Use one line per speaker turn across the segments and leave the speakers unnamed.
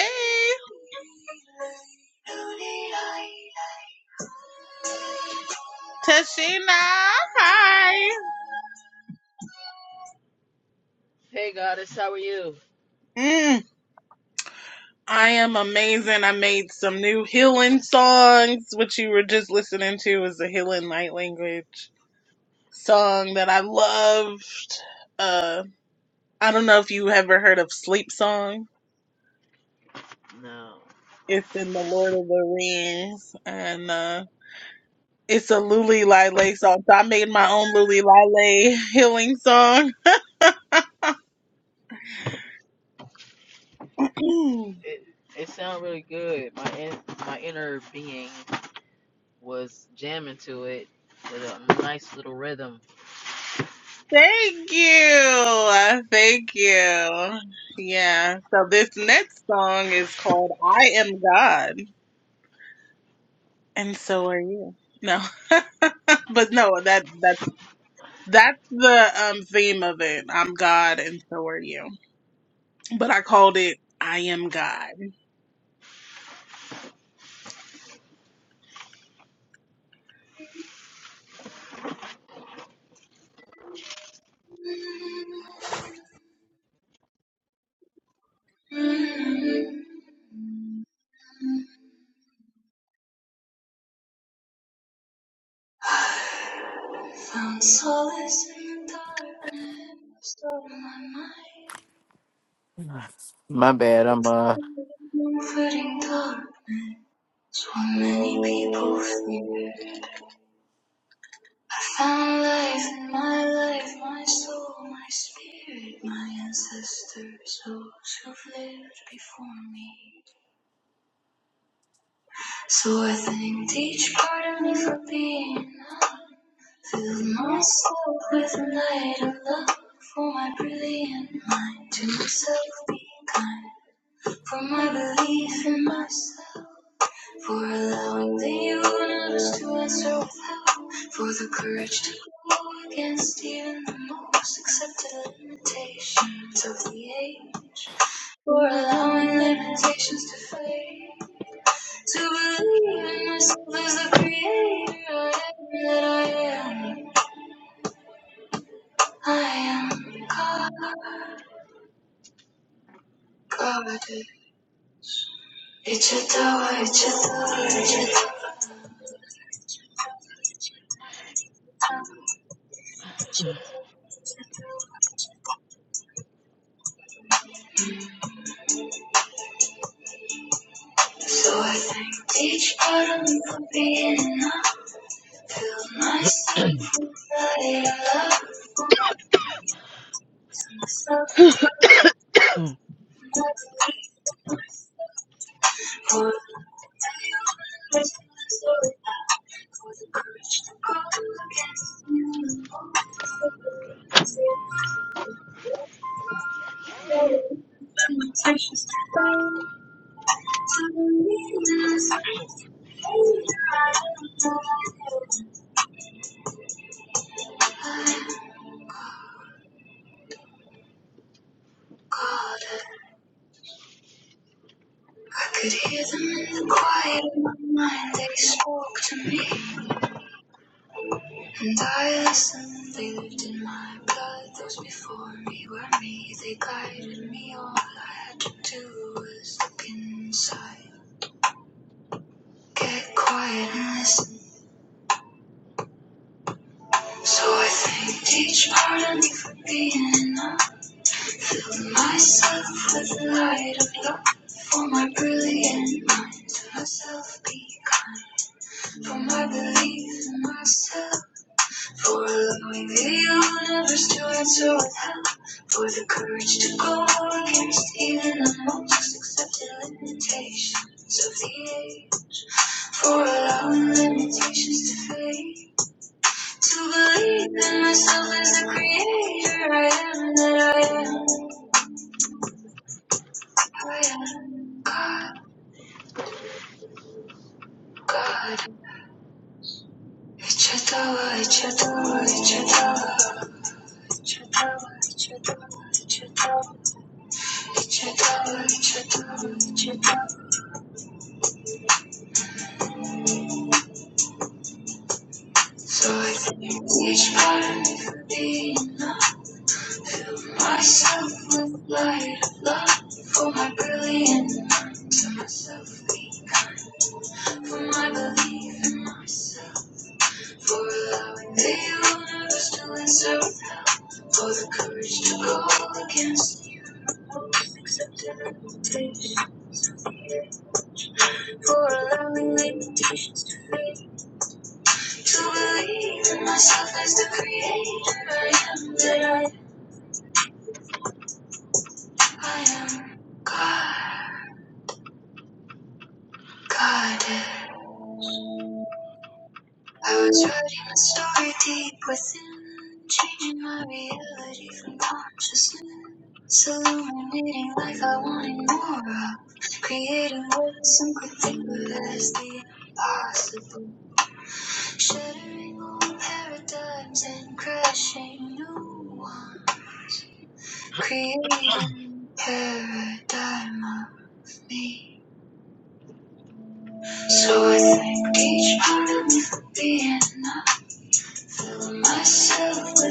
Hey, Tashina. Hi.
Hey goddess, how are you?
Mm, I am amazing. I made some new healing songs, which you were just listening to is the healing light language song that I loved. Uh, I don't know if you ever heard of Sleep Song.
No,
It's in the Lord of the Rings, and uh, it's a Luli Lile song. So I made my own Luli Lile healing song.
it it sounded really good. My in, my inner being was jamming to it with a nice little rhythm.
Thank you. Thank you. Yeah. So this next song is called I Am God. And so are you. No. but no, that that's that's the um theme of it. I'm God and so are you. But I called it I am God.
My bad. I'm uh.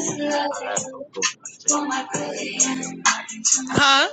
Huh?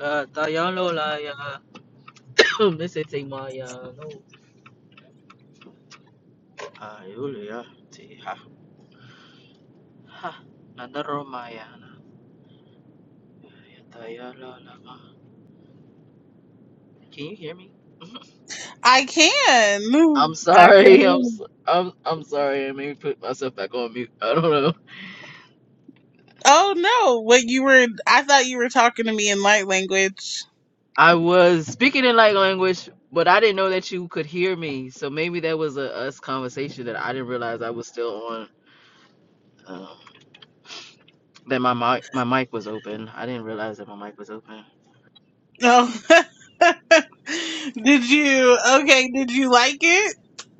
Uh, tayano la ya, mese te maya no. Ayule ya te maya Tayano la ma. Can you hear me?
I can.
I'm
I can
sorry. I'm
really.
s- I'm I'm sorry. I maybe put myself back on mute. I don't know.
Oh no, what you were I thought you were talking to me in light language.
I was speaking in light language, but I didn't know that you could hear me. So maybe that was a us conversation that I didn't realize I was still on. Um, that my mic my mic was open. I didn't realize that my mic was open.
Oh did you okay, did you like it?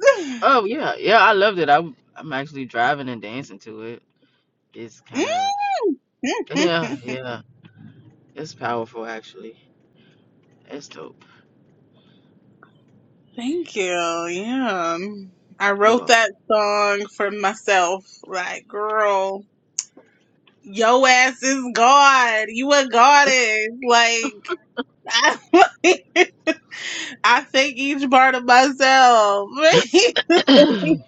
Oh yeah, yeah. I loved it. I'm I'm actually driving and dancing to it. It's kind of yeah yeah. It's powerful actually. It's dope.
Thank you. Yeah. I wrote
You're
that song for myself. Like, girl, yo ass is God. You a goddess. Like, I, I think each part of myself.
welcome.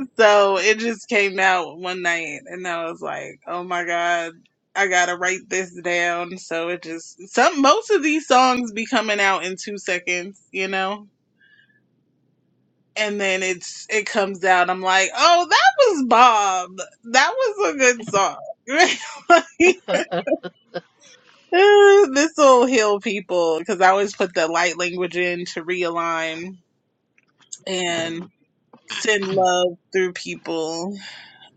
so it just came out one night and I was like, oh my God. I gotta write this down. So it just some most of these songs be coming out in two seconds, you know? and then it's it comes out. I'm like, oh, that was Bob. That was a good song. Like, this will heal people because I always put the light language in to realign and
Mm,
send love through people.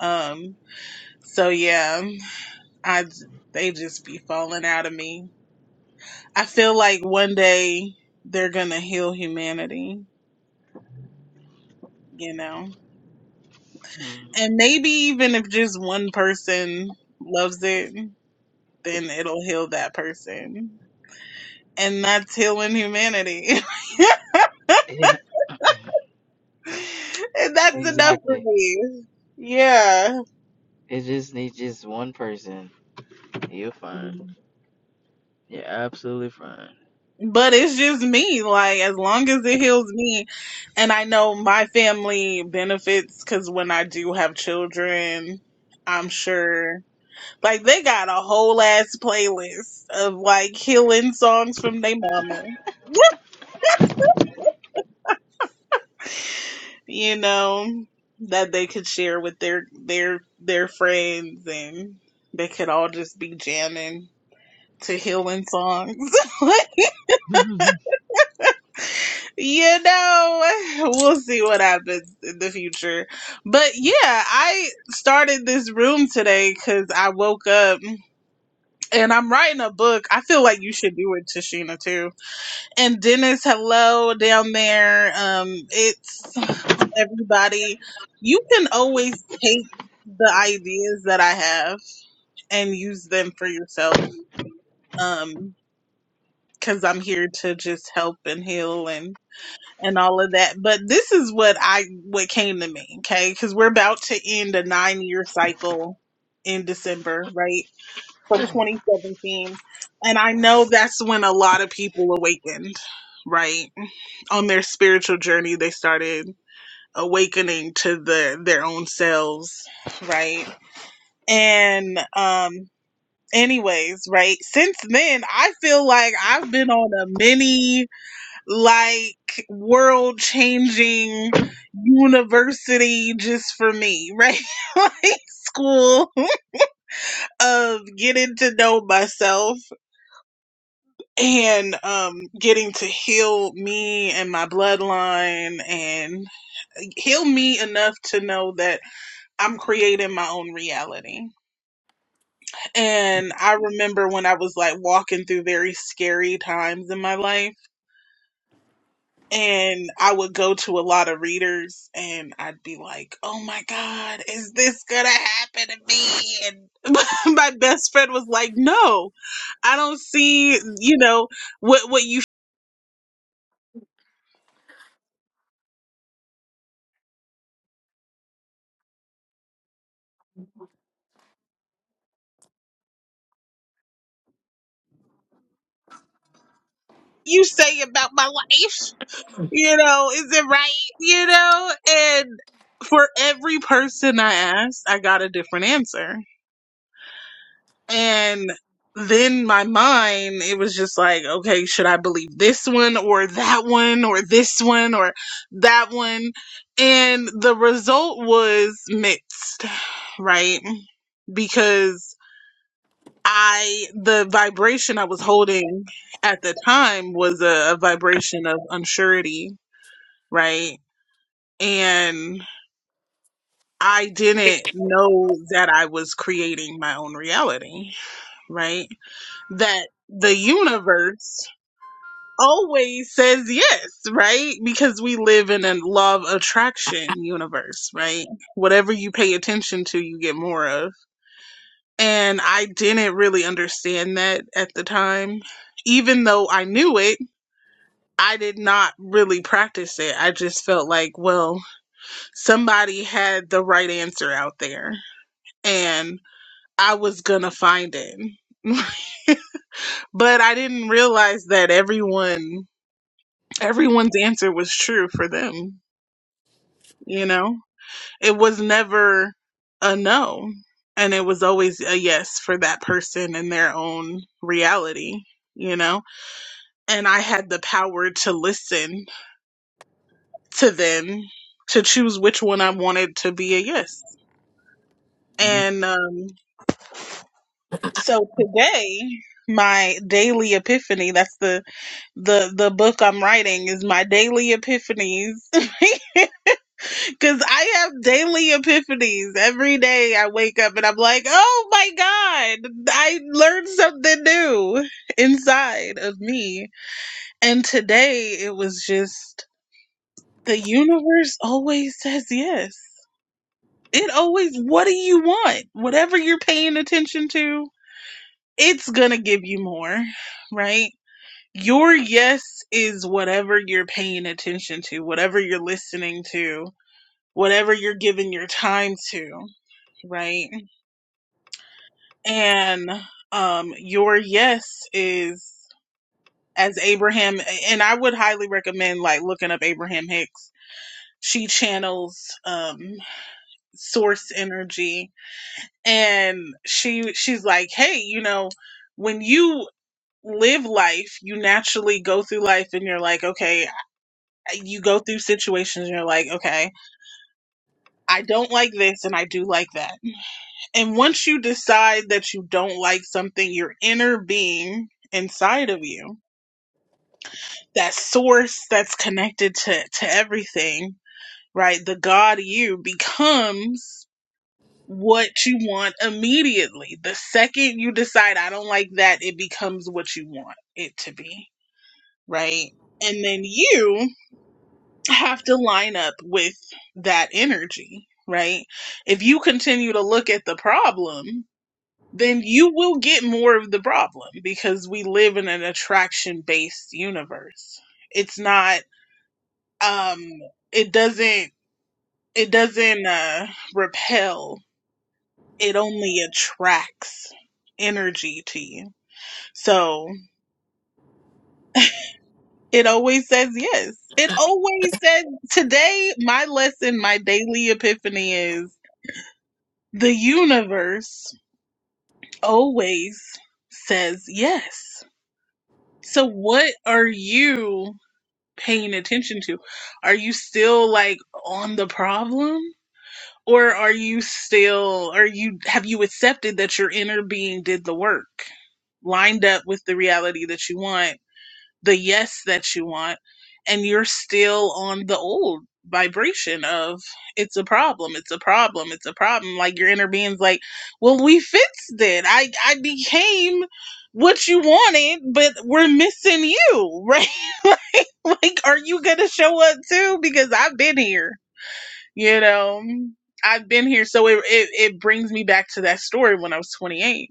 Um, so yeah, I they just be falling out of me. I feel like one day they're gonna heal humanity, you know,
mm.
and maybe even if just one person loves it then it'll heal that person. And that's healing humanity. and that's enough for
Exactly.
me. Yeah.
It just needs just one person. You're fine. You're absolutely fine.
But it's just me. Like, as long as it heals me, and I know my family benefits because when I do have children, I'm sure like they got a whole ass playlist of like healing songs from their mama. you know, that they could share with their their their friends and they could all just be jamming to healing songs. you know, we'll see what happens in the future. But yeah, I started this room today cuz I woke up and I'm writing a book. I feel like you should do it, Tashina, too And Dennis, hello down there. Um, it's everybody. You can always take the ideas that I have and use them for yourself. Um, cause I'm here to just help and heal and, and all of that. But this is what I, what came to me. Okay. Cause we're about to end a nine year cycle in December, right? From 2017. And I know that's when a lot of people awakened, right? on their spiritual journey they started awakening to the their own selves right and um anyways right since then i feel like i've been on a mini like world changing university just for me right like school of getting to know myself and um getting to heal me and my bloodline and. heal me enough to know that I'm creating my own reality. And I remember when I was like walking through very scary times in my life, and I would go to a lot of readers and I'd be like, oh my God, is this gonna happen to me? And my best friend was like, no, I don't see, you know, what, what you you say about my life you know, is it right? You know, and for every person I asked, I got a different answer. And then my mind, it was just like, okay, should I believe this one or that one or this one or that one? And the result was mixed, right? Because I, the vibration I was holding at the time was a, a vibration of unsurety, right? And I didn't know that I was creating my own reality, right? That the universe always says yes, right? Because we live in a law of attraction universe, right? Whatever you pay attention to, you get more of. And I didn't really understand that at the time. Even though I knew it, I did not really practice it. I just felt like, well, somebody had the right answer out there. and. I was gonna find it. But I didn't realize that everyone everyone's answer was true for them, you know? It was never a no. And it was always a yes for that person in their own reality, you know? And I had the power to listen to them to choose which one I wanted to be a yes. And um So today, my daily epiphany, that's the the the book I'm writing is my daily epiphanies. Cuz I have daily epiphanies. Every day I wake up and I'm like, "Oh my god, I learned something new inside of me." And today it was just the universe always says yes. It always what do you want? Whatever you're paying attention to, it's going to give you more, right? your yes is whatever you're paying attention to, whatever you're listening to, whatever you're giving your time to, right? And um your yes is as Abraham and I would highly recommend like looking up Abraham Hicks. She channels um source energy and she she's like, "Hey, you know, when you live life, you naturally go through life and you're like, okay, you go through situations and you're like, okay, I don't like this and I do like that. And once you decide that you don't like something, your inner being inside of you, that source that's connected to, to everything, right? The God you becomes what you want immediately. The second you decide, I don't like that, it becomes what you want it to be, right? And then you have to line up with that energy, right? If you continue to look at the problem, then you will get more of the problem because we live in an attraction based universe. It's not um it doesn't it doesn't uh repel. It only attracts energy to you. So, it always says yes. It always says today my lesson, my daily epiphany is The universe always says yes. So what are you paying attention to? Are you still like on the problem? Or are you still are you have you accepted that your inner being did the work? Lined up with the reality that you want the yes that you want and you're still on the old vibration of it's a problem it's a problem it's a problem like your inner being's like well we fixed it i i became what you wanted but we're missing you right like like, are you gonna show up too because i've been here you know i've been here so it it, it brings me back to that story when i was 28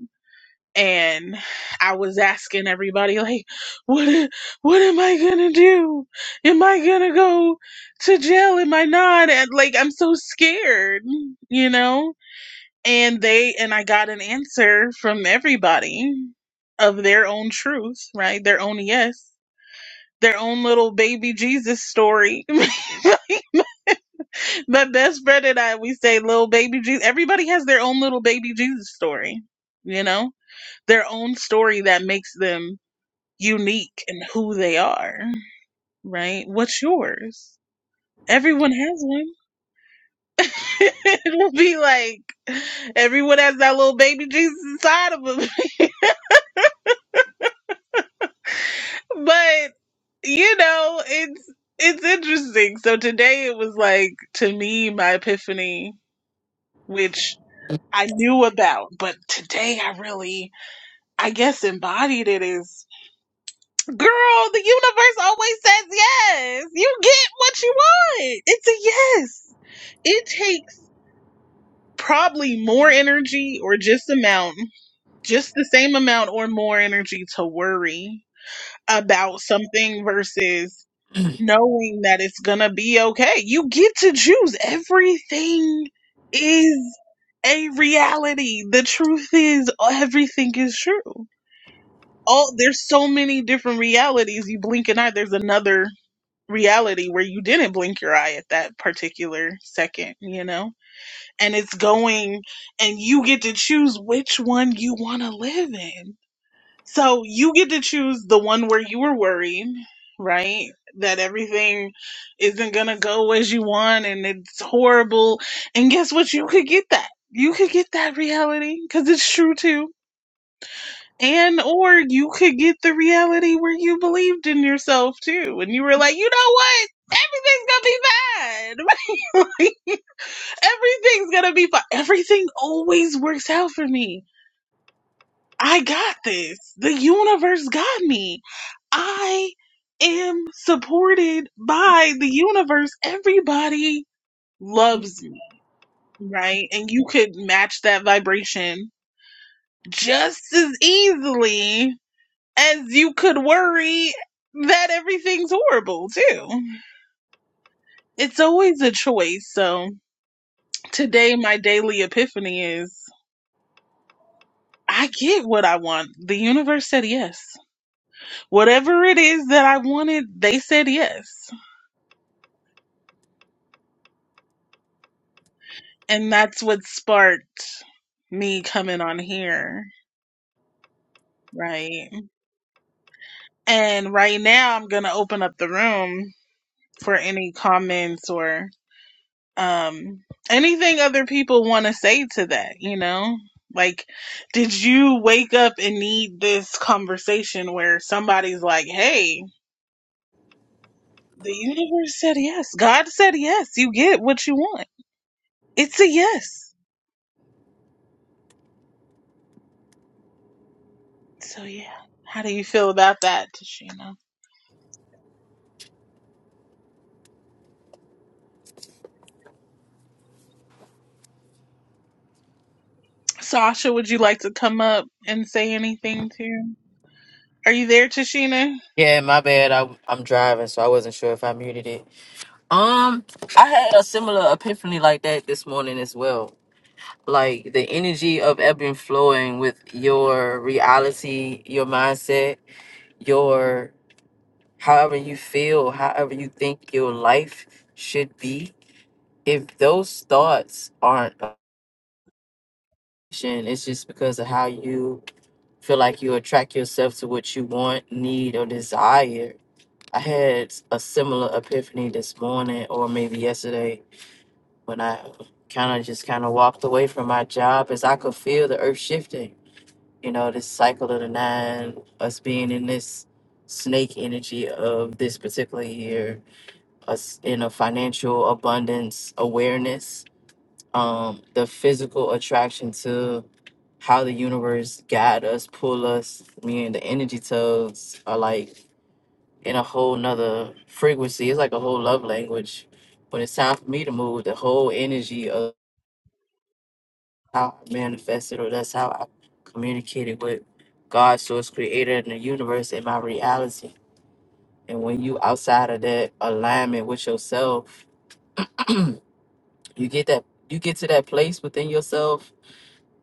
and I was asking everybody like, what a- what am I gonna do? Am I gonna go to jail? Am I not? And like I'm so scared, you know? And they and I got an answer from everybody of their own truth, right? Their own yes. Their own little baby Jesus story. My best friend and I, we say little baby Jesus. Everybody has their own little baby Jesus story, you know? Their own story that makes them unique in who they are, right? What's yours? Everyone has one. It'll be like everyone has that little baby Jesus inside of them. but you know, it's it's interesting. So today it was like to me my epiphany, which I knew about, but today I really, I guess, embodied it. Is. Girl, the universe always says yes. You get what you want. It's a yes. It takes probably more energy or just amount, just the same amount or more energy to worry about something versus knowing that it's going to be okay. You get to choose. Everything is a reality. The truth is everything is true. All there's so many different realities. You blink an eye, there's another reality where you didn't blink your eye at that particular second, you know? And it's going and you get to choose which one you want to live in. So you get to choose the one where you were worried, right? That everything isn't going to go as you want and it's horrible. And guess what? You could get that. You could get that reality because it's true too and or you could get the reality where you believed in yourself too. And you were like, you know what? Everything's gonna be fine. Everything's gonna be fine. Everything always works out for me. I got this. The universe got me. I am supported by the universe. Everybody loves me, right? And you could match that vibration just as easily as you could worry that everything's horrible too. It's always a choice. So today, my daily epiphany is I get what I want. The universe said yes. Whatever it is that I wanted, they said yes. And that's what sparked me coming on here. Right. And right now, I'm going to open up the room for any comments or um anything other people want to say to that you know like did you wake up and need this conversation where somebody's like hey the universe said yes god said yes you get what you want it's a yes so yeah how do you feel about that tashina sasha would you like to come up and say anything too are you there tashina
Yeah, my bad. I, I'm driving, so I wasn't sure if I muted it. Um, I had a similar epiphany like that this morning as well. Like the energy of ebb and flowing with your reality, your mindset, your however you feel, however you think your life should be. If those thoughts aren't, a- it's just because of how you feel like you attract yourself to what you want, need, or desire. I had a similar epiphany this morning or maybe yesterday when I kind of just kind of walked away from my job as I could feel the earth shifting. You know, this cycle of the nine, us being in this snake energy of this particular year, us in a financial abundance awareness, um, the physical attraction to how the universe guide us, pull us. Me and the energy toads are like in a whole nother frequency. It's like a whole love language. When it's time for me to move, the whole energy of how I manifested or that's how I communicated with God, source creator, and the universe in my reality. And when you outside of that alignment with yourself, you get that you get to that place within yourself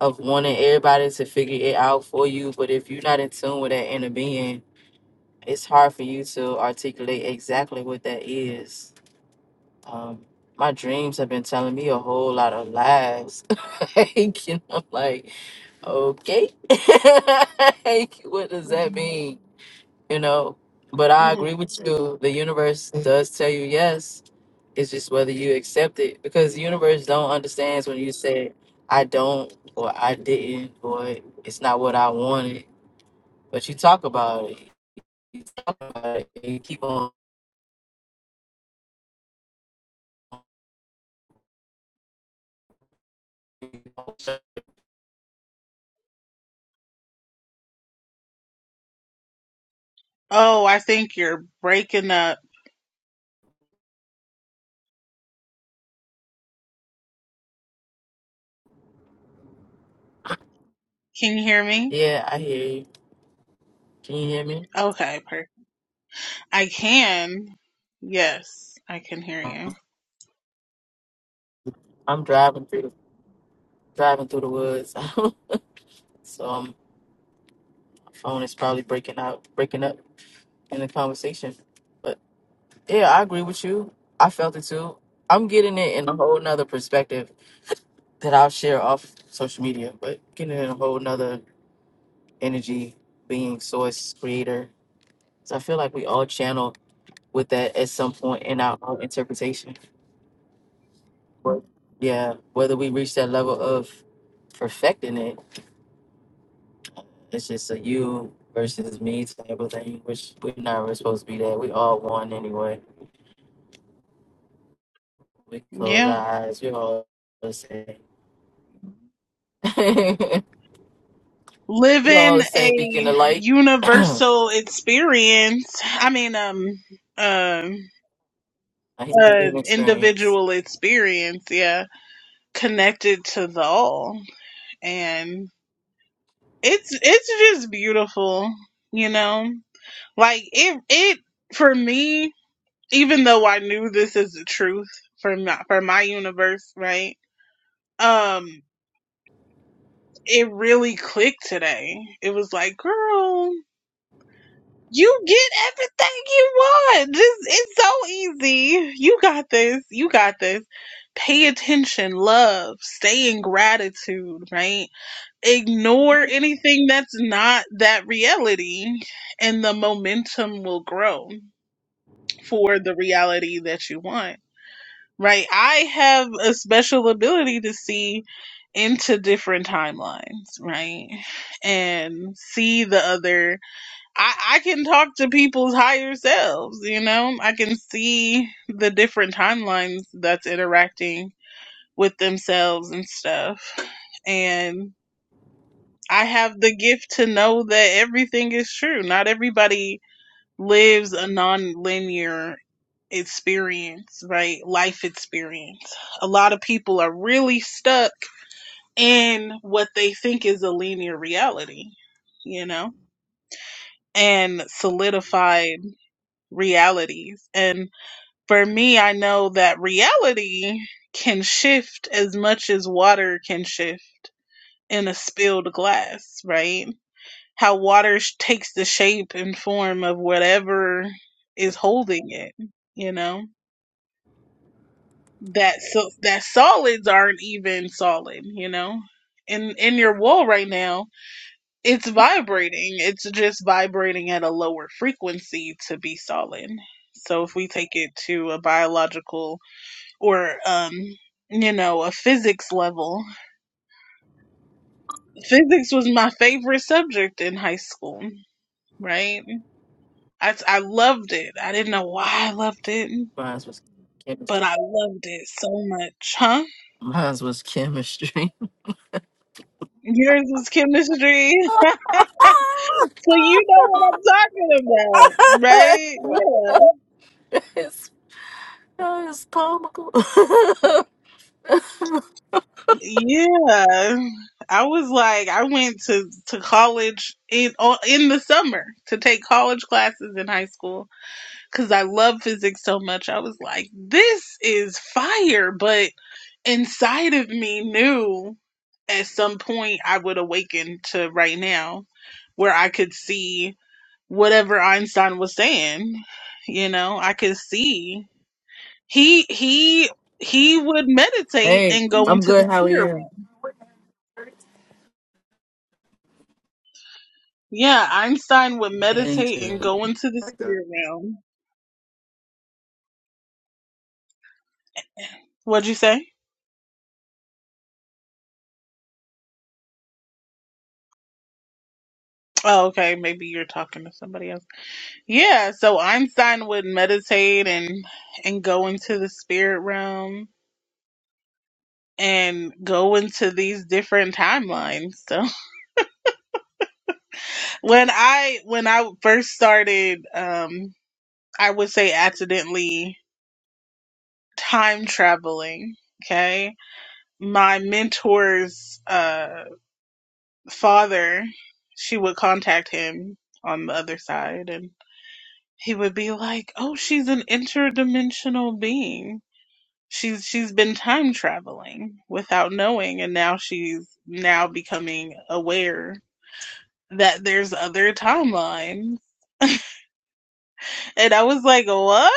of wanting everybody to figure it out for you. But if you're not in tune with that inner being, it's hard for you to articulate exactly what that is. Um, my dreams have been telling me a whole lot of lies. like, you know, like, okay, like, what does
hmm
that mean? You know, but I agree
hmm
with you. The universe does tell you yes. It's just whether you accept it because the universe don't understands when you say I don't or I didn't or it's not what I wanted. But you talk about it. You talk about it. And you keep on
oh i think you're breaking up can you hear me
Yeah, I hear you. Can you hear me?
okay perfect. I can. Yes, I can hear
Um,
you.
I'm driving through the driving through the woods, so um, phone is probably breaking out, breaking up in the conversation. But yeah, I agree with you. I felt it too. I'm getting it in a whole nother perspective that I'll share off social media, but getting it in a whole nother energy, being source creator. So I feel like we all channel with that at some point in our own interpretation. Yeah, whether we reach that level of perfecting it It's just a you versus me type of thing, which we're not really supposed to be that. We all one anyway. We close
Yeah.
our eyes. We all the same. we all
Living
the
a
same beacon of light. a
universal experience. I mean, um, um,
human being
an
experience.
individual experience. Yeah. Connected to the all. And it's, it's just beautiful, you know? Like it, it, for me, even though I knew this is the truth for my, for my universe, right? Um. it really clicked today. It was like, girl, you get everything you want. This it's so easy. You got this. You got this. Pay attention, love, stay in gratitude, right? Ignore anything that's not that reality, and the momentum will grow for the reality that you want Right. I have a special ability to see into different timelines, right? And see the other I, I can talk to people's higher selves, you know? I can see the different timelines that's interacting with themselves and stuff. And I have the gift to know that everything is true. Not everybody lives a non-linear experience, right? Life experience. A lot of people are really stuck in what they think is a linear reality, you know, and solidified realities. And for me, I know that reality can shift as much as water can shift in a spilled glass, right? How water sh- takes the shape and form of whatever is
If
holding it, you know? that so that solids aren't even solid, you know. In in your wall right now, it's vibrating. It's just vibrating at a lower frequency to be solid. So if we take it to a biological or um you know, a physics level. Physics was my favorite subject in high school, right? I I loved it. I didn't know why I loved it,
mine was
but
chemistry.
I loved it so much, huh?
Mine was chemistry.
Yours was chemistry. So you know what I'm talking about, right?
it's, uh, it's comical.
Yeah. Yeah. I was like, I went to, to college in oh, in the summer to take college classes in high school because I love physics so much. I was like, this is fire. But inside of me knew at some point I would awaken to right now where I could see whatever Einstein was saying. You know, I could see he he he would meditate
hey,
and go
I'm
into the
good. How are
spirit
you?
realm. Yeah, Einstein would
Me
meditate and
too.
go into the spirit realm. What'd you say? Oh, okay. Maybe you're talking to somebody else. Yeah, so Einstein would meditate and and go into the spirit realm and go into these different timelines. So when I when I first started, um, I would say accidentally time traveling. Okay my mentor's uh, father, she would contact him on the other side, and he would be like, "Oh, she's an interdimensional being. She's she's been time traveling without knowing, and now she's now becoming aware." That there's other timelines. And I was like, what?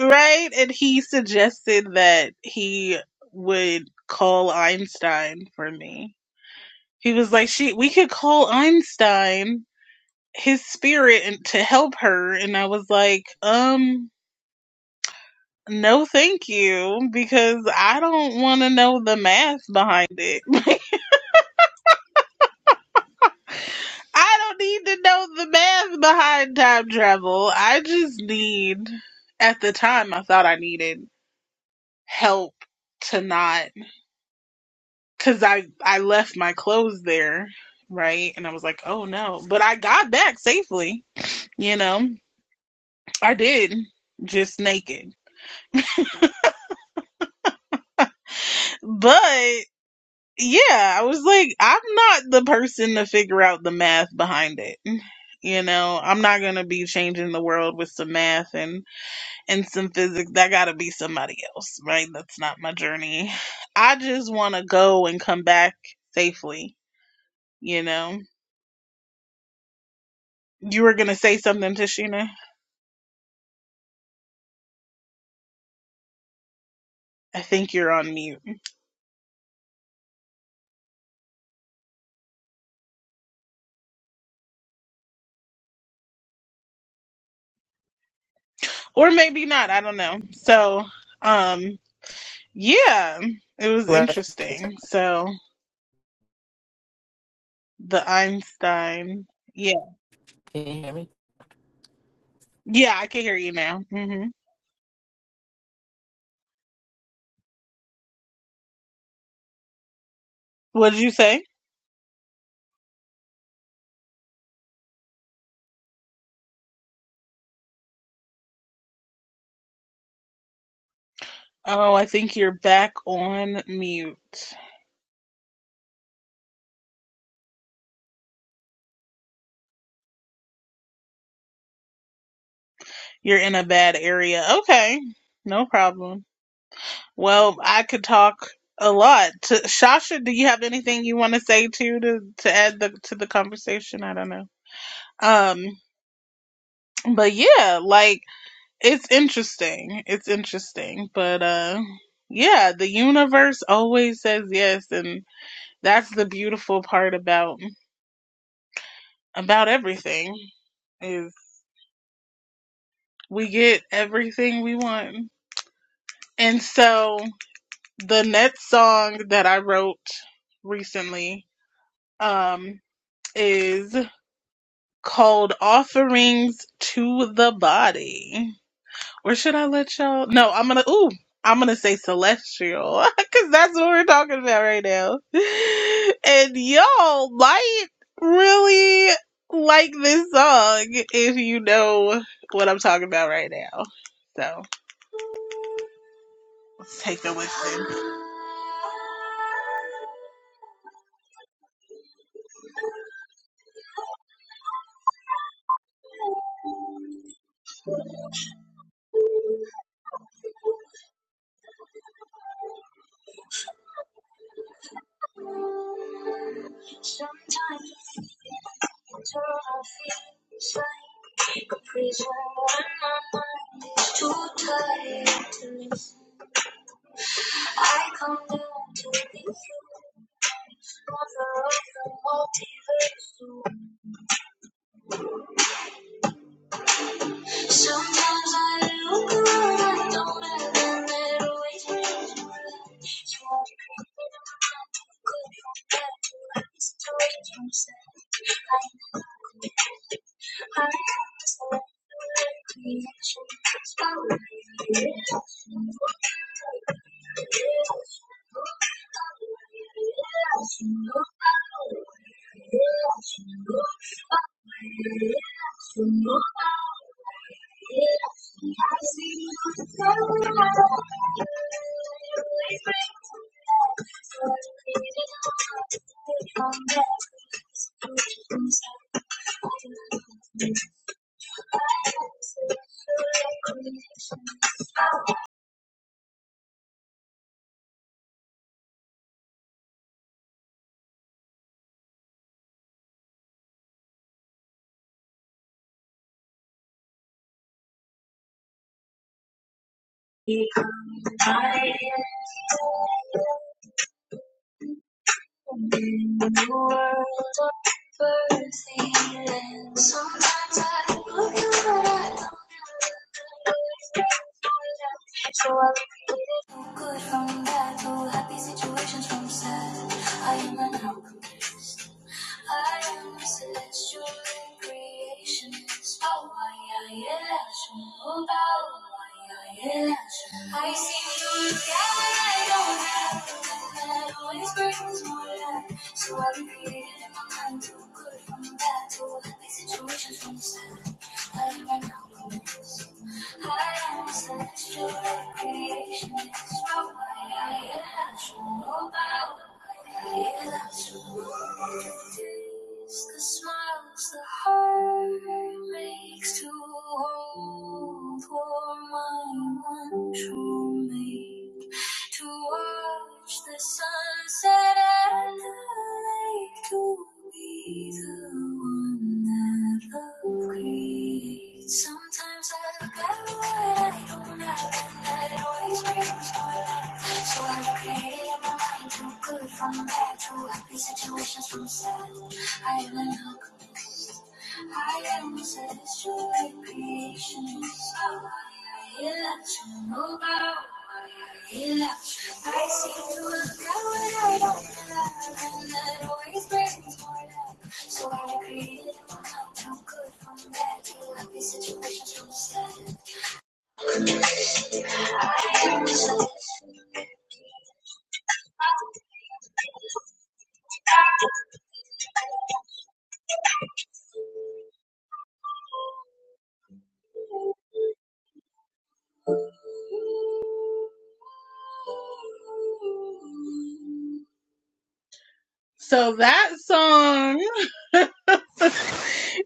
Right? And he suggested that he would call Einstein for me He was like, "She, we could call Einstein, his spirit, and to help her." And I was like, "Um, no, thank you, because I don't want to know the math behind it. I don't need to know the math behind time travel. I just need, at the time, I thought I needed help to not, because I I left my clothes there." Right, and I was like, "Oh no!" But I got back safely, you know. I did just naked. But yeah, I was like, I'm not the person to figure out the math behind it. You know, I'm not gonna be changing the world with some math and and some physics. That gotta be somebody else, right? That's not my journey. I just want to go and come back safely. You know, you were gonna say something, Tashina. I think you're on mute, or maybe not. I don't know. So, um, yeah, it was
Russ,
interesting. So, The Einstein. Yeah.
Can you hear me?
Yeah, I can hear you now. hmm What did you say? Oh, I think you're back on mute. You're in a bad area. Okay. No problem. Well, I could talk a lot. To, Shasha, do you have anything you want to say to to to add the, to the conversation? I don't know. Um, but yeah, like it's interesting. It's interesting, but uh yeah, the universe always says yes and That's the beautiful part about about everything is we get everything we want. And so the next song that I wrote recently um is called Offerings to the Body. Or should I let y'all? No, I'm gonna. Ooh, I'm gonna say celestial because that's what we're talking about right now. And y'all might really like this song if you know what I'm talking about right now. So let's take it with. So that song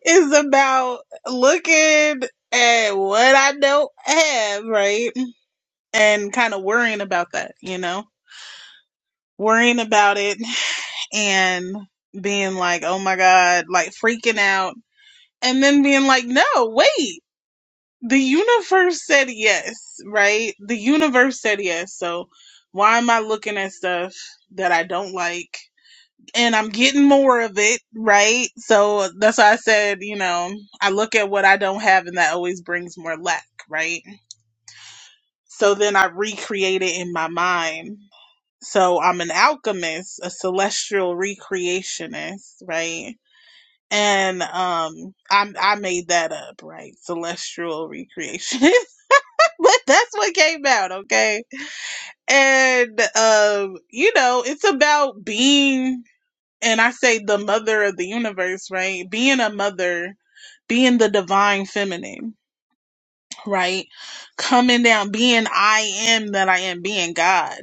is about looking at what I don't have, right? And kind of worrying about that, you know, worrying about it and being like, oh my God, like freaking out. And then being like, no, wait, the universe said yes, right? The universe said yes. So why am I looking at stuff that I don't like? And I'm getting more of it, right? So that's why I said, you know, I look at what I don't have and that always brings more lack, right? So then I recreate it in my mind. So I'm an alchemist, a celestial recreationist, right? and um i i made that up right celestial recreation but that's what came out okay and um you know it's about being and i say the mother of the universe right being a mother being the divine feminine right coming down being i am that i am being god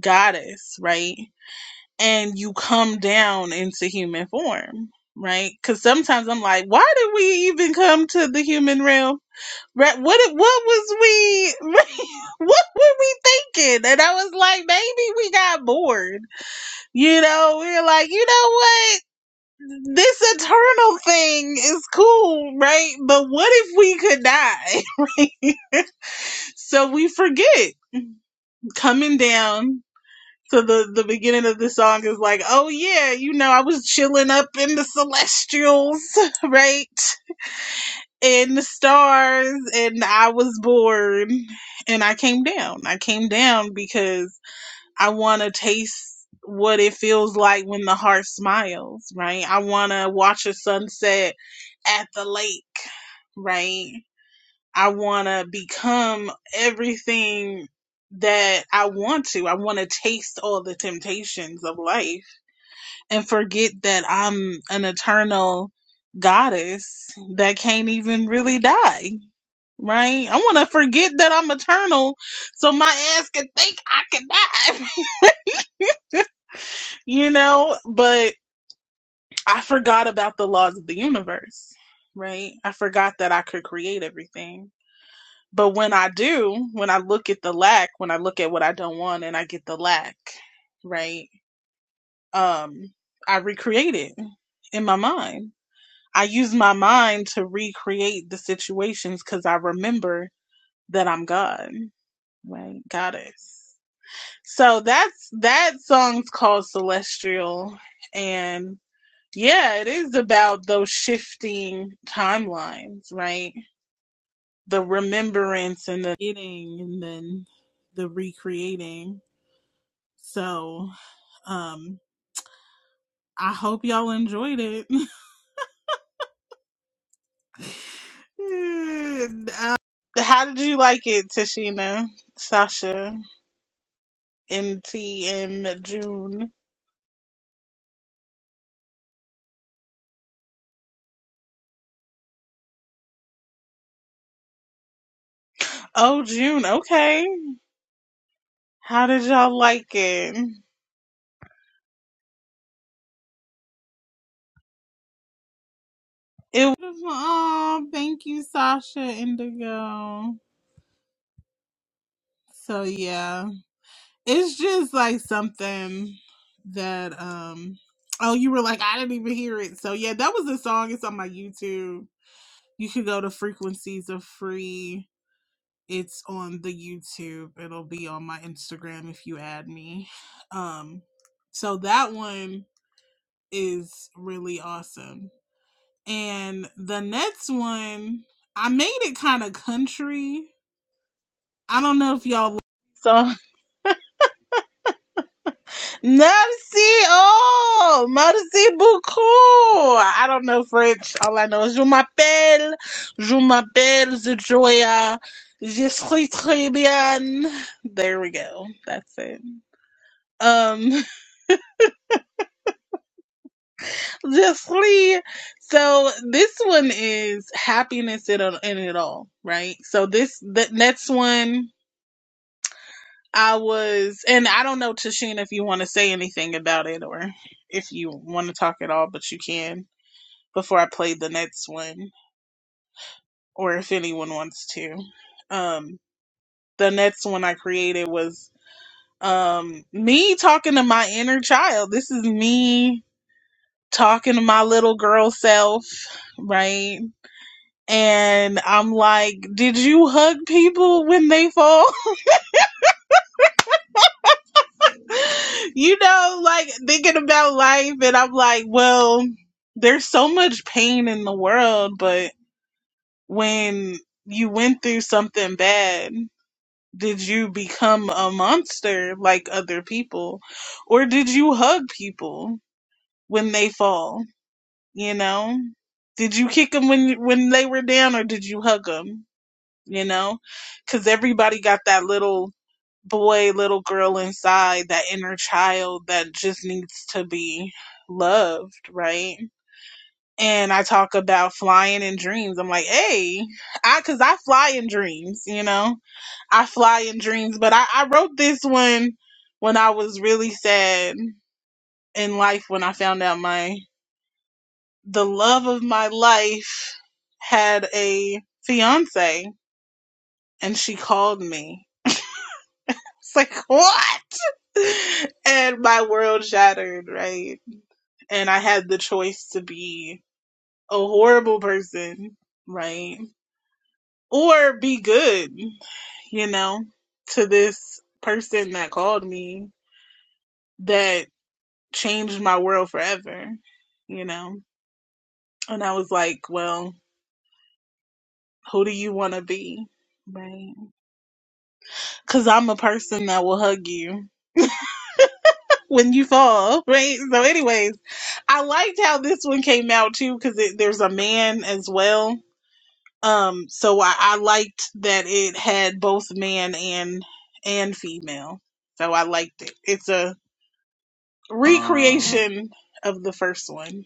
goddess right and you come down into human form, right? Because sometimes I'm like, why did we even come to the human realm? Right? What what was we what were we thinking? And I was like, maybe we got bored. You know, we were like, you know what? This eternal thing is cool, right? But what if we could die? Right? So we forget coming down So the the beginning of the song is like, "Oh yeah, you know, I was chilling up in the celestials, right, in the stars, and I was bored, and I came down. I came down because I want to taste what it feels like when the heart smiles, right? I want to watch a sunset at the lake, right? I want to become everything that I want to. I want to taste all the temptations of life and forget that I'm an eternal goddess that can't even really die. Right? I want to forget that I'm eternal so my ass can think I can die, you know? But I forgot about the laws of the universe, right? I forgot that I could create everything But when I do, when I look at the lack, when I look at what I don't want and I get the lack, right? Um, I recreate it in my mind. I use my mind to recreate the situations because I remember that I'm God, right? Goddess. So that's that song's called Celestial. And yeah, it is about those shifting timelines, right? the remembrance and the getting and then the recreating. So um I hope y'all enjoyed it. And, um, How did you like it, Tashina, Sasha, MT, and June? Oh, June, okay. How did y'all like it? It was, oh, thank you, Sasha Indigo. So, yeah. it's just like something that um oh you were like i didn't even hear it so yeah that was a song it's on my youtube you could go to frequencies of free it's on the youtube it'll be on my instagram if you add me um so that one is really awesome and the next one i made it kind of country i don't know if y'all So Merci, oh, merci beaucoup. I don't know French. All I know is je m'appelle, je m'appelle Joya. Je suis très bien. There we go. That's it. Um, je suis. So this one is happiness in, it- in it all, right? So this, the next one, I was, and I don't know, Tashina, if you want to say anything about it or if you want to talk at all, but you can. before I played the next one, or if anyone wants to. Um, the next one I created was um, me talking to my inner child. This is me talking to my little girl self, right? And I'm like, did you hug people when they fall? you know, like thinking about life. And I'm like, well, there's so much pain in the world, but when you went through something bad, did you become a monster like other people or did you hug people when they fall you know did you kick them when when they were down or did you hug them you know cuz everybody got that little boy little girl inside that inner child that just needs to be loved right and I talk about flying in dreams. I'm like, hey, I because I fly in dreams, you know, I fly in dreams. But I, I wrote this one when I was really sad in life when I found out my the love of my life had a fiance and she called me. It's like what? And my world shattered, right? And I had the choice to be a horrible person, right? or be good, you know, to this person that called me that changed my world forever, you know. And I was like, well, who do you want to be? Right. Cause I'm a person that will hug you when you fall. Right. So anyways, I liked how this one came out too. Cause there's a man as well. Um, so I, I liked that it had both man and, and female. So I liked it. It's a, recreation of the first one.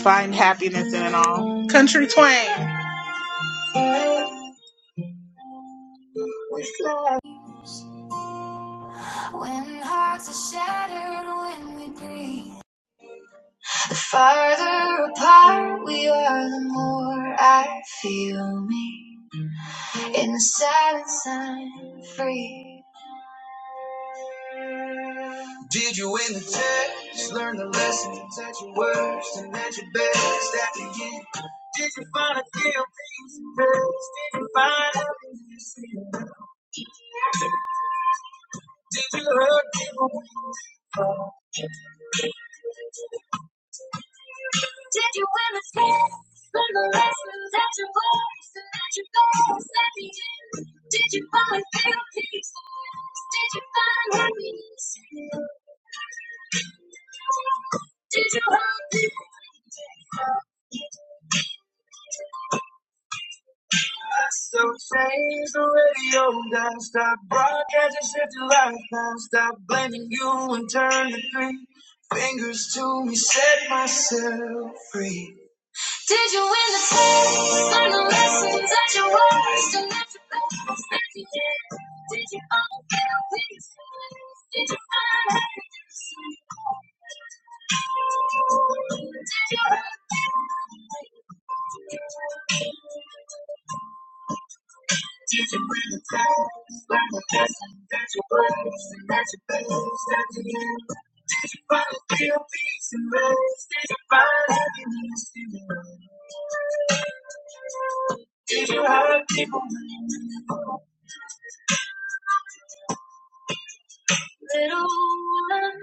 Find happiness in it all. Country Twain. Did you win the test? Learn the lessons at your worst and at your best. After you, did you find a kill? Find it? Did you hurt people? Did you win the test? Learn the lessons at your worst and at your best. After you, did you find a kill? Did you find happiness? Did you have me? So change the radio now. Stop broadcasting shit to life now. Stop blaming you and turn the three fingers to me. Set myself free. First and after that, I'm standing Did Did you all feel what Did you find happiness? Did you hurt me? Did you bring the time? Like a lesson that you praise and that you praise at the end. did you finally feel peace and rest. Did you find happiness in the end? Did you hurt people? Little one,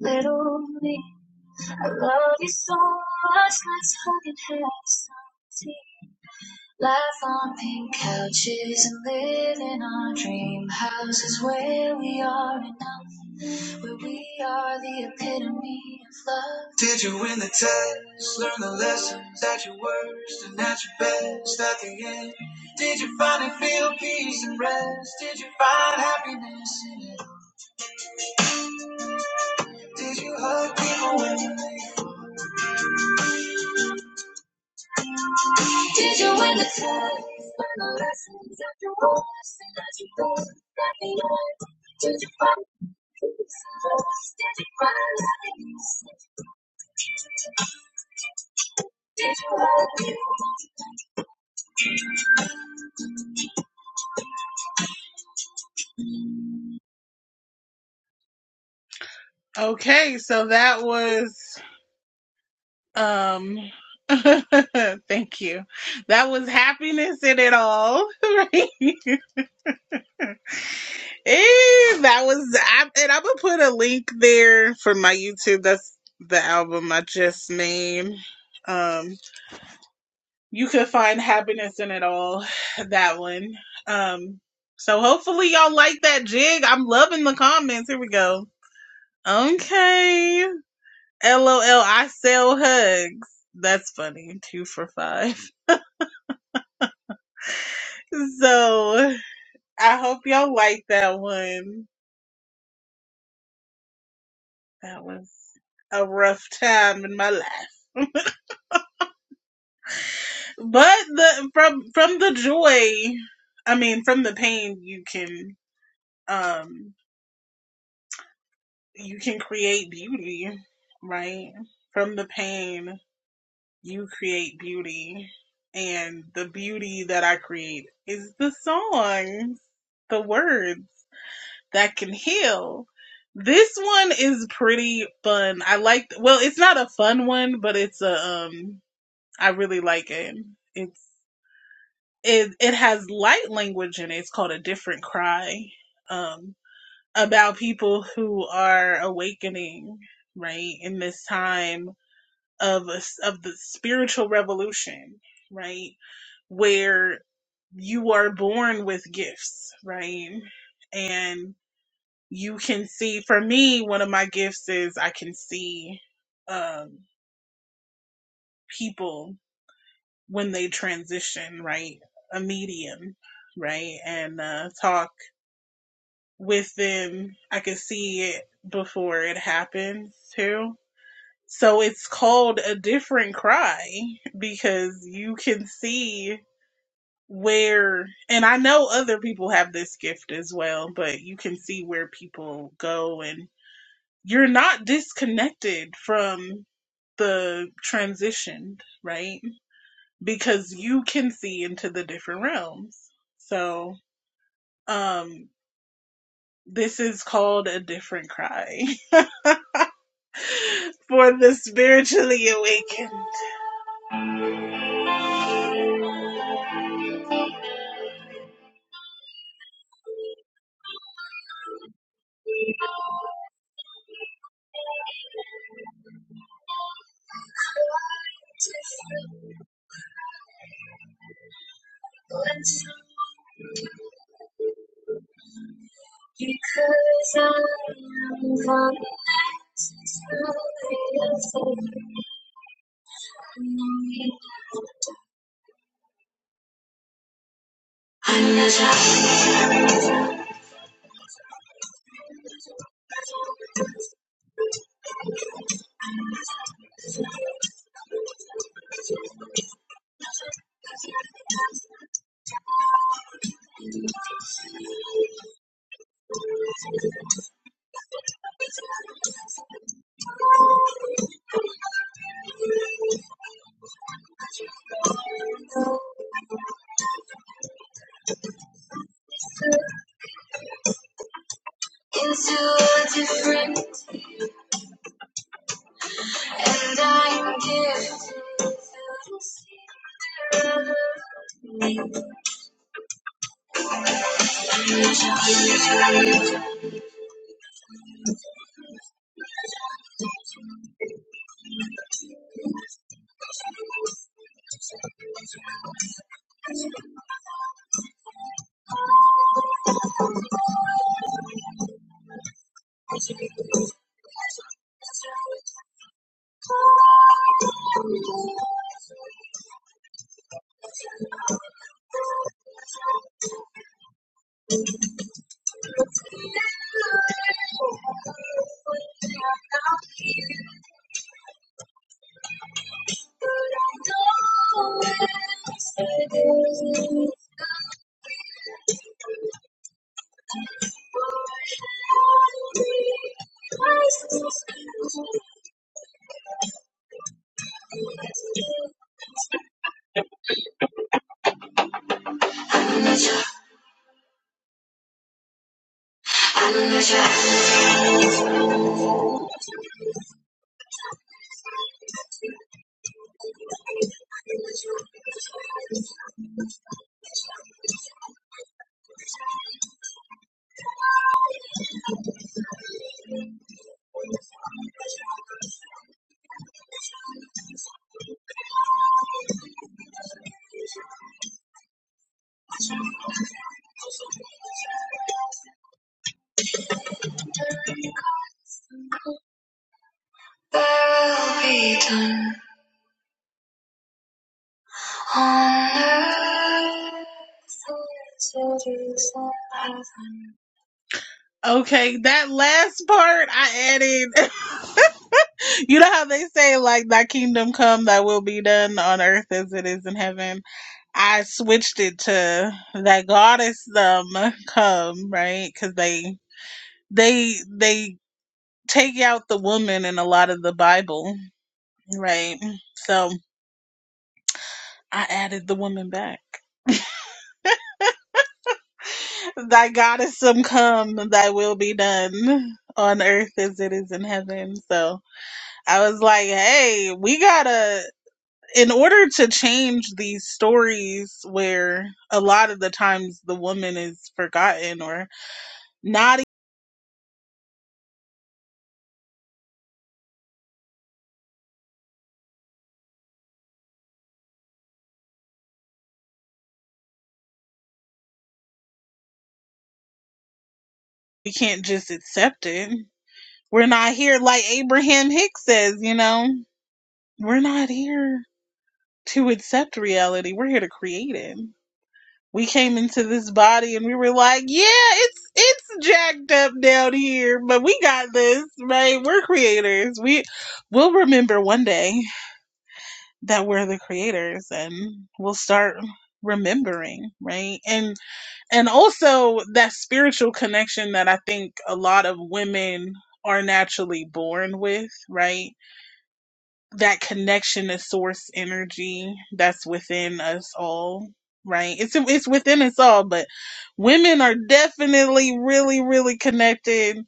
little me, I love you. Did you win the test? Learn the lessons that you worst and at your best at the end. Did you finally feel peace and rest? Did you find happiness? Did you hurt? Did you win test? Learn the lessons after all the things that you learned at the end? Did you find peace and voice? Did you find happiness? Did you love you? Okay, so that was um thank you. That was happiness in it all, right? Eh, that was I, and I'm gonna put a link there for my YouTube. That's the album I just made. Um you could find happiness in it all. That one. Um, so hopefully y'all like that jig. I'm loving the comments. Here we go. Okay. LOL, I sell hugs. That's funny. Two for five. So I hope y'all like that one. That was a rough time in my life. But the from from the joy, I mean from the pain you can um you can create beauty, right? From the pain, you create beauty. And the beauty that I create is the songs, the words that can heal. This one is pretty fun. I like, well, it's not a fun one, but it's a, um, I really like it. It's, it, it has light language in it. It's called A Different Cry. Um about people who are awakening, right, in this time of a, of the spiritual revolution, right, where you are born with gifts, right, and you can see. For me, one of my gifts is I can see um, people when they transition, right, a medium, right, and uh, talk with them. I can see it before it happens too So it's called a different cry because you can see where, and I know other people have this gift as well, but you can see where people go and you're not disconnected from the transition, right? Because you can see into the different realms. So, um, this is called a different cry for the spiritually awakened. Because I am connected to I know you would Okay, that last part I added. you know how they say like thy kingdom come, thy will be done on earth as it is in heaven. I switched it to that goddess um come right because they they they take out the woman in a lot of the Bible right so I added the woman back thy goddess some come thy will be done on earth as it is in heaven so I was like hey we gotta in order to change these stories where a lot of the times the woman is forgotten or not. We can't just accept it. We're not here, like Abraham Hicks says, you know, we're not here to accept reality. We're here to create it. We came into this body and we were like, yeah, it's it's jacked up down here, but we got this, right? We're creators. We will remember one day that we're the creators and we'll start remembering, right? And and also that spiritual connection that I think a lot of women are naturally born with, right? That connection to source energy that's within us all, right? It's it's within us all, but women are definitely really really connected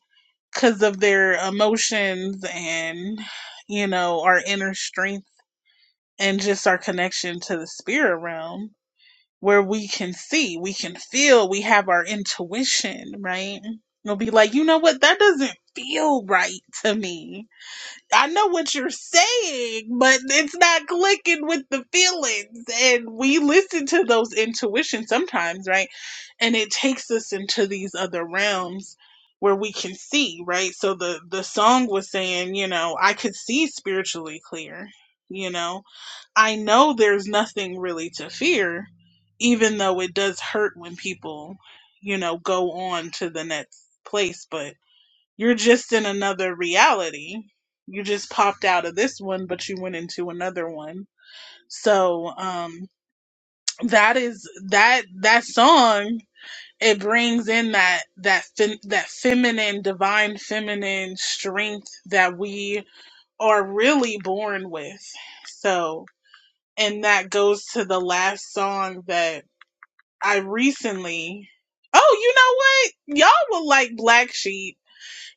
cuz of their emotions and you know, our inner strength and just our connection to the spirit realm where we can see, we can feel, we have our intuition, right? We'll be like, you know what? That doesn't feel right to me. I know what you're saying, but it's not clicking with the feelings. And we listen to those intuitions sometimes, right? And it takes us into these other realms where we can see, right? So the the song was saying, you know, I could see spiritually clear, you know I know there's nothing really to fear, even though it does hurt when people, you know, go on to the next place, but you're just in another reality. You just popped out of this one, but you went into another one. So, um, that is that that song. It brings in that that fem- that feminine, divine feminine strength that we are really born with. So, and that goes to the last song that I recently. Oh, you know what? Y'all will like Black Sheep.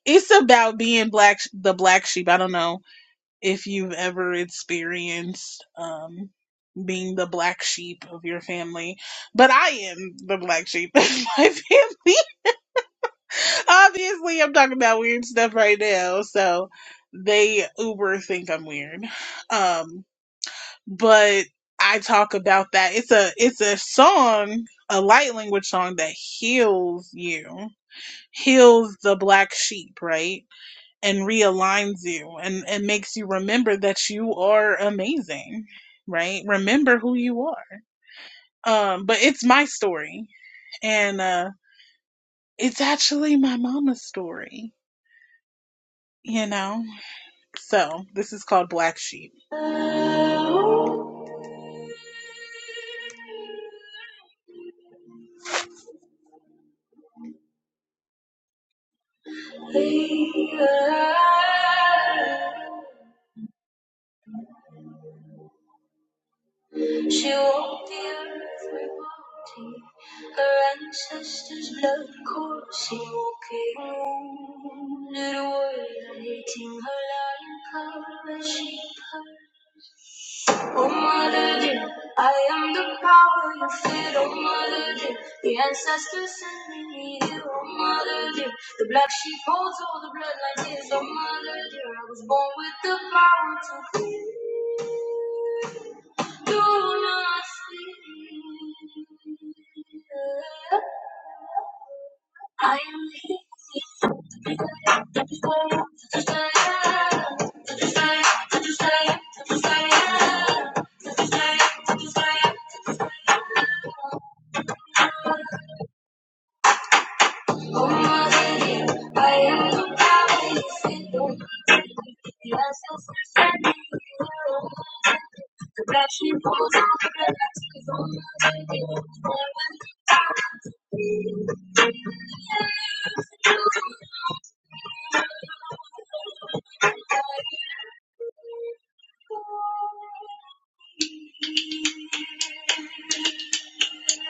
It's about being black, the black sheep. I don't know if you've ever experienced um, being the black sheep of your family, but I am the black sheep of my family. Obviously, I'm talking about weird stuff right now, so they uber think I'm weird. Um, but I talk about that. It's a it's a song, a light language song that heals you, heals the black sheep, right, and realigns you, and and makes you remember that you are amazing, right? Remember who you are. Um, but it's my story, and uh, it's actually my mama's story, you know. So this is called Black Sheep. I am the desire, the desire, the desire, the desire, the desire, the desire, the desire, the desire.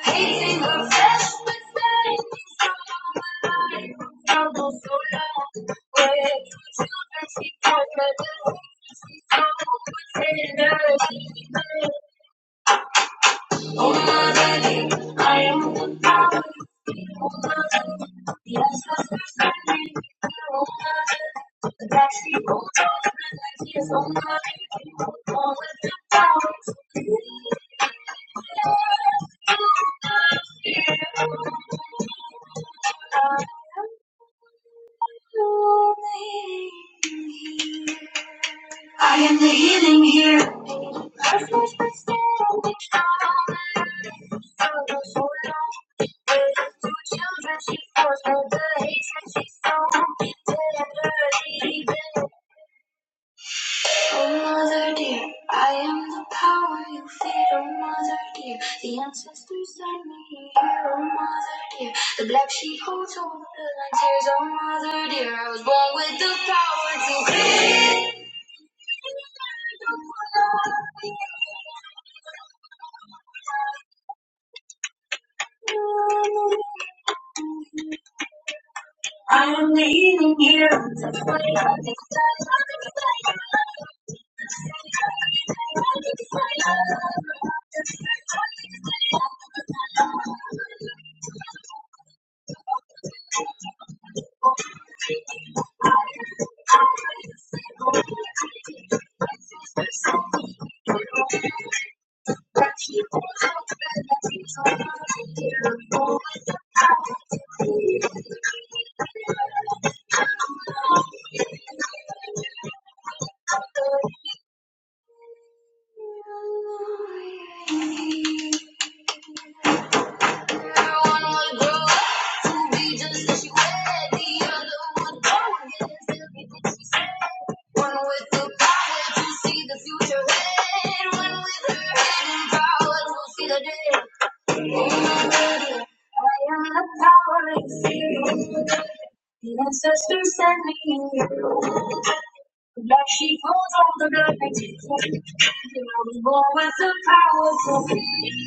Hating the flesh, fresh mistakes from my life. Struggle so long. with two children, she called her little. She so pretender. She did. Oh, mother, I am the power. Oh, mother, yes, that's the standing. Oh, mother, that she holds on. Yes, oh, mother, she holds on with the power. The ancestors sent me you. But she holds on the good things she was born with a powerful feeling.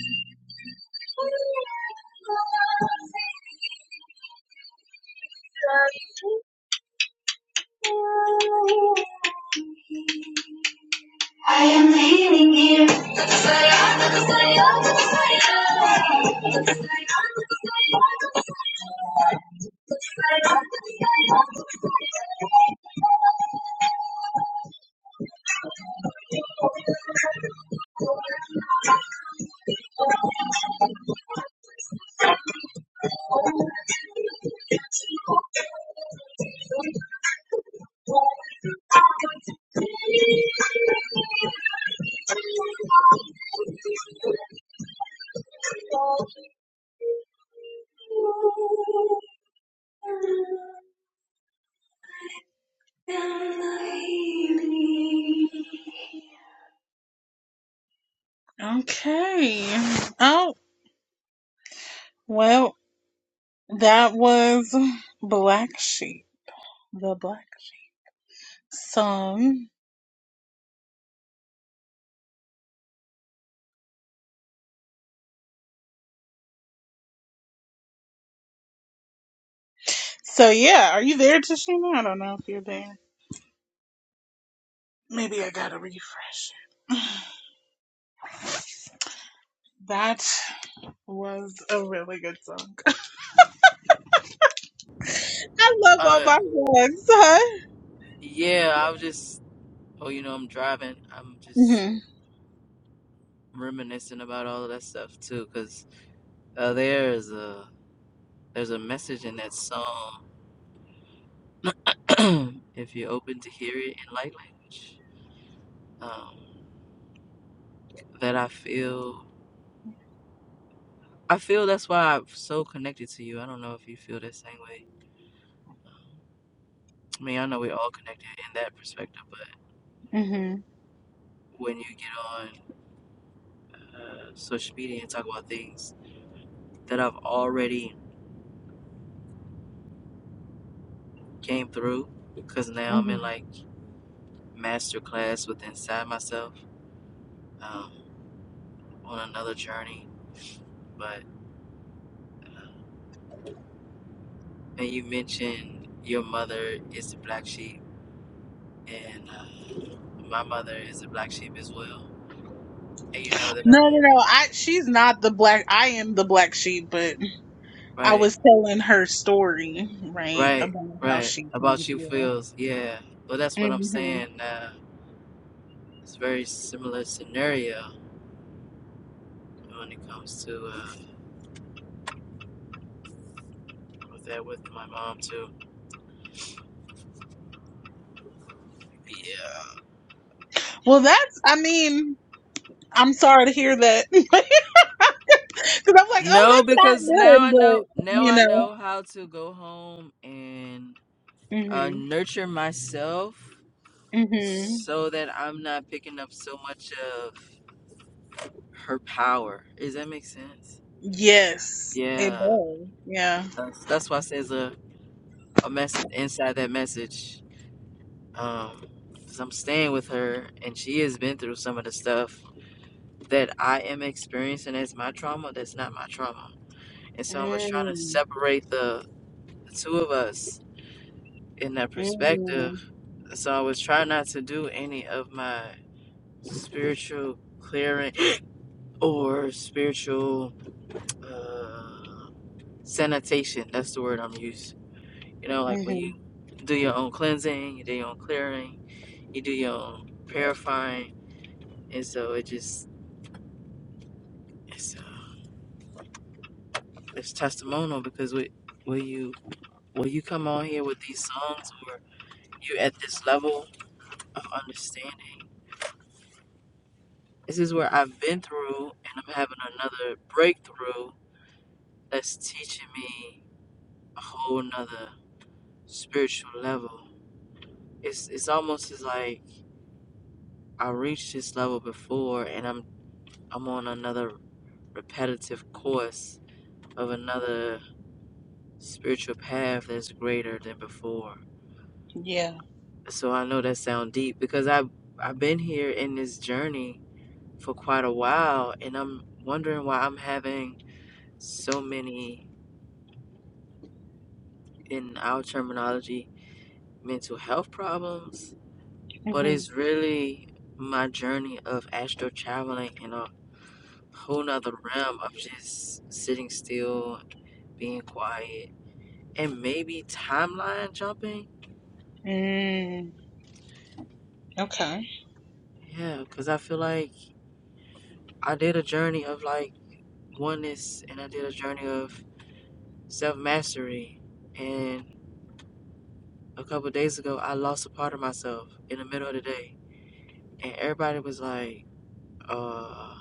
Okay. Oh, well, that was Black Sheep, the Black Song. So, yeah, are you there, Tashina? I don't know if you're there. Maybe I gotta refresh it. That. was a really good song. I love all
Uh,
my ones, huh?
yeah, I was just Oh, you know, I'm driving. I'm just
hmm
reminiscing about all of that stuff too, because uh, there's a there's a message in that song. if you're open to hear it in light language, um, that I feel I feel that's why I'm so connected to you. I don't know if you feel the same way. Um, I mean, I know we're all connected in that perspective, but
hmm
when you get on uh, social media and talk about things that I've already came through, because now I'm
hmm
in like masterclass with inside myself um, on another journey. But uh, and you mentioned your mother is the black sheep, and uh, my mother is the black sheep as well. And you know that
No, no,
I'm
no. I she's not the black. I am the black sheep, but I
right,
was telling her story right
right,
about how
right
she came
about you
through.
feels. Yeah, well that's what I'm
hmm
saying. Uh, it's very similar scenario when it comes to uh, with that with my mom too. Yeah.
Well, that's. I mean, I'm sorry to hear that because I'm like, oh,
No,
that's not
because now
good,
I know
but
now
you
I
know.
know how to go home and uh,
hmm
nurture myself
hmm
so that I'm not picking up so much of her power. Does that make sense?
Yes, it
Yeah,
does. Yeah.
that's, that's why I says a a message inside that message. Um, cause I'm staying with her, and she has been through some of the stuff that I am experiencing as my trauma. That's not my trauma, and so I was trying to
Mm-hmm.
separate the, the two of us in that perspective. So I was trying not to do any of my spiritual clearing or spiritual uh, sanitation. That's the word I'm using. You know, like when you
Mm-hmm.
do your own cleansing, you do your own clearing, you do your own purifying, and so it just it's uh, it's testimonial because we, when you when you come on here with these songs or you at this level of understanding, this is where I've been through, and I'm having another breakthrough that's teaching me a whole nother spiritual level. It's it's almost as like I reached this level before and I'm I'm on another repetitive course of another spiritual path that's greater than before.
Yeah.
So I know that sound deep because I I've, I've been here in this journey for quite a while and I'm wondering why I'm having so many in our terminology mental health problems, but it's really my journey of astral traveling and all whole nother realm of just sitting still, being quiet, and maybe timeline jumping.
Mm, okay.
Yeah, because I feel like I did a journey of like oneness and I did a journey of self mastery. And a couple of days ago, I lost a part of myself in the middle of the day. And everybody was like, uh,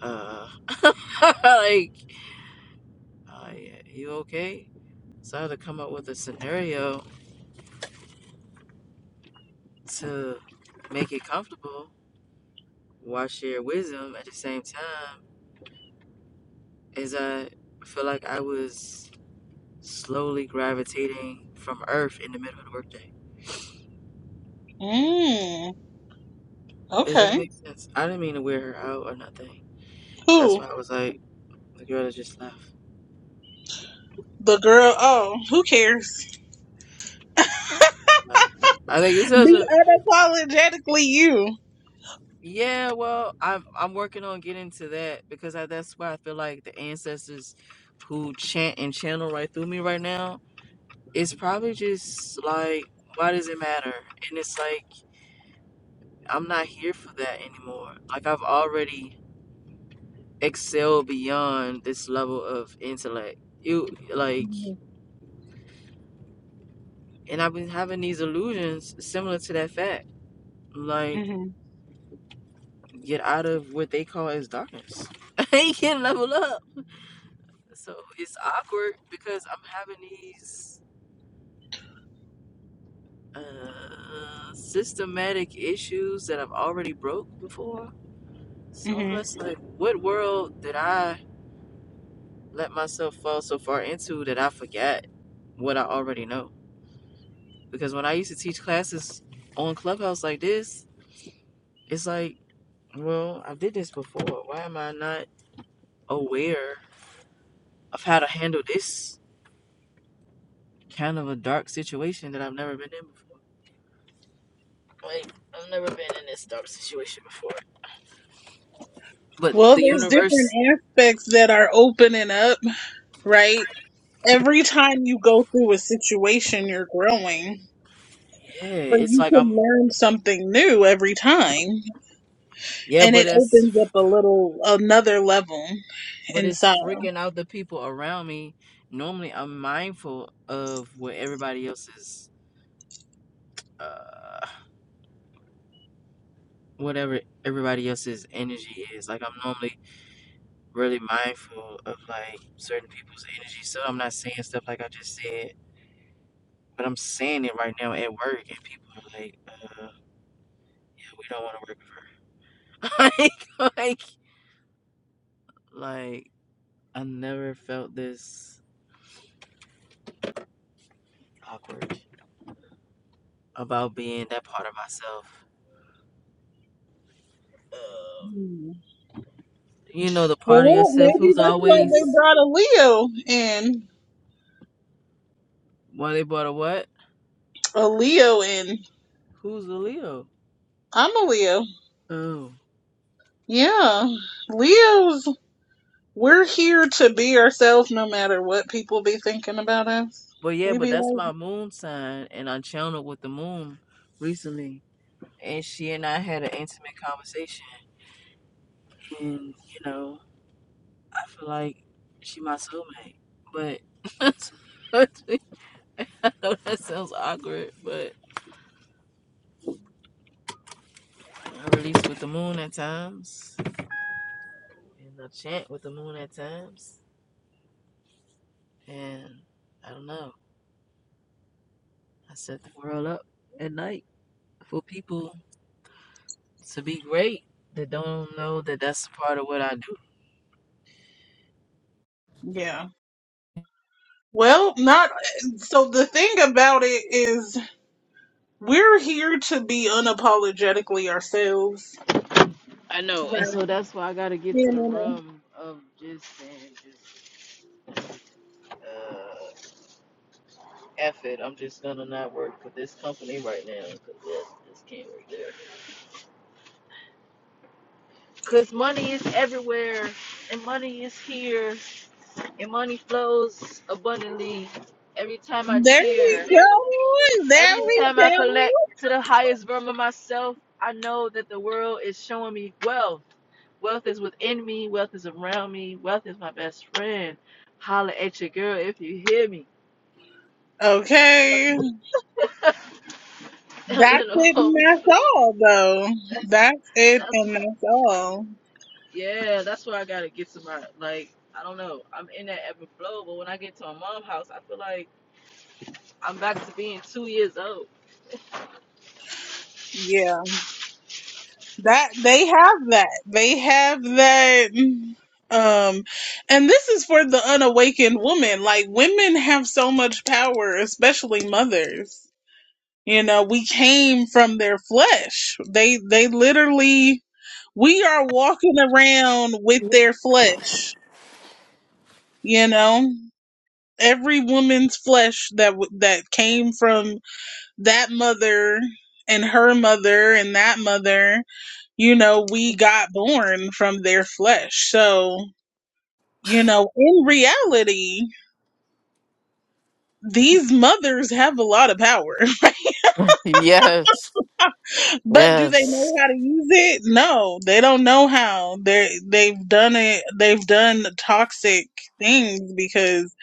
uh, like, uh, yeah, you okay? So I had to come up with a scenario to make it comfortable why share wisdom at the same time is I feel like I was slowly gravitating from Earth in the middle of the workday.
Mm,
Does that
okay.
make sense? I didn't mean to wear her out or nothing. That's
Who?
why I was like, the girl that just left.
The girl. Oh, who cares?
Nah. I think it's such
Be
a
unapologetically you.
yeah. Well, I'm I'm working on getting to that because I, that's why I feel like the ancestors who chant and channel right through me right now. It's probably just like, why does it matter? And it's like I'm not here for that anymore. Like I've already excelled beyond this level of intellect. You like,
Mm-hmm.
and I've been having these illusions similar to that fact. Like,
Mm-hmm.
get out of what they call as darkness. I can not level up. So it's awkward because I'm having these uh, systematic issues that I've already broke before. So I'm
Mm-hmm.
just like, what world did I let myself fall so far into that I forget what I already know. Because when I used to teach classes on Clubhouse like this, it's like, well, I did this before. Why am I not aware of how to handle this kind of a dark situation that I've never been in before? Like, I've never been in this dark situation before. But
Well,
the
there's
universe,
different aspects that are opening up, right? Every time you go through a situation, you're growing,
yeah,
but
it's
you
like I'm,
can learn something new every time,
yeah,
and
but
it
it's,
opens up a little another level
but it's
inside.
freaking out the people around me. Normally, I'm mindful of what everybody else is uh, whatever everybody else's energy is. Like I'm normally really mindful of like certain people's energy, so I'm not saying stuff like I just said, but I'm saying it right now at work, and people are like, uh, "Yeah, we don't want to work with her." like, like, like I never felt this awkward about being that part of myself. Uh,
Hmm.
you know, the part of
Well,
yourself
maybe
who's
that's why they
always,
brought a Leo in.
well, they bought a what?
A Leo in.
Who's a Leo?
I'm a Leo.
Oh,
Yeah. Leos, we're here to be ourselves no matter what people be thinking about us.
But yeah,
We be
but that's
like,
my moon sign, and I channeled with the moon recently, and she and I had an intimate conversation, and you know, I feel like she my soulmate. But I know that sounds awkward, but I release with the moon at times, and I chant with the moon at times, and I don't know. I set the world up at night for people to be great that don't know that that's a part of what I do.
yeah. Well, not so the thing about it is We're here to be unapologetically ourselves.
I know, and
Right.
so that's why I gotta get to the room of just saying, just uh, F it. I'm just gonna not work for this company right now because this, this can't work there. Because money is everywhere, and money is here, and money flows abundantly. Every time I
There we
cheer,
go. There
every
we
time I collect to the highest realm of myself, I know that the world is showing me wealth. Wealth is within me. Wealth is around me. Wealth is my best friend. Holla at your girl if you hear me.
go. Okay.
I'm
That's it and that's all though.
That's,
That's it
that's
and that's all.
yeah. That's where I gotta get to my like. I don't know. I'm in that ebb and flow, but when I get to my mom's house, I feel like I'm back to being two years old.
Yeah. That they have that. They have that um and this is for the unawakened woman. Like women have so much power, especially mothers. You know, we came from their flesh. They they literally we are walking around with their flesh, you know? Every woman's flesh that w- that came from that mother and her mother and that mother, you know, we got born from their flesh. So, you know, in reality, these mothers have a lot of power.
Yes.
But do they know
Yes.
how to use it? No, they don't know how. They they've done it. They've done toxic things because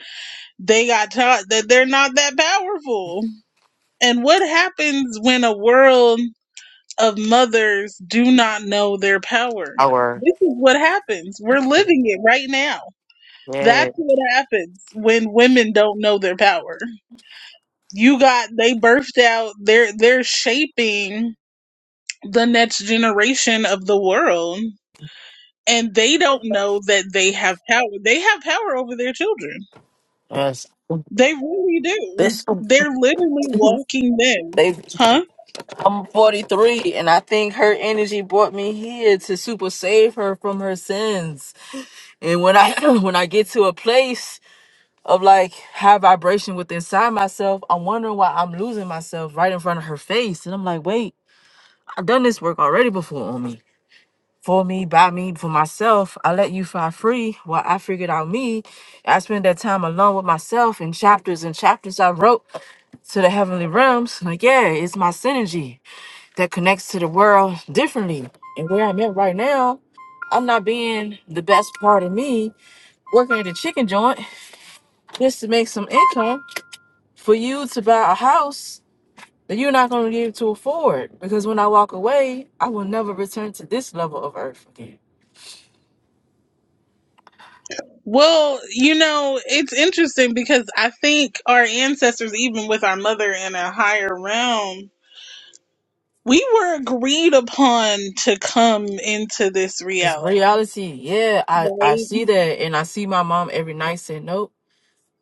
they got taught that they're not that powerful. And what happens when a world of mothers do not know their power?
Our
This is what happens. We're living it right now.
yeah.
That's what happens when women don't know their power. You got they birthed out. They're they're shaping the next generation of the world. and they don't know that they have power. They have power over their children.
Yes.
They really do.
This
They're literally walking them.
they
Huh?
I'm 43 and I think her energy brought me here to super save her from her sins. And when I when I get to a place of like high vibration with inside myself, I'm wondering why I'm losing myself right in front of her face. And I'm like, wait, I've done this work already before on me. For me, by me, for myself. I let you fly free while I figured out me. I spent that time alone with myself in chapters and chapters I wrote to the heavenly realms. Like, yeah, it's my synergy that connects to the world differently. And where I'm at right now, I'm not being the best part of me working at a chicken joint just to make some income for you to buy a house that you're not going to be able to afford. Because when I walk away, I will never return to this level of earth again.
Well, you know, it's interesting because I think our ancestors, even with our mother in a higher realm, we were agreed upon to come into this
This
reality.
reality, yeah, I, I see that. And I see my mom every night saying, nope,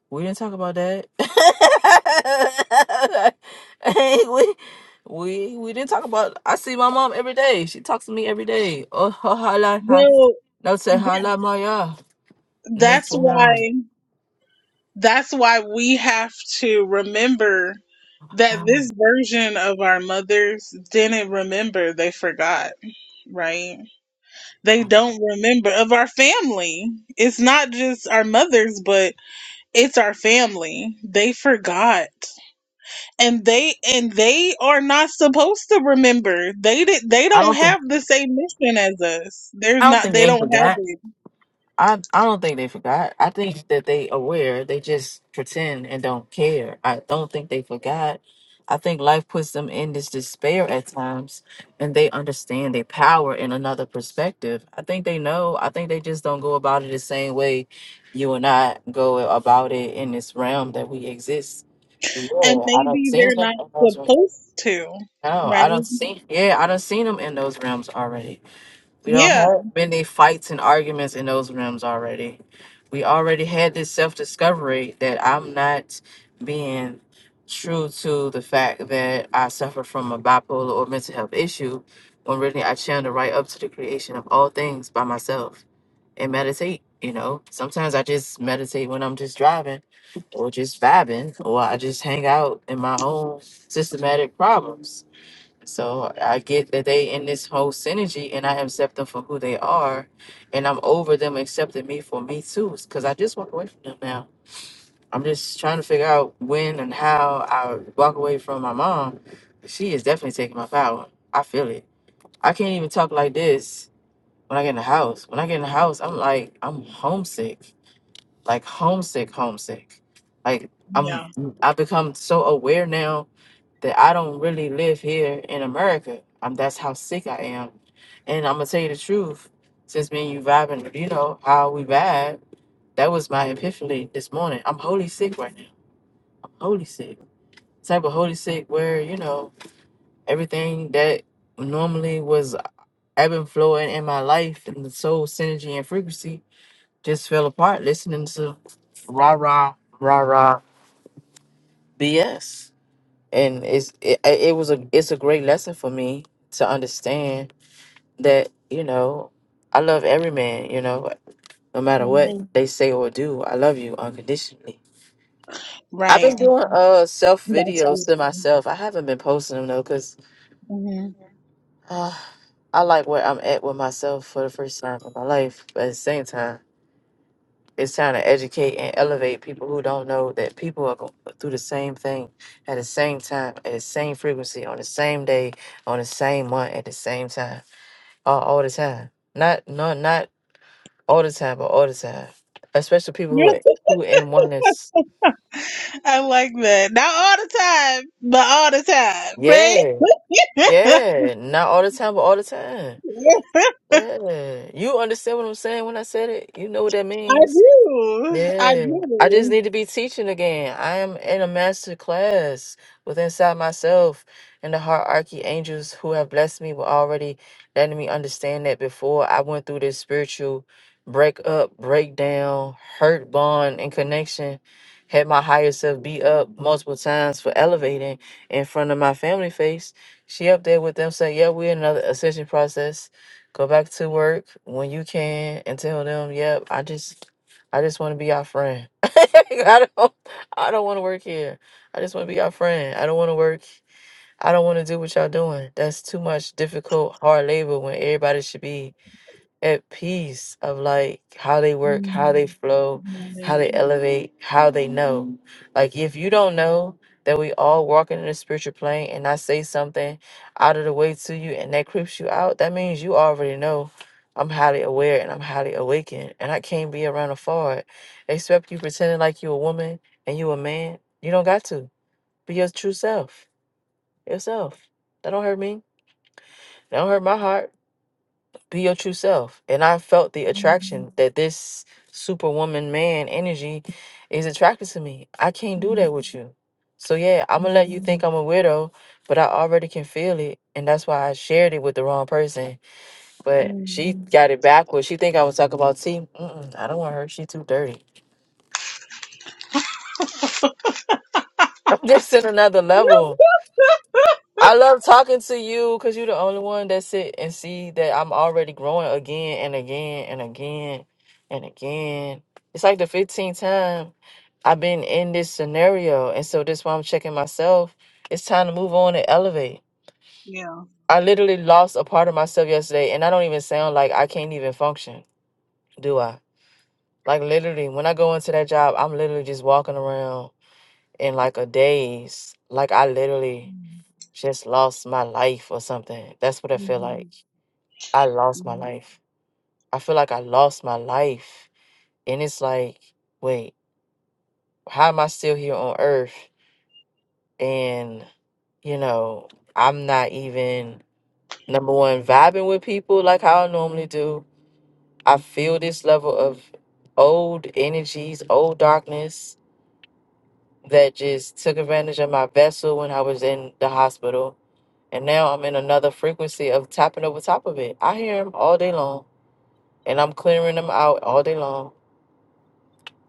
we didn't talk about that. Hey, we, we, we didn't talk about I see my mom every day. She talks to me every day. Oh, ha, ha, la, ha.
Well,
No, say,
th-
ha, la, ma, ya.
that's
Nitsa, ha.
why. That's why we have to remember
Oh, my
that this
God.
version of our mothers didn't remember. They forgot, right? They don't remember of our family. It's not just our mothers, but it's our family. They forgot. And they and they are not supposed to remember. They did they
I
don't
don't think
have the same mission as us. They're
I don't
not
think
they
they
don't have
forgot.
it.
I I don't think they forgot. I think that they aware. They just pretend and don't care. I don't think they forgot. I think life puts them in this despair at times, and they understand their power in another perspective. I think they know. I think they just don't go about it the same way you and I go about it in this realm that we exist. 'Cause,
And
Yeah, I don't
maybe
seen
they're
them
not
in those. realms.
supposed to,
No,
right?
I don't see. Yeah, I don't seen them in those realms already. We don't
Yeah.
have many fights and arguments in those rooms already. We already had this self discovery that I'm not being true to the fact that I suffer from a bipolar or mental health issue when really I channel right up to the creation of all things by myself and meditate. You know, sometimes I just meditate when I'm just driving or just vibing, or I just hang out in my own systematic problems so I get that they in this whole synergy and I accept them for who they are and I'm over them accepting me for me too because I just walk away from them now. I'm just trying to figure out when and how I walk away from my mom. She is definitely taking my power. I feel it. I can't even talk like this when I get in the house. When I get in the house, I'm like I'm homesick. Like homesick, homesick. Like I'm
Yeah.
I have become so aware now that I don't really live here in America. Um, that's how sick I am. And I'm gonna tell you the truth. Since me and you vibing, you know how we vibe. That was my epiphany this morning. I'm holy sick right now. I'm holy sick. Type of holy sick where you know everything that normally was ebb and flowing in my life and the soul synergy and frequency just fell apart. Listening to rah rah rah rah BS. and it's it, it was a it's a great lesson for me to understand that you know I love every man you know no matter
Mm-hmm.
what Mm. they say or do I love you unconditionally. I've
Right.
been doing uh self
That's
videos
good.
to myself. I haven't been posting them though because
hmm
uh, I like where I'm at with myself for the first time in my life. But at the same time. it's time to educate and elevate people who don't know that people are going through the same thing at the same time, at the same frequency, on the same day, on the same month, at the same time, all, all the time. Not no, not all the time, but all the time. Especially people
Yeah.
who are who in oneness.
I like that. Not all the time, but all the time, right?
Yeah, yeah. Not all the time, but all the time. Yeah. You understand what I'm saying when I said it? You know what that
I
means.
do. I
Yeah, I just
do.
need to be teaching again. I am in a master class with inside myself and the hierarchy angels who have blessed me were already letting me understand that before I went through this spiritual breakup, breakdown, hurt bond, and connection. Had my higher self beat up multiple times for elevating in front of my family face. She up there with them saying, Yeah, we're in another ascension process. Go back to work when you can and tell them, Yep, I just I just want to be your friend. I don't I don't want to work here. I just want to be your friend. I don't want to work. I don't want to do what y'all doing. That's too much difficult, hard labor when everybody should be at peace of like how they work, how they
Mm,
flow, how
right.
they elevate, how they know. Like if you don't know that we all walking in the spiritual plane and I say something out of the way to you and that creeps you out, that means you already know I'm highly aware and I'm highly awakened and I can't be around a fraud. Except you pretending like you a woman and you a man. You don't got to. Be your true self. Yourself. That don't hurt me. That don't hurt my heart be your true self. And I felt the
Mhm,
attraction that this superwoman man energy is attracted to me. I can't do that
mhm,
with you. So yeah, I'm gonna let
mhm,
you think I'm a widow, but I already can feel it, and that's why I shared it with the wrong person. But she
mhm,
got it backwards. She think I was talking about T. Mm-mm, I don't want her. She too dirty. I'm just in another level. I love talking to you because you're the only one that sit and see that I'm already growing again and again and again and again. It's like the 15th time I've been in this scenario. And so this why I'm checking myself. It's time to move on and elevate.
Yeah.
I literally lost a part of myself yesterday, and I don't even sound like I can't even function, do I? Like literally, when I go into that job, I'm literally just walking around in like a daze. Like I literally just lost my life or something. That's what I feel like.
mhm,
I lost my
mhm.
life. I feel like I lost my life. And it's like, wait, how am I still here on earth? And, you know, I'm not even, number one, vibing with people like how I normally do. I feel this level of old energies, old darkness that just took advantage of my vessel when I was in the hospital. And now I'm in another frequency of tapping over top of it. I hear them all day long and I'm clearing them out all day long.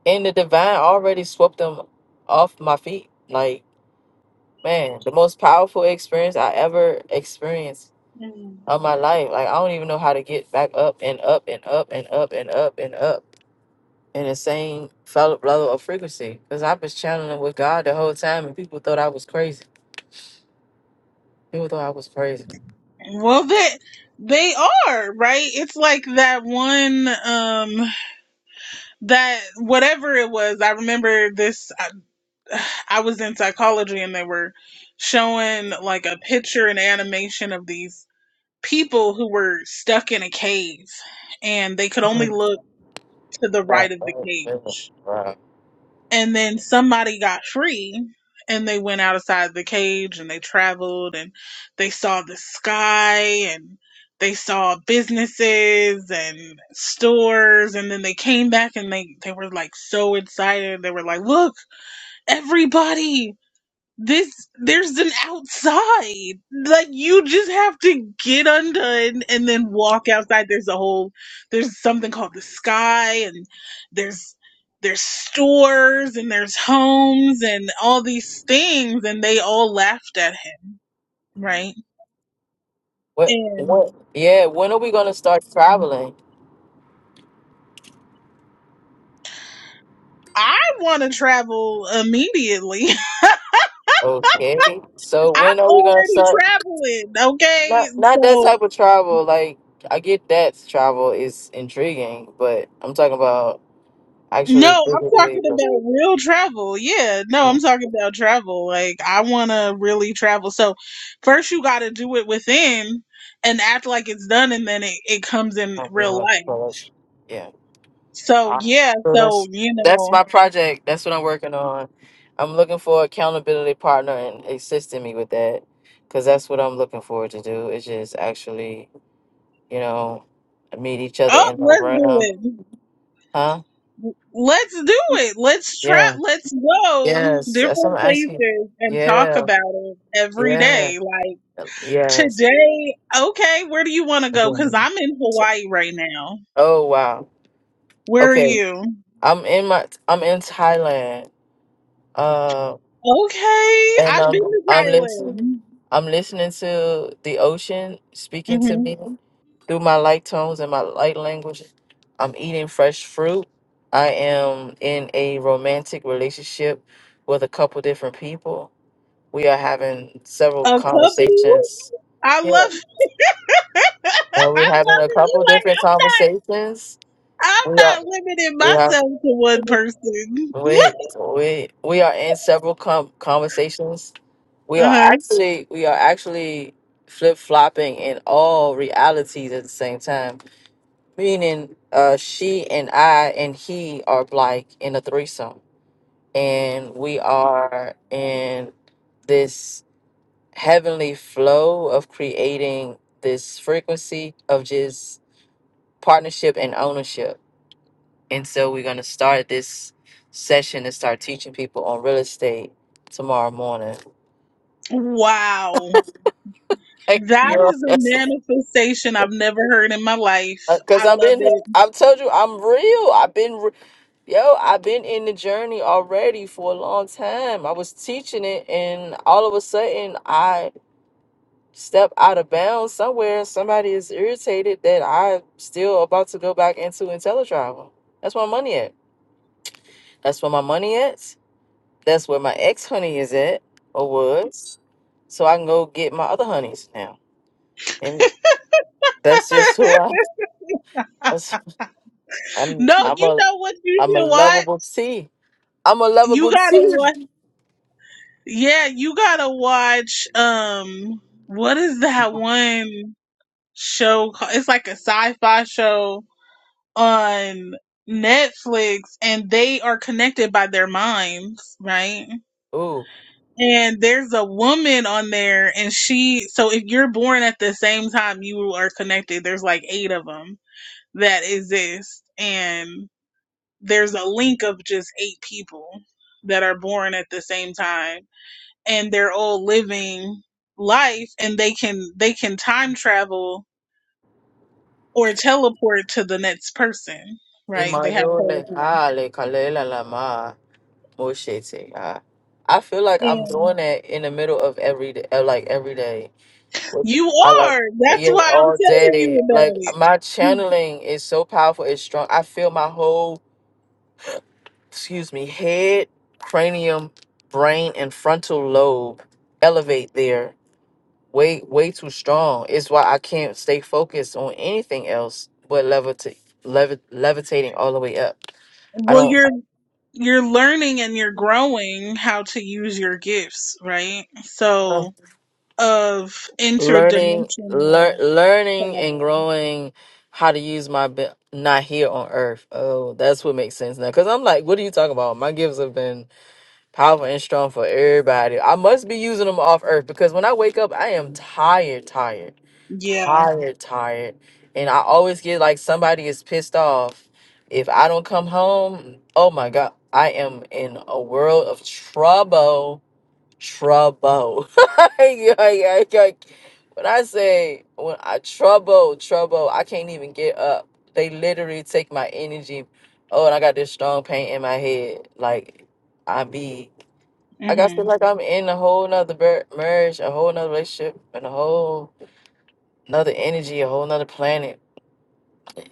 And the divine already swept them off my feet. Like, man, the most powerful experience I ever experienced of my life. Like, I don't even know how to get back up and up and up and up and up and up in the same fellow level of frequency. Because I was channeling with God the whole time, and people thought I was crazy. People thought I was crazy.
Well, they they are right. It's like that one um that whatever it was. I remember this. uh, I was in psychology and they were showing like a picture and animation of these people who were stuck in a cave and they could only
Mhm.
look to the
Yeah,
right of the
right, yeah,
cage.
right.
And then somebody got free and they went outside the cage and they traveled and they saw the sky and they saw businesses and stores and then they came back and they, they were like so excited. They were like, look, everybody, this there's an outside like you just have to get undone and then walk outside there's a whole there's something called the sky and there's there's stores and there's homes and all these things and they all laughed at him right
What?
and
What? Yeah. When are we gonna start traveling?
i want to travel immediately
Okay. So
i'm
when are we gonna
already
start?
traveling okay
Not not that
so
type of travel. Like I get that travel is intriguing, but I'm talking about actually
No, I'm
physically.
talking
just-
about real travel. Yeah, no,
uh,
I'm talking about travel. Like, I want to really travel. So, first you got to do it within and act like it's done, and then it, it comes in
not really
real
much
life.
for us. Yeah.
So,
All right.
yeah,
So
so,
that's
you
that's
know,
my project. That's what I'm working on. I'm looking for accountability partner and assisting me with that, because that's what I'm looking forward to do. Is just actually, you know, meet each other
oh,
in the
let's do
realm,
it.
huh?
Let's do it. Let's try.
Yeah.
Let's go
Yes. That's what I'm
different
asking.
places and talk
Yeah.
about it every
Yeah.
day. Like,
Yes.
today, okay, where do you want to go? Because I'm in
S-
Hawaii right now.
Oh wow.
Where are
Okay.
you?
I'm in my I'm in Thailand. Uh
Okay,
and
I've been
I'm
to
I'm listening
Thailand.
I'm listening to the ocean speaking to
hmm
me through my light tones and my light language. I'm eating fresh fruit. I am in a romantic relationship with a couple different people. We are having several
A couple.
conversations.
I
Yeah.
love. I
Uh, we're having
love
a
it. You
couple
like
different conversations. We
I'm not.
are
I'm not limiting
we have.
myself to one person.
We we we are in several com- conversations. We are
uh-huh.
actually we are actually flip flopping in all realities at the same time. Meaning, uh, she and I and he are like in a threesome, and we are in this heavenly flow of creating this frequency of just partnership and ownership and so we're going to start this session and start teaching people on real estate tomorrow morning.
Wow,
Hey,
that
girl,
is a
that's
manifestation I've never heard in my life. I
because I've
love
been,
it.
I've told you, I'm real. I've been, re- yo, I've been in the journey already for a long time. I was teaching it, and all of a sudden, I step out of bounds somewhere. and Somebody is irritated that I'm still about to go back into IntelliTravel. That's where my money at. That's where my money at. That's where my ex honey is at, or was. So I can go get my other honeys now. And that's just who I that's- I'm
No,
I'm
you
a
know what you
I'm a
should watch.
lovable T. I'm a
You
lovable
gotta watch.
T.
Yeah, you gotta watch. Um, what is that one show? Called? It's like a sci-fi show on Netflix and they are connected by their minds, right?
Ooh.
And there's a woman on there and she so if you're born at the same time you are connected, there's like 8 of them that exist and there's a link of just 8 people that are born at the same time and they're all living life and they can they can time travel or teleport to the next person, right? They have
Imayole,
teleport.
hale, kalela lama, moshete, ah. I feel like I'm doing that in the middle of every day, like every day.
You
I like
are. That's
yeah,
why I'm
all
telling you
day. Like
about it.
my channeling is so powerful, it's strong. I feel my whole excuse me, head, cranium, brain, and frontal lobe elevate there way way too strong. It's why I can't stay focused on anything else but levitate, levi- levitating all the way up. I
Well,
don't
you're you're learning and you're growing how to use your gifts, right?
uh,
So of
learning lear,
interdimensional
learning and
travel.
growing how to use my be- not here on earth. Oh, that's what makes sense now. Cause I'm like, what are you talking about? My gifts have been Powerful and strong for everybody. I must be using them off earth because when I wake up, I am tired, tired,
Yeah.
tired, tired. And I always get like somebody is pissed off. If I don't come home, oh my God, I am in a world of trouble. Trouble. Yeah, yeah, yeah. when I say, when I trouble, trouble, I can't even get up. They literally take my energy. Oh, and I got this strong pain in my head. Like, I be like I
Mhm.
feel like I'm in a whole nother ber- marriage, a whole nother relationship, and a whole nother energy, a whole nother planet.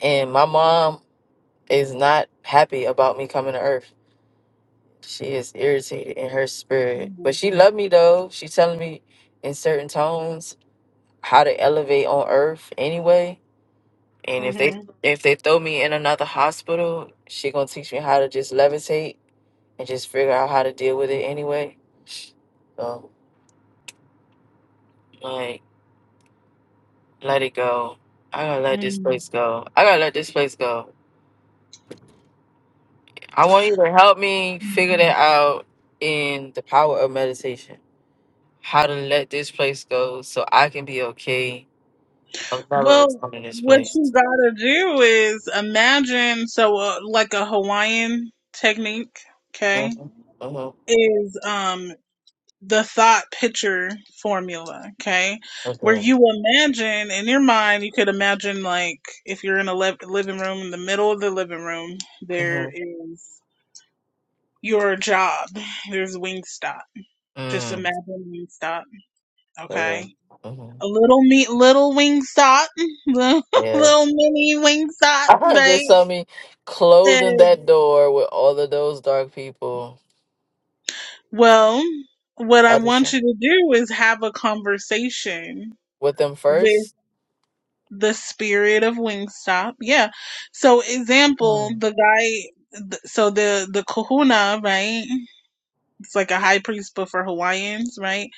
And my mom is not happy about me coming to Earth. She is irritated in her spirit, but
Mhm.
she loved me though. She telling me in certain tones how to elevate on Earth anyway. And if they
Mhm.
if they throw me in another hospital, she gonna teach me how to just levitate and just figure out how to deal with it anyway. So like. Let it go. I gotta let this place go. I gotta let this place go. I want you to help me
Mhm.
figure that out in the power of meditation. How to let this place go so I can be okay of never
Well,
returning this
what
place.
you gotta do is imagine so uh, like a Hawaiian technique, okay?
Mm-hmm. Mm-hmm.
Is um the thought picture formula, okay? Where
Okay.
you imagine in your mind, you could imagine like if you're in a le- living room, in the middle of the living room, there
Mm-hmm.
is your job. There's Wingstop. Just
Mm.
imagine Wingstop,
Okay.
okay? A
Mm-hmm.
little meat, little Wingstop, little
Yeah.
mini Wingstop,
just
right?
saw me closing
And,
that door with all of those dark people.
well, what I
I just
want
saw
you to do is have a conversation
with them
with.
first.
the spirit of Wingstop. Yeah. So example,
Mm.
the guy th- so the the kahuna, right? It's like a high priest but for Hawaiians, right?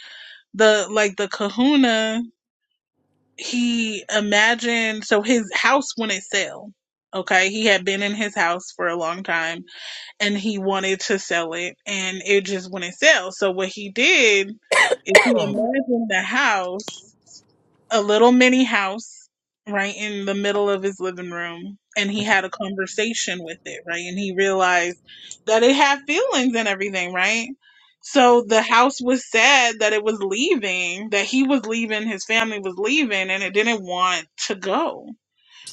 The like the kahuna, he imagined so his house wouldn't sell. Okay, he had been in his house for a long time and he wanted to sell it and it just wouldn't sell. So what he did is he imagined the house a little mini house right in the middle of his living room and he had a conversation with it right and he realized that it had feelings and everything right so the house was sad that it was leaving that he was leaving his family was leaving and it didn't want to go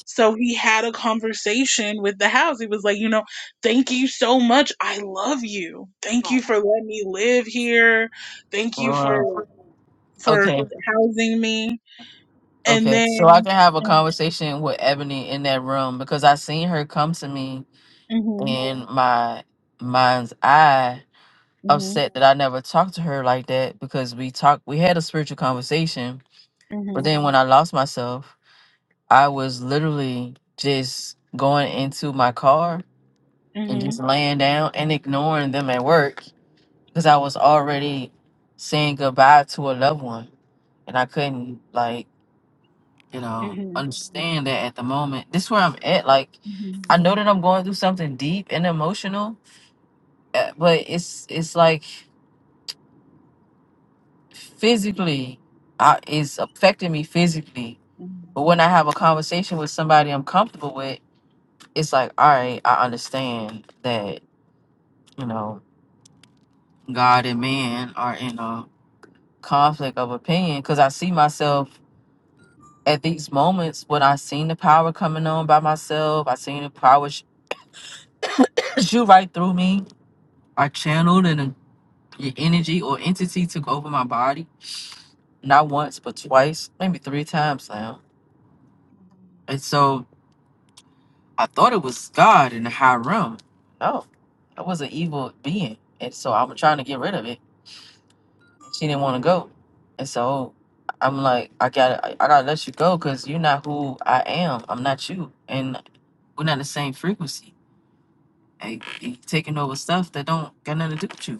so he had a conversation with the house he was like you know thank you so much i love you thank you for letting me live here thank you for
Mm. Uh,
for
okay.
housing me and
Okay, so I
then,
can have a conversation with Ebony in that room because I seen her come to me
mm-hmm,
in my mind's eye,
hmm hmm
upset that I never talked to her like that because we talked, we had a spiritual conversation, but
hmm
then when I lost myself, I was literally just going into my car and just laying down and ignoring them at work because I was already saying goodbye to a loved one and I couldn't like. you know,
hmm
understand that at the moment, this where I'm at. Like,
hmm
I know that I'm going through something deep and emotional, uh, but it's it's like physically, I, it's affecting me physically. But when I have a conversation with somebody I'm comfortable with, it's like, all right, I understand that you know, God and man are in a conflict of opinion because I see myself at these moments when I seen the power coming on by myself. I seen the power sh- shoot right through me I channeled an an energy or entity took over my body, not once but twice, maybe three times now. And so I thought it was God in the high realm. No, I was an evil being, and so I'm trying to get rid of it. She didn't want to go, and so I'm like, I gotta, I I gotta let you go because you're not who I am. I'm not you, and we're not the same frequency. And you taking over stuff that don't got nothing to do with you.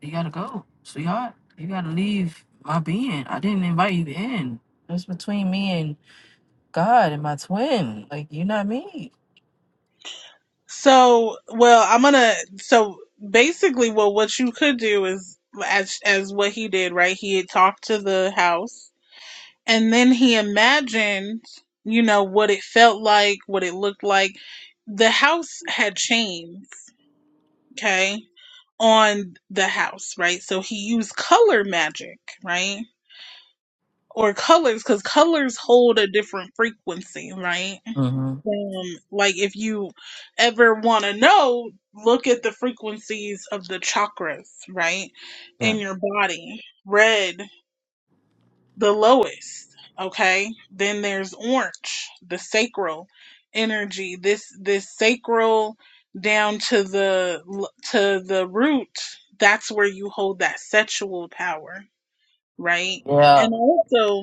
You gotta go, sweetheart. You gotta leave my being. I didn't invite you in. It's between me and God and my twin. Like you're not me.
So, well, I'm gonna. So basically, well, what you could do is as as what he did, right? He had talked to the house, and then he imagined, you know, what it felt like, what it looked like. The house had chains, okay, on the house, right? So he used color magic, right? or colors because colors hold a different frequency right
hmm
um like if you ever want to know look at the frequencies of the chakras right
Yeah.
in your body red the lowest okay then there's orange the sacral energy this this sacral down to the l- to the root that's where you hold that sexual power right
Yeah.
and also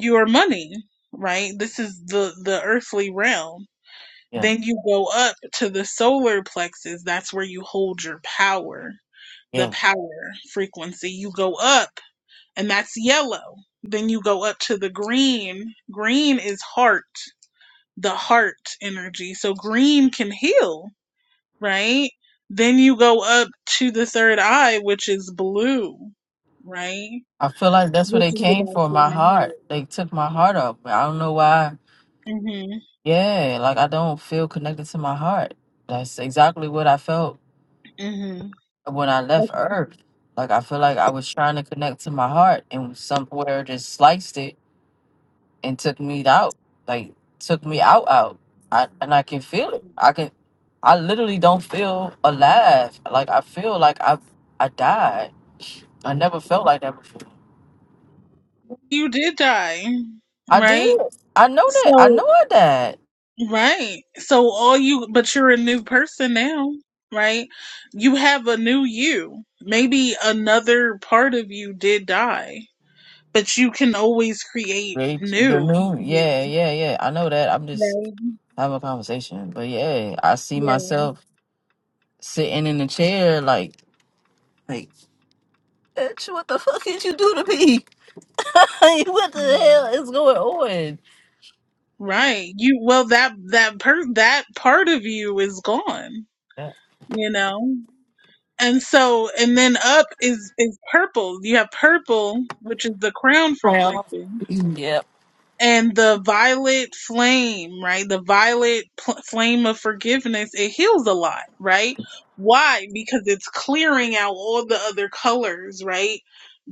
your money, right? This is the the earthly realm.
Yeah.
Then you go up to the solar plexus. That's where you hold your power, the
Yeah.
power frequency. You go up, and that's yellow. Then you go up to the green. Green is heart, the heart energy. So green can heal, right? Then you go up to the third eye, which is blue, right?
I feel like that's where
Which
they
is
came
about
from.
your
My heart.
knowledge.
They took my heart up. I don't know why.
Mm-hmm.
Yeah. Like I don't feel connected to my heart. That's exactly what I felt
Mm-hmm.
when I left
Okay.
Earth. Like I feel like I was trying to connect to my heart, and somewhere just sliced it and took me out. Like took me out out. I and I can feel it. I can I literally don't feel alive. Like I feel like I I died. I never felt like that before.
you did die,
I did.
right?
I know that. I
So,
know I died.
right. So all you, but you're a new person now, right? You have a new you. Maybe another part of you did die, but you can always create
Rach, the
new
new
you,
yeah, yeah, yeah. I know that. I'm just
right?
having a conversation. But yeah, I see
Yeah.
myself sitting in the chair like like bitch, what the fuck did you do to me? Like what the
yeah.
hell is going on?
Right. You, well, that, that per, that part of you is gone,
Yeah.
you know? And so, and then up is, is purple. You have purple, which is the crown
Well,
frequency.
yeah,
and the violet flame, right? The violet pl- flame of forgiveness, it heals a lot, right? Why? Because it's clearing out all the other colors, right?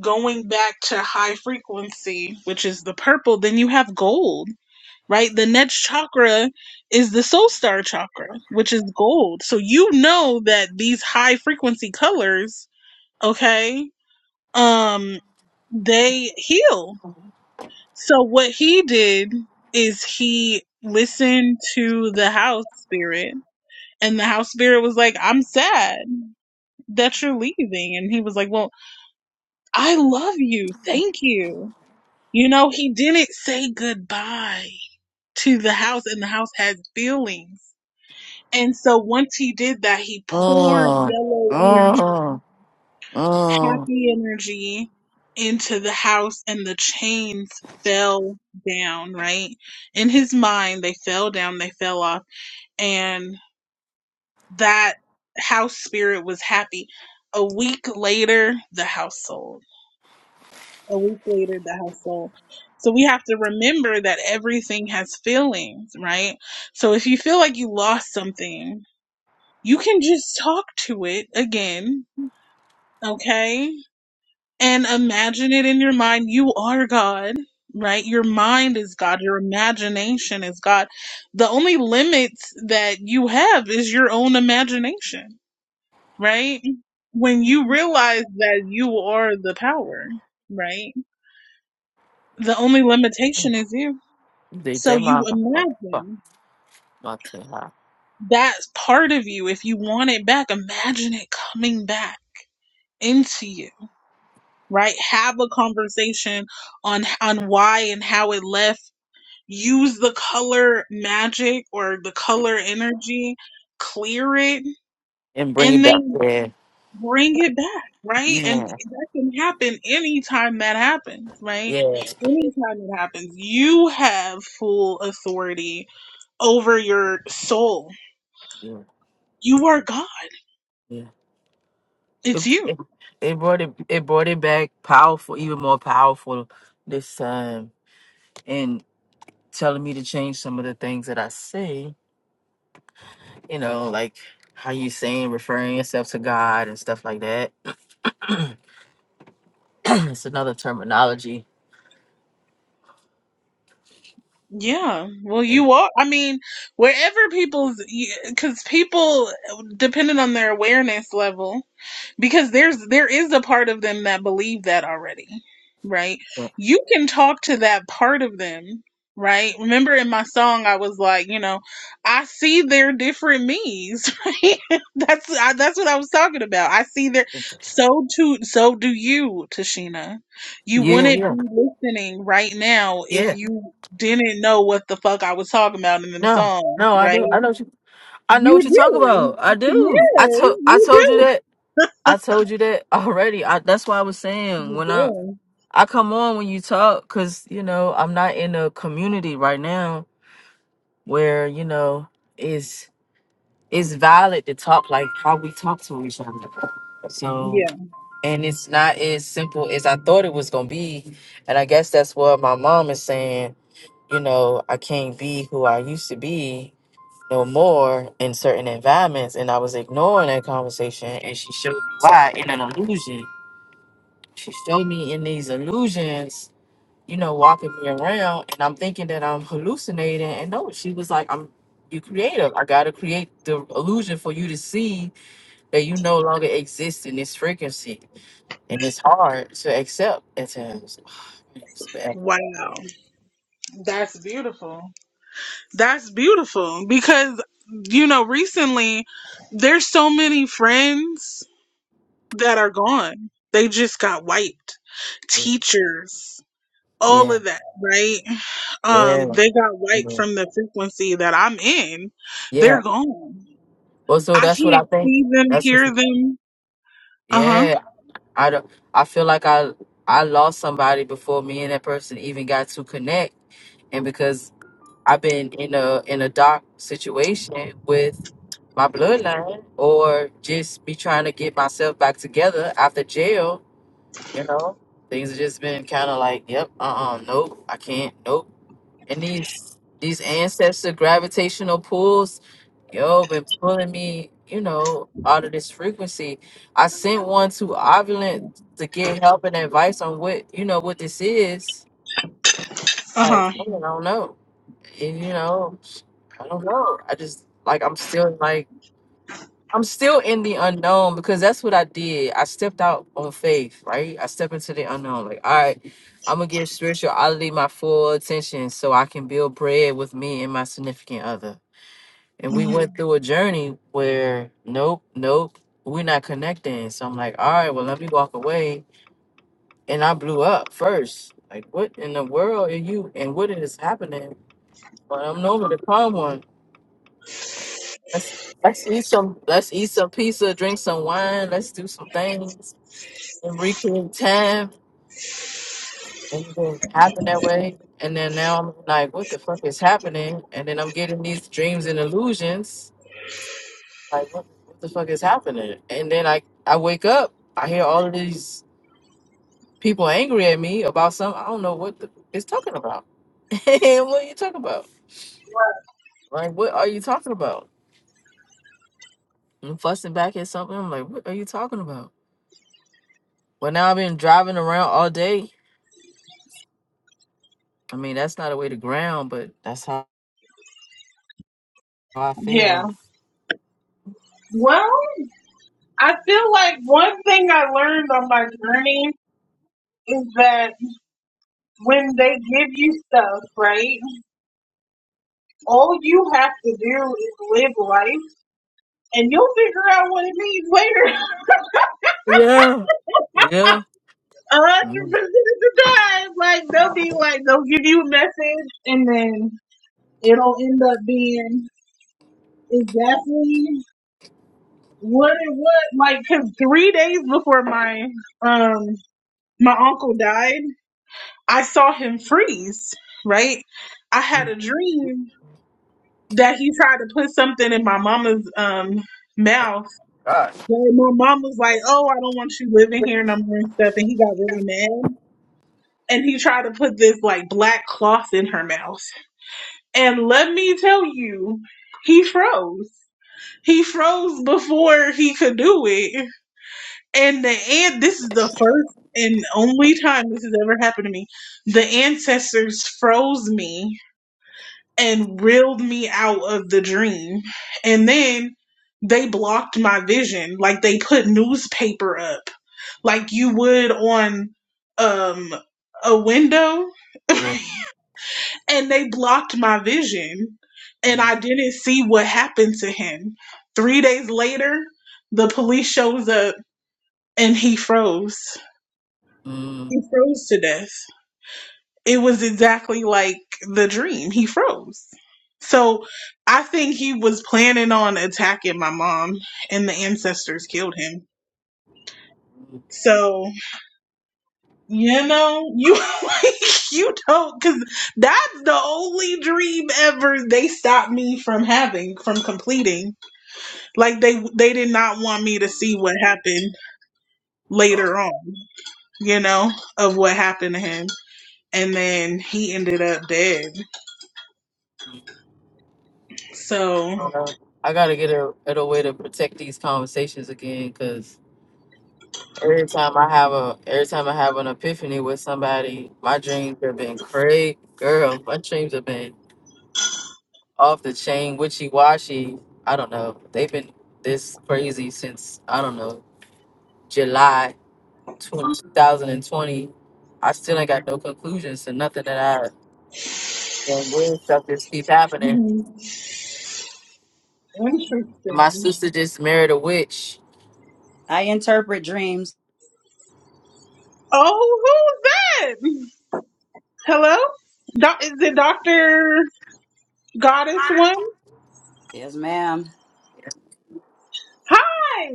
Going back to high frequency, which is the purple, then you have gold, right? The next chakra is the soul star chakra, which is gold. So you know that these high frequency colors, okay, um, they heal so what he did is he listened to the house spirit and the house spirit was like, I'm sad that you're leaving. And he was like, well, I love you. Thank you. You know, he didn't say goodbye to the house and the house has feelings. And so once he did that, he poured
Oh,
yellow energy
oh, oh.
happy energy into the house and the chains fell down, right? In his mind, they fell down, they fell off, and that house spirit was happy. A week later, the house sold. A week later, the house sold. So we have to remember that everything has feelings, right? So if you feel like you lost something, you can just talk to it again, okay? and imagine it in your mind. You are God, right? Your mind is God. Your imagination is God. The only limits that you have is your own imagination, right? When you realize that you are the power, right? The only limitation is you.
They
So
take
you
my motherfucking fuck,
imagine
my tail out
that part of you. If you want it back, imagine it coming back into you, right? Have a conversation on on why and how it left use the color magic or the color energy, clear it,
and bring it
and
back
then
there.
bring it back, right? And
Yeah,
that can happen anytime that happens, right?
yeah,
Anytime it happens, you have full authority over your soul.
yeah,
You are God.
yeah. It,
It's you.
it, it brought it, it brought it back powerful, even more powerful this time, and telling me to change some of the things that I say. You know, like how you saying referring yourself to God and stuff like that. it's another terminology.
Yeah. Well,
Yeah,
you are. I mean, wherever people's, because people, depending on their awareness level, because there's there is a part of them that believe that already right you can talk to that part of them right remember in my song i was like you know i see their different me's right that's I, that's what i was talking about i see their so too so do you tashina you
yeah,
wouldn't
yeah,
be listening right now if
yeah.
you didn't know what the fuck i was talking about in them
No,
songs
no, I
right
do. I know. I know
you
what you talk
do
about. I do. I
yes
told I
you
told you
do
that. I told you that already. I, that's why I was saying
you
when I
do
I come on when you talk cuz you know, I'm not in a community right now where, you know, is it's it's valid to talk like how we talk to each other.
Yeah.
So, and it's not as simple as I thought it was going to be. And I guess that's what my mom is saying, you know, I can't be who I used to be no more in certain environments and I was ignoring that conversation and she showed me why in an illusion. She showed me in these illusions, you know, walking me around and I'm thinking that I'm hallucinating and no, she was like, I'm you creative. I gotta create the illusion for you to see that you no longer exist in this frequency. And it's hard to accept at times. It's bad.
Wow. That's beautiful. That's beautiful because you know recently there's so many friends that are gone. They just got wiped. Teachers, all
Yeah.
of that, right?
Yeah.
Um they got wiped from the frequency that I'm in.
Yeah.
They're gone.
Well so
I
that's what I
can't
think.
see them,
That's what,
hear them. Uh-huh.
yeah. I don't, I feel like I I lost somebody before me and that person even got to connect, and because I've been in a in a dark situation with my bloodline or just me trying to get myself back together after jail, you know, things have just been kind of like, yep, uh, uh nope, I can't, nope. And these these ancestor gravitational pulls, yo, been pulling me, you know, out of this frequency. I sent one to Ovulant to get help and advice on what, you know, what this is. Like,
Uh-huh.
man, I don't know. And you know, I don't know. I just like I'm still like I'm still in the unknown because that's what I did. I stepped out on faith, right? I step into the unknown. Like, all right, I'm gonna give spirituality my full attention so I can build bread with me and my significant other. And we went through a journey where nope, nope, we're not connecting. So I'm like, all right, well, let me walk away. And I blew up first. Like, what in the world are you and what is happening? But I'm normally the calm one. That's Let's eat some. Let's eat some pizza, drink some wine. Let's do some things. and recreate time and it didn't happen that way. And then now I'm like, what the fuck is happening? And then I'm getting these dreams and illusions. Like, what, what the fuck is happening? And then I, I wake up, I hear all of these people angry at me about some I don't know what the fuck it's talking about. And what are you talking about? Like, what are you talking about? I'm fussing back at something. I'm like, what are you talking about? Well, now I've been driving around all day. I mean, that's not a way to ground, but that's how I feel
Yeah. Well, I feel like one thing I learned on my journey is that when they give you stuff, right? All you have to do is live life and you'll figure out what it means later.
Yeah. Yeah.
A hundred
mm
percent of the time. Like they'll be like they'll give you a message and then it'll end up being exactly what it was cause 'cause three days before my um my uncle died, I saw him freeze, right? I had
mm.
a dream that he tried to put something in my mama's um mouth
Gosh.
Well, my mom was like, "Oh, I don't want you living here," no more and stuff, and he got really mad, and he tried to put this like black cloth in her mouth, and let me tell you, he froze. He froze before he could do it, and the and this is the first and only time this has ever happened to me. The ancestors froze me and reeled me out of the dream. And then they blocked my vision. Like they put newspaper up, like you would on um a window,
Yeah.
and they blocked my vision. And I didn't see what happened to him. Three days later, the police shows up and he froze.
Mm-hmm.
He froze to death. it was exactly like the dream. He froze. So I think he was planning on attacking my mom and the ancestors killed him. So, you know, you like, you don't cuz that's the only dream ever they stopped me from having from completing. Like they they did not want me to see what happened later on, you know, of what happened to him. And then he ended up dead. So,
I gotta get a, at a way to protect these conversations again, because every time I have a every time I have an epiphany with somebody, my dreams have been crazy. Girl, my dreams have been off the chain, witchy washy. I don't know. They've been this crazy since I don't know July 20, 2020. I still ain't got no conclusions to nothing that I. When weird stuff just keep happening. And my sister just married a witch.
I interpret dreams.
Oh, who's that? Hello? Do- is it Dr. Goddess One?
Yes, ma'am.
Hi!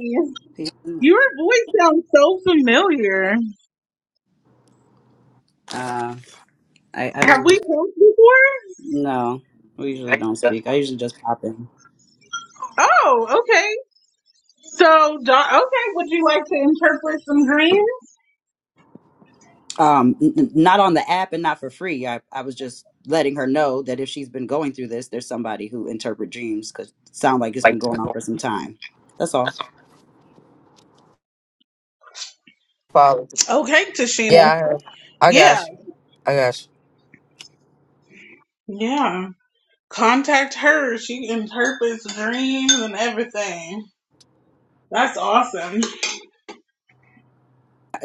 Your voice sounds so familiar.
Uh, I, I
Have
don't.
we talked before?
No, we usually don't speak. I usually just pop in.
Oh, okay. So, do- okay, would you like to interpret some dreams?
Um, n- n- not on the app and not for free. I, I was just letting her know that if she's been going through this, there's somebody who interpret dreams because sound like it's been going on for some time. That's all.
Follow.
Okay, Tashina.
Yeah, I I
Yeah,
got you. I got
yeah. Contact her. She interprets dreams and everything. That's awesome.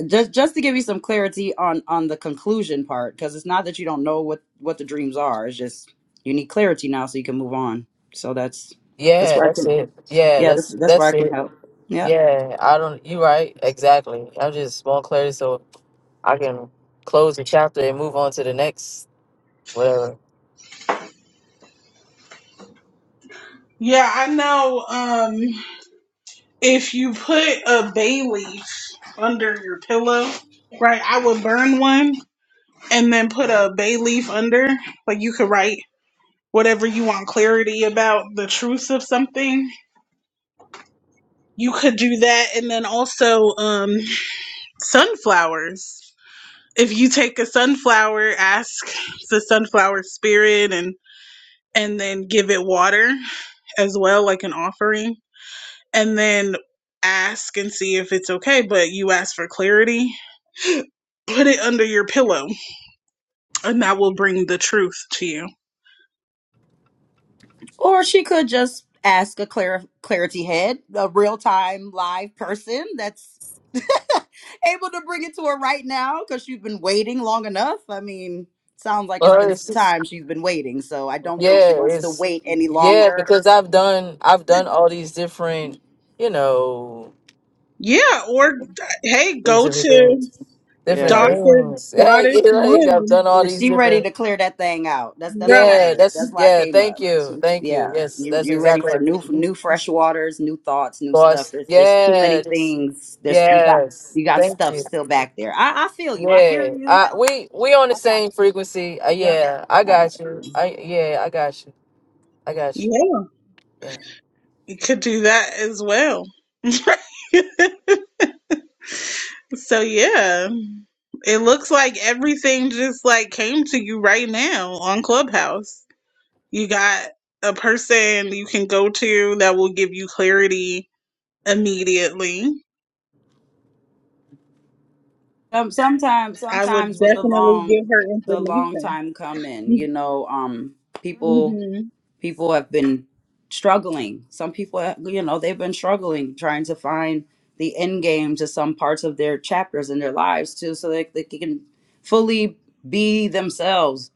just just to give you some clarity on on the conclusion part because it's not that you don't know what what the dreams are it's just you need clarity now so you can move on so that's
you.
that's
Yeah,
where i
that's
can
it. Yeah,
yeah that's
that's
that's where
that's
i can
it.
help yeah
Yeah, I don't. You right. Exactly. I just want clarity so I can close the chapter and move on to the next whatever.
Yeah, I know. Um. if you put a bay leaf under your pillow, right, I would burn one and then put a bay leaf under. Like you could write whatever you want clarity about the truth of something. You could do that and then also um sunflowers. If you take a sunflower, ask the sunflower spirit and and then give it water as well like an offering and then ask and see if it's okay. But you ask for clarity, put it under your pillow, and that will bring the truth to you.
or she could just ask a clar- clarity head a real-time live person that's able to bring it to her right now because she's been waiting long enough i mean sounds like it's
Well,
been some
it's just-
time she's been waiting so i don't think
yeah,
she wants to
it's
wait any
yeah
longer
because I've done I've done all these different you know
Yeah, or hey,
these
go
different
to
things different
Yes.
Dr.
things. Hey,
Goddess
like I've
One.
done
Yeah,
all these
she
different
ready to clear that thing out. That's that's all I
Right.
Yeah,
heard.
that's
That's why I
yeah.
came
Thank
up. She
you,
was-
thank you.
yeah,
Yes,
you
that's
you're ready for
exactly.
new new fresh waters, new thoughts, new stuff.
Boss.
There's there's too many
Yes,
things. There's you got
yes.
you got
Thank
stuff
you.
still back there. I I feel you. I hear
Yeah,
you.
I we we on the
I got
same frequency. Uh,
you. Yep,
yeah, I
I got
got you.
you.
I yeah, I got you. I got you.
Yeah,
Yeah.
you could do that as well. so, yeah. It looks like everything just like came to you right now on Clubhouse. You got a person you can go to that will give you clarity immediately.
Um, sometimes
I would
sometimes with the
definitely give
long
her
the long
information.
time coming, you know, um, people.
hmm
people have been struggling. Some people, have- you know, they've been struggling trying to find the end game to some parts of their chapters in their lives too, so that they can fully be themselves.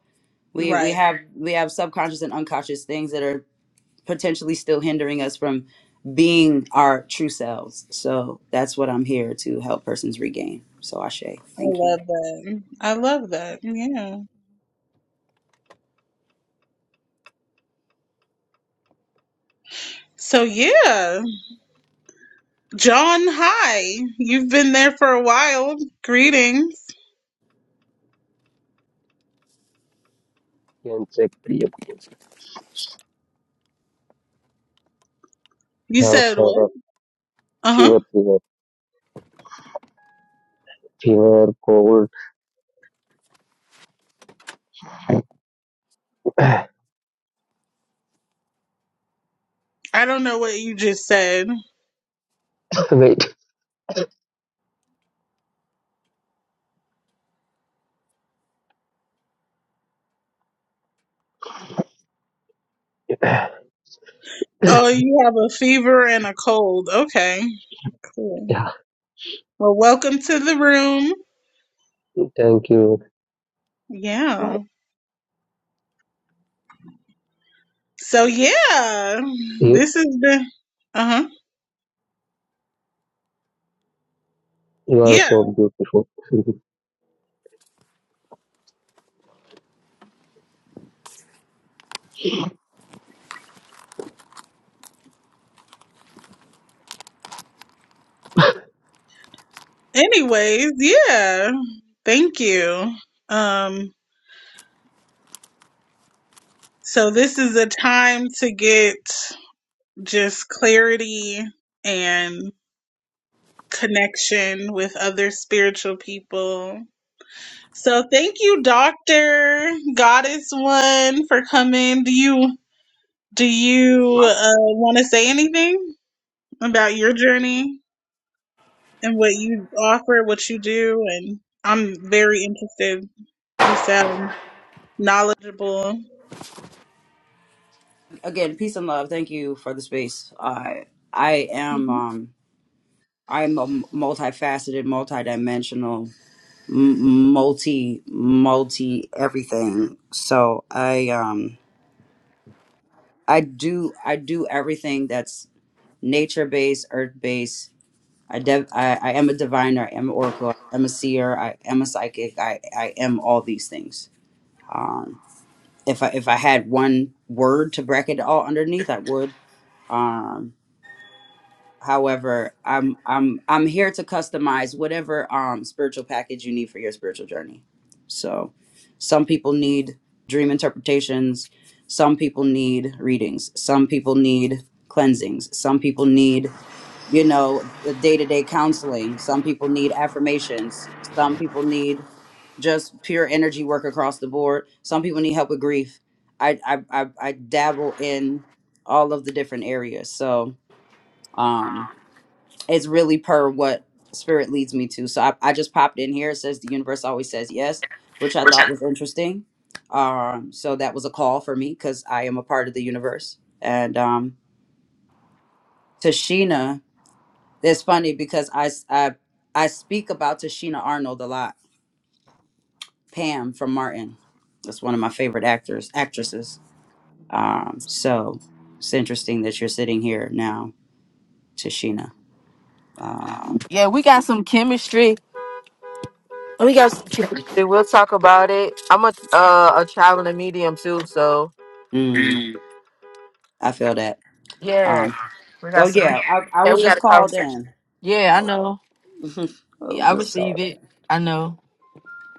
We we
Right.
have we have subconscious and unconscious things that are potentially still hindering us from being our true selves. So that's what I'm here to help persons regain. So Ashe,
I
thank you
love that. I love that. Yeah. So yeah, John, hi. You've been there for a while. Greetings.
can check the yeah,
You said what?
fever,
Uh-huh.
fever, fever, fever, cold.
I don't know what you just said.
Wait.
Oh, you have a fever and a cold. Okay, cool.
yeah.
Well, welcome to the room.
Thank you.
Yeah. So, yeah,
You, you
this has been, uh huh.
are
Yeah.
so beautiful.
Anyways, yeah. Thank you. Um, so this is a time to get just clarity and connection with other spiritual people. So thank you, Doctor Goddess One, for coming. Do you? Do you uh, want to say anything about your journey and what you offer, what you do? And I'm very interested. You sound knowledgeable.
again. Peace and love. Thank you for the space. I I am
Mhm.
um I'm a a multifaceted, multidimensional, m- multi, multi everything. So I, um, I do, I do everything that's nature based, earth based. I, dev- I, I am a diviner. I am an oracle. I am a seer. I am a psychic. I, I am all these things. Um, if I, if I had one word to bracket it all underneath, I would. um. However, I'm I'm I'm here to customize whatever um spiritual package you need for your spiritual journey. So, some people need dream interpretations, some people need readings, some people need cleansings, some people need, you know, the day-to-day counseling, some people need affirmations, some people need just pure energy work across the board. Some people need help with grief. I I I, I dabble in all of the different areas. So, um. It's really per what spirit leads me to. So I, I just popped in here. It says the universe always says yes, which I thought was interesting. Um, so that was a call for me because I am a part of the universe. And um, Tashina, it's funny because I, s- I, I speak about Tashina Arnold a lot. Pam from Martin. That's one of my favorite actors, actresses. Um, so it's interesting that you're sitting here now, Tashina. Um,
Yeah, we got some chemistry. We got some chemistry. We'll talk about it. I'm a uh, a traveling medium too, so
mm, I feel that. Um,
yeah, we
So
got some.
yeah, I, I
Yeah,
was
we got
just
a
called
conversation.
in.
Yeah, I
I
know.
was, I
Yeah,
was
I
just
receive
called
it. I know.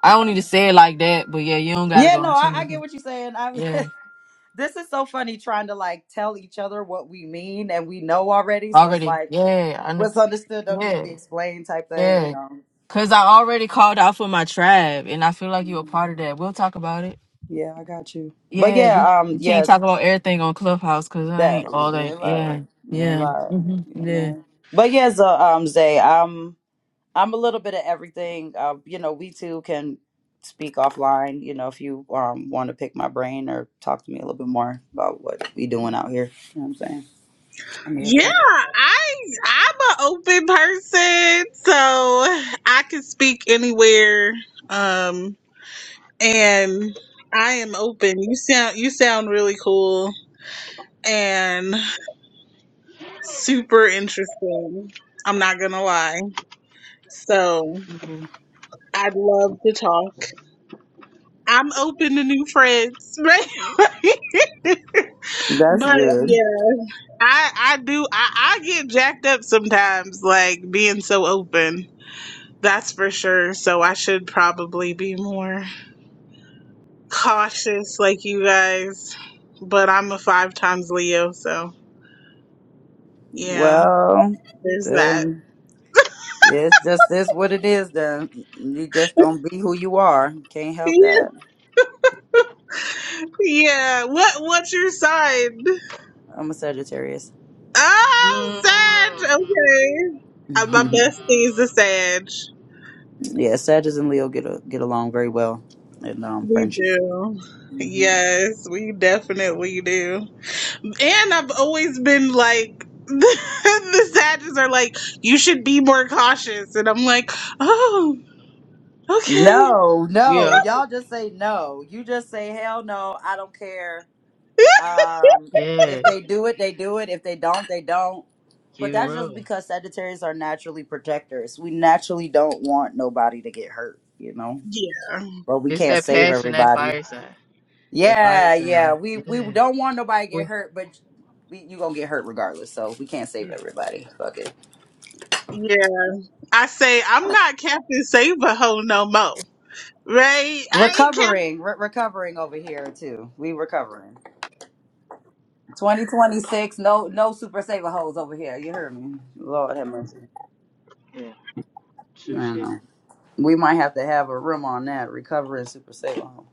I don't need to say it like that, but yeah, you don't
in.
gotta
Yeah,
go
no,
into
I, I get
it.
what you're saying. I,
Yeah,
this is so funny trying to like tell each other what we mean and we know already. So it's
already.
like
Yeah, I know.
what's understood don't need to
Yeah,
be explained type thing, you
yeah.
know.
Cause I already called out for my tribe, and I feel like you a
Mm.
part of that. We'll talk about it.
Yeah, I got you. But
Yeah, we,
yeah, um,
we can't talk
yes,
about everything on Clubhouse, cause it ain't
that
all
you ain't
that. Yeah,
lying. You ain't
yeah,
lying.
hmm
You ain't
yeah.
lying. But yes, so um, Zay, um. I'm a little bit of everything. Uh, you know, we too can speak offline. You know, if you um, want to pick my brain or talk to me a little bit more about what we doing out here. You know what I'm saying? I'm here
Yeah,
for it.
I I'm an open person, so I can speak anywhere. Um, and I am open. You sound you sound really cool and super interesting. I'm not gonna lie. So
Mhm.
I'd love to talk. I'm open to new friends, right?
That's
but
good.
yeah, I I do I I get jacked up sometimes, like being so open. That's for sure. So I should probably be more cautious, like you guys. But I'm a five times Leo, so yeah,
Well,
there's that.
then it's just this what it is. Then you just gonna be who you are. Can't help that.
yeah. What What's your sign?
I'm a Sagittarius.
Oh, Sag.
mm
Okay. Uh, My bestie
yeah,
is a Sag.
Sagittarius and Leo get a, get along very well in um,
We
friendship.
do. Yes, we definitely do. And I've always been like, the sages are like, you should be more cautious. And I'm like, oh, okay.
No,
We
no.
are.
Y'all just say no. You just say hell no. I don't care. Um,
Yeah.
if they do it, they do it. If they don't, they don't.
Keep
But
it
that's just
rolling.
because Sagittarius are naturally protectors. We naturally don't want nobody to get hurt, you know.
Yeah.
But we
It's
can't
that
save
passion, that
everybody.
fire sign. That fire
Yeah, yeah.
sign.
We we
Yeah.
don't want nobody to get
We.
hurt, but we, you gonna get hurt regardless. So we can't save
Yeah.
everybody. Fuck it.
Yeah. I say, I'm not Captain Save-A-Ho no more. Right? I ain't Captain.
Recovering, re- recovering over here too. We recovering. 2026, no no super saver hoes over here. You heard me. Lord have mercy.
Yeah.
I
True
don't know. We might have to have a room on that, recovering super saver hoe.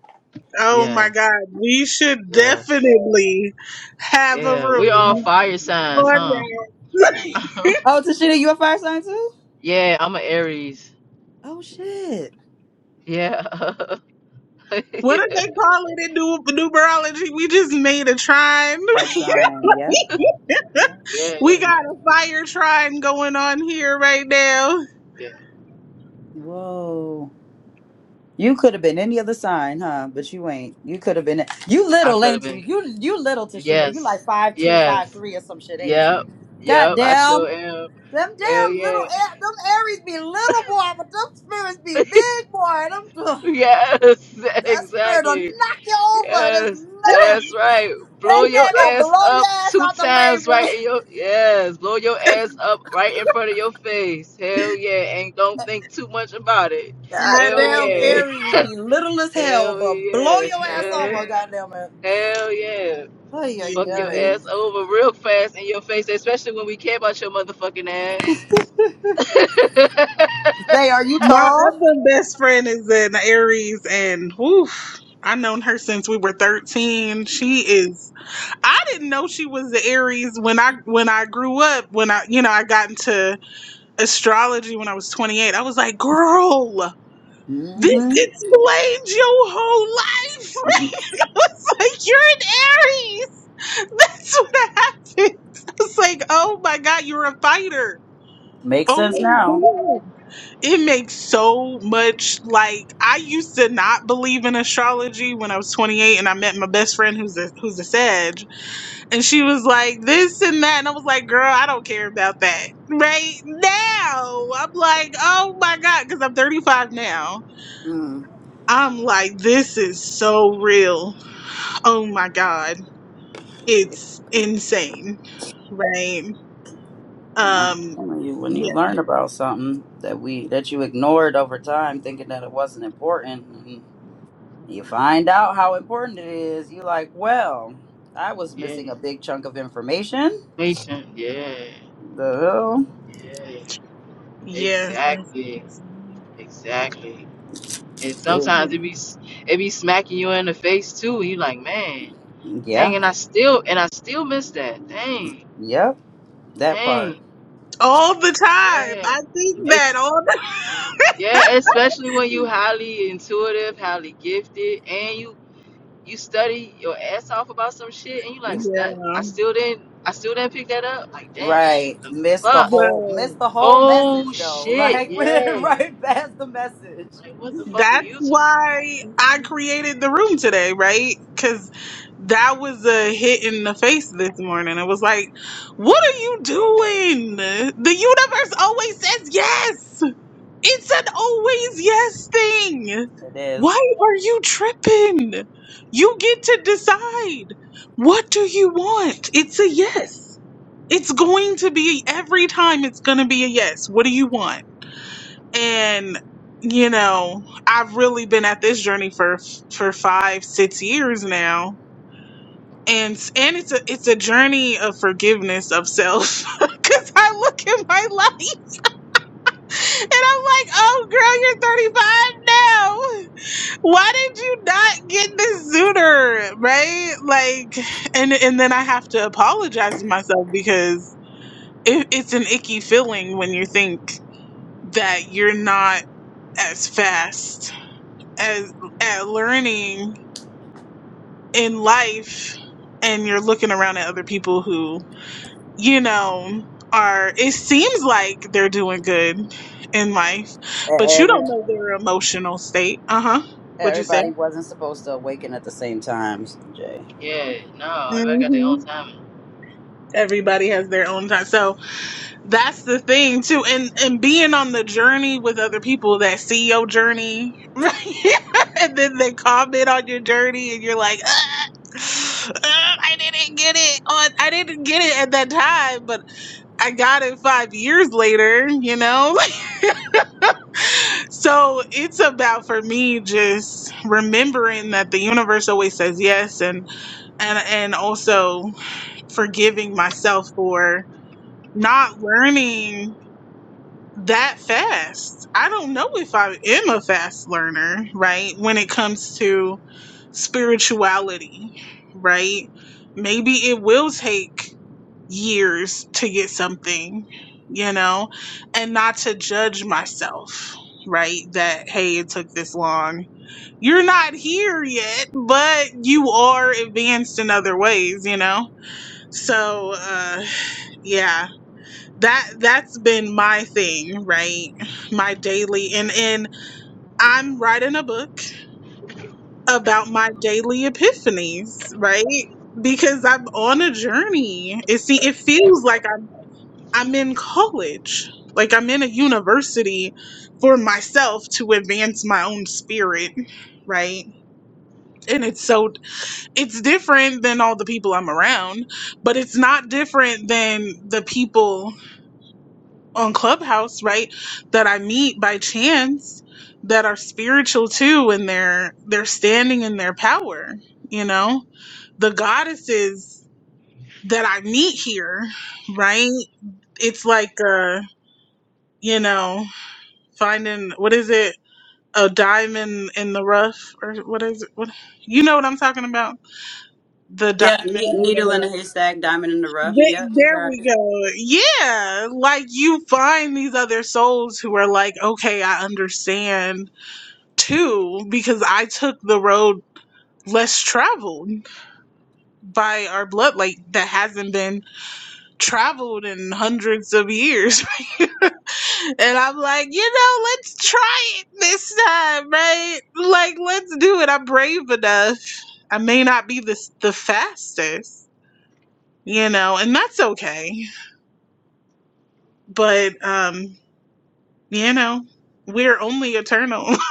Oh my
shit.
God. We should
Yes.
definitely have a
Yeah, we all
room
fire signs,
on
huh?
that.
Oh, Tashina, you a fire sign too?
yeah, I'm an Aries.
Oh shit.
Yeah.
What do
yeah.
they call it in new numerology? We just made a trine.
A trine, yeah. Yeah.
We
Yeah.
got a fire trine going on here right now.
Yeah.
Whoa. You could have been any other sign, huh? But you ain't. You could have been you
I
little,
could have
ain't you?
been.
You you little Tashina. You like
Yes.
five two, five
Yes.
three or some shit, ain't
Yep.
you? God
Yep. I
damn.
sure am.
Them
Hell
damn little,
yeah.
A- them Aries be little boy, but them spirits be big boy. Them
Yes.
That spirit will knock
Exactly.
you over. There's
Yes,
nothing.
that's right. Blow
That
your
thing gonna blow
ass
your
up
ass
two
out the way,
times right
boy.
in your yes, blow your ass up right in front of your face. Hell yeah, and don't think too much about it.
At
Hell
Goddamn
all.
yeah,
Aries be little as hell,
hell
but blow
yeah,
your ass over,
hell
goddamn it.
hell yeah.
Ay, ay,
Yeah.
Fuck your
ay.
ass over real fast in your face, especially when we care about your motherfucking ass.
Zay, are you
My
tall?
other best friend is an Aries and oof, I known her since we were 13. She is I didn't know she was the Aries when I when I grew up, when I you know, I got into astrology when I was 28. I was like, "Girl, this
Mm-hmm.
explains your whole life." I was like, "You're an Aries." That's what happened. It's like, oh my god, you're a fighter.
Makes sense
Oh
now.
my god. It makes so much like I used to not believe in astrology when I was 28 and I met my best friend who's a who's a Sag and she was like this and that and I was like, girl, I don't care about that. Right now, I'm like, oh my god, cuz I'm 35 now.
Mm.
I'm like this is so real. Oh my god. It's insane. Right.
I'm
Um,
telling you, when you
yeah,
learn about something that we that you ignored over time, thinking that it wasn't important, You find out how important it is. You like, well, I was
yeah,
missing a big chunk of information.
patient. Yeah,
The
yeah,
yeah,
exactly,
that's-
exactly. And sometimes it be it be smacking you in the face too. And you like, man, dang,
yeah,
and I still and I still miss that. Dang,
yep, that
dang,
part.
all the time.
yeah.
I think that
It's
all the
yeah, especially when you highly intuitive, highly gifted, and you you study your ass off about some shit, and you like that. I
yeah,
still didn't I still didn't pick that up. Like, damn,
Right,
what the
miss the
fuck?
whole, miss
but
the whole
Oh
message though.
shit,
Like
yeah.
right past the message.
Like, what the fuck are
that's
you talking? about?
why I created the room today, right? Because that was a hit in the face this morning. It was like, what are you doing? The universe always says yes. It's an always yes thing.
It is. E-
Why are you tripping? You get to decide. What do you want? It's a yes. It's going to be every time it's going to be a yes. What do you want? And you know, I've really been at this journey for for 5 6 years now. And and it's a it's a journey of forgiveness of self cuz I look at my life and I'm like, oh girl, you're 35 now. Why did you not get this sooner? Right? Like, and and then I have to apologize to myself because it, it's an icky feeling when you think that you're not as fast as at learning in life and you're looking around at other people who you know, are it seems like they're doing good in life, but you
Every
don't know their emotional state. Uh huh. What'd you say?
everybody wasn't supposed to awaken at the same time, Jay.
Yeah, no, everybody got their own
hmm
timing.
Everybody has their own time, so that's the thing too. And and being on the journey with other people that see your journey, right? and then they comment on your journey, and you're like, "Ugh, ugh, I didn't get it on, I didn't get it at that time, but I got it five years later, you know. So it's about for me just remembering that the universe always says yes and and and also forgiving myself for not learning that fast. I don't know if I am a fast learner, right? When it comes to spirituality, right? Maybe it will take years to get something, you know, and not to judge myself, right? That, hey, it took this long. You're not here yet, but you are advanced in other ways, you know? So, uh, yeah, that, that's been my thing, right? My daily, and, and I'm writing a book about my daily epiphanies, right? Because I'm on a journey. It see, it feels like I'm in college. Like I'm in a university for myself to advance my own spirit, right? And it's so it's different than all the people I'm around, but it's not different than the people on Clubhouse, right? That I meet by chance that are spiritual too and they're they're standing in their power, you know? The goddesses that I meet here, right? It's like uh, you know, finding what is it a diamond in the rough or what is it what, you know what i'm talking about the
Yeah,
diamond
ne-
in
needle
the
in a
rough
haystack, diamond in the rough. Yeah,
Th-
you
there
got it.
we go yeah like you find these other souls who are like okay i understand too because i took the road less traveled by our blood like that hasn't been traveled in hundreds of years. and I'm like, you know, let's try it this time, right? Like, let's do it. I'm brave enough. I may not be the the fastest, you know, and that's okay. But um, you know, we're only eternal.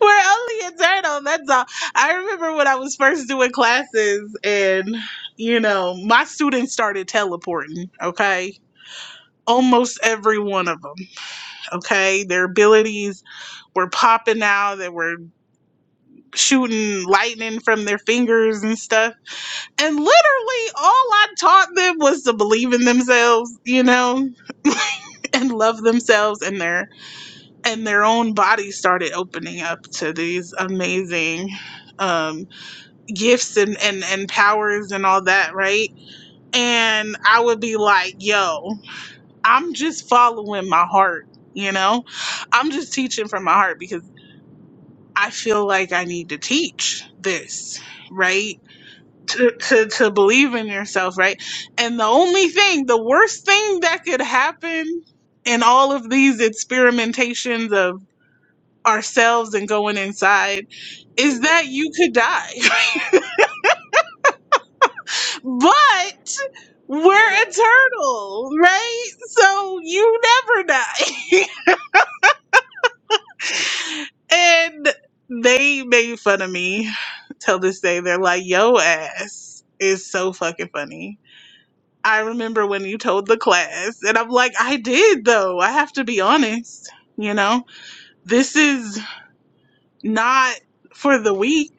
we're only eternal. That's all. I remember when I was first doing classes and you know, my students started teleporting, okay? Almost every one of them Okay, their abilities were popping out, they were shooting lightning from their fingers and stuff. And literally, all I taught them was to believe in themselves, you know, and love themselves and their and their own body started opening up to these amazing um gifts and and and powers and all that right and i would be like yo i'm just following my heart you know i'm just teaching from my heart because I feel like I need to teach this, right? To, to, to believe in yourself, right? And the only thing, the worst thing that could happen in all of these experimentations of ourselves and going inside is that you could die. but we're eternal, right? So you never die. and they made fun of me till this day. They're like, yo ass is so fucking funny I remember when you told the class, and I'm like, I did though. I have to be honest. You know, this is not for the weak.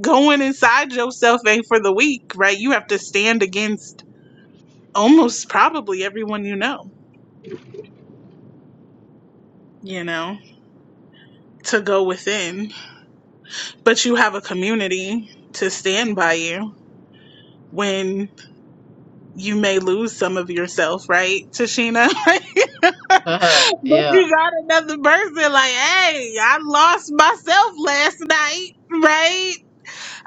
Going inside yourself ain't for the weak, right? You have to stand against almost probably everyone you know, you know, to go within. But you have a community to stand by you when you may lose some of yourself, right, Tashina? But
yeah.
you got another person like, hey, I lost myself last night, right?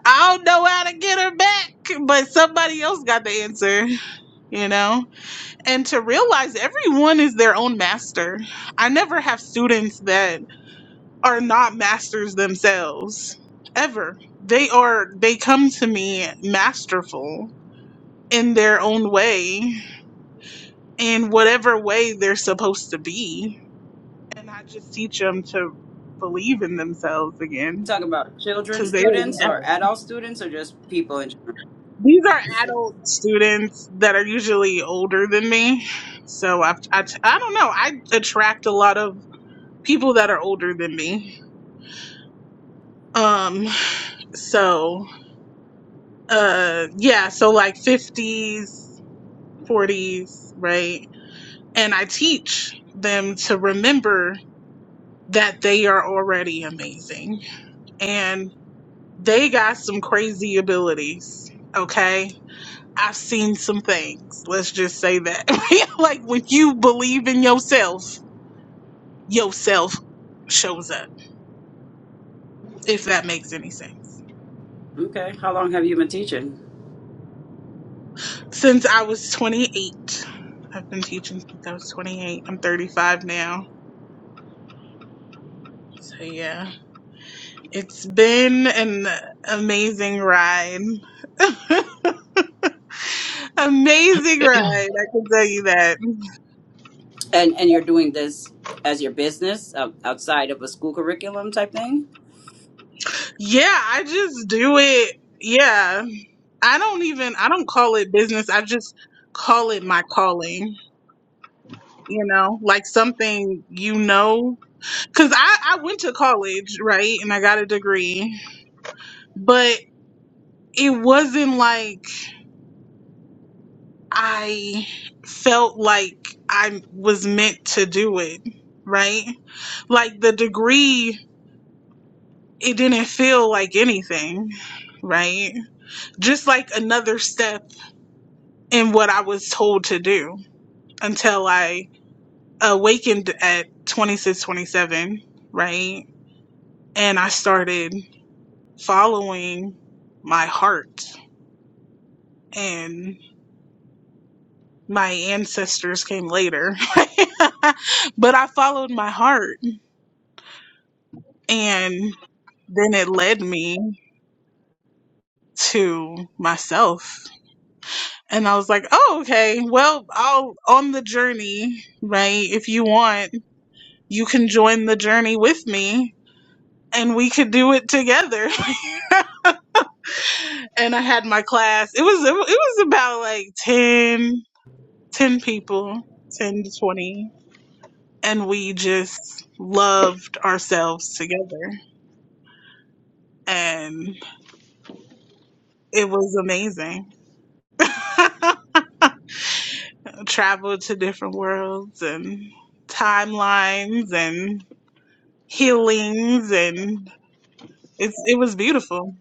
I don't know how to get her back, but somebody else got the answer, you know? And to realize everyone is their own master. I never have students that are not masters themselves, ever. They are, they come to me masterful in their own way, in whatever way they're supposed to be and I just teach them to believe in themselves
You
again
talking about children,
because they already
students,
have
or
it.
adult students, or just people in
These are adult students that are usually older than me, so I've, I t- I don't know. I attract a lot of people that are older than me. Um, so uh, yeah, so like fifties, forties, right? And I teach them to remember that they are already amazing and. They got some crazy abilities, okay? I've seen some things. Let's just say that. like when you believe in yourself, yourself shows up, if that makes any sense.
Okay. How long have you been teaching?
Since I was 28, I've been teaching since I was 28. I'm 35 now. So yeah, it's been an amazing ride. amazing ride, I can tell you that.
And and you're doing this as your business uh, outside of a school curriculum type thing?
Yeah, I just do it. Yeah. I don't even I don't call it business. I just call it my calling, you know, like something you know cuz I I went to college, right? And I got a degree, but it wasn't like I felt like I was meant to do it, right? Like the degree it didn't feel like anything, right? Just like another step in what I was told to do until I awakened at 26, 27, right? And I started following my heart and my ancestors came later, right? but I followed my heart and then it led me to myself. And I was like, oh, okay, well, I'll on the journey, right? If you want, you can join the journey with me and we could do it together. and I had my class. It was it was about like 10 10 people, ten to twenty, and we just loved ourselves together, and it was amazing. Traveled to different worlds and timelines and healings, and it's it was beautiful.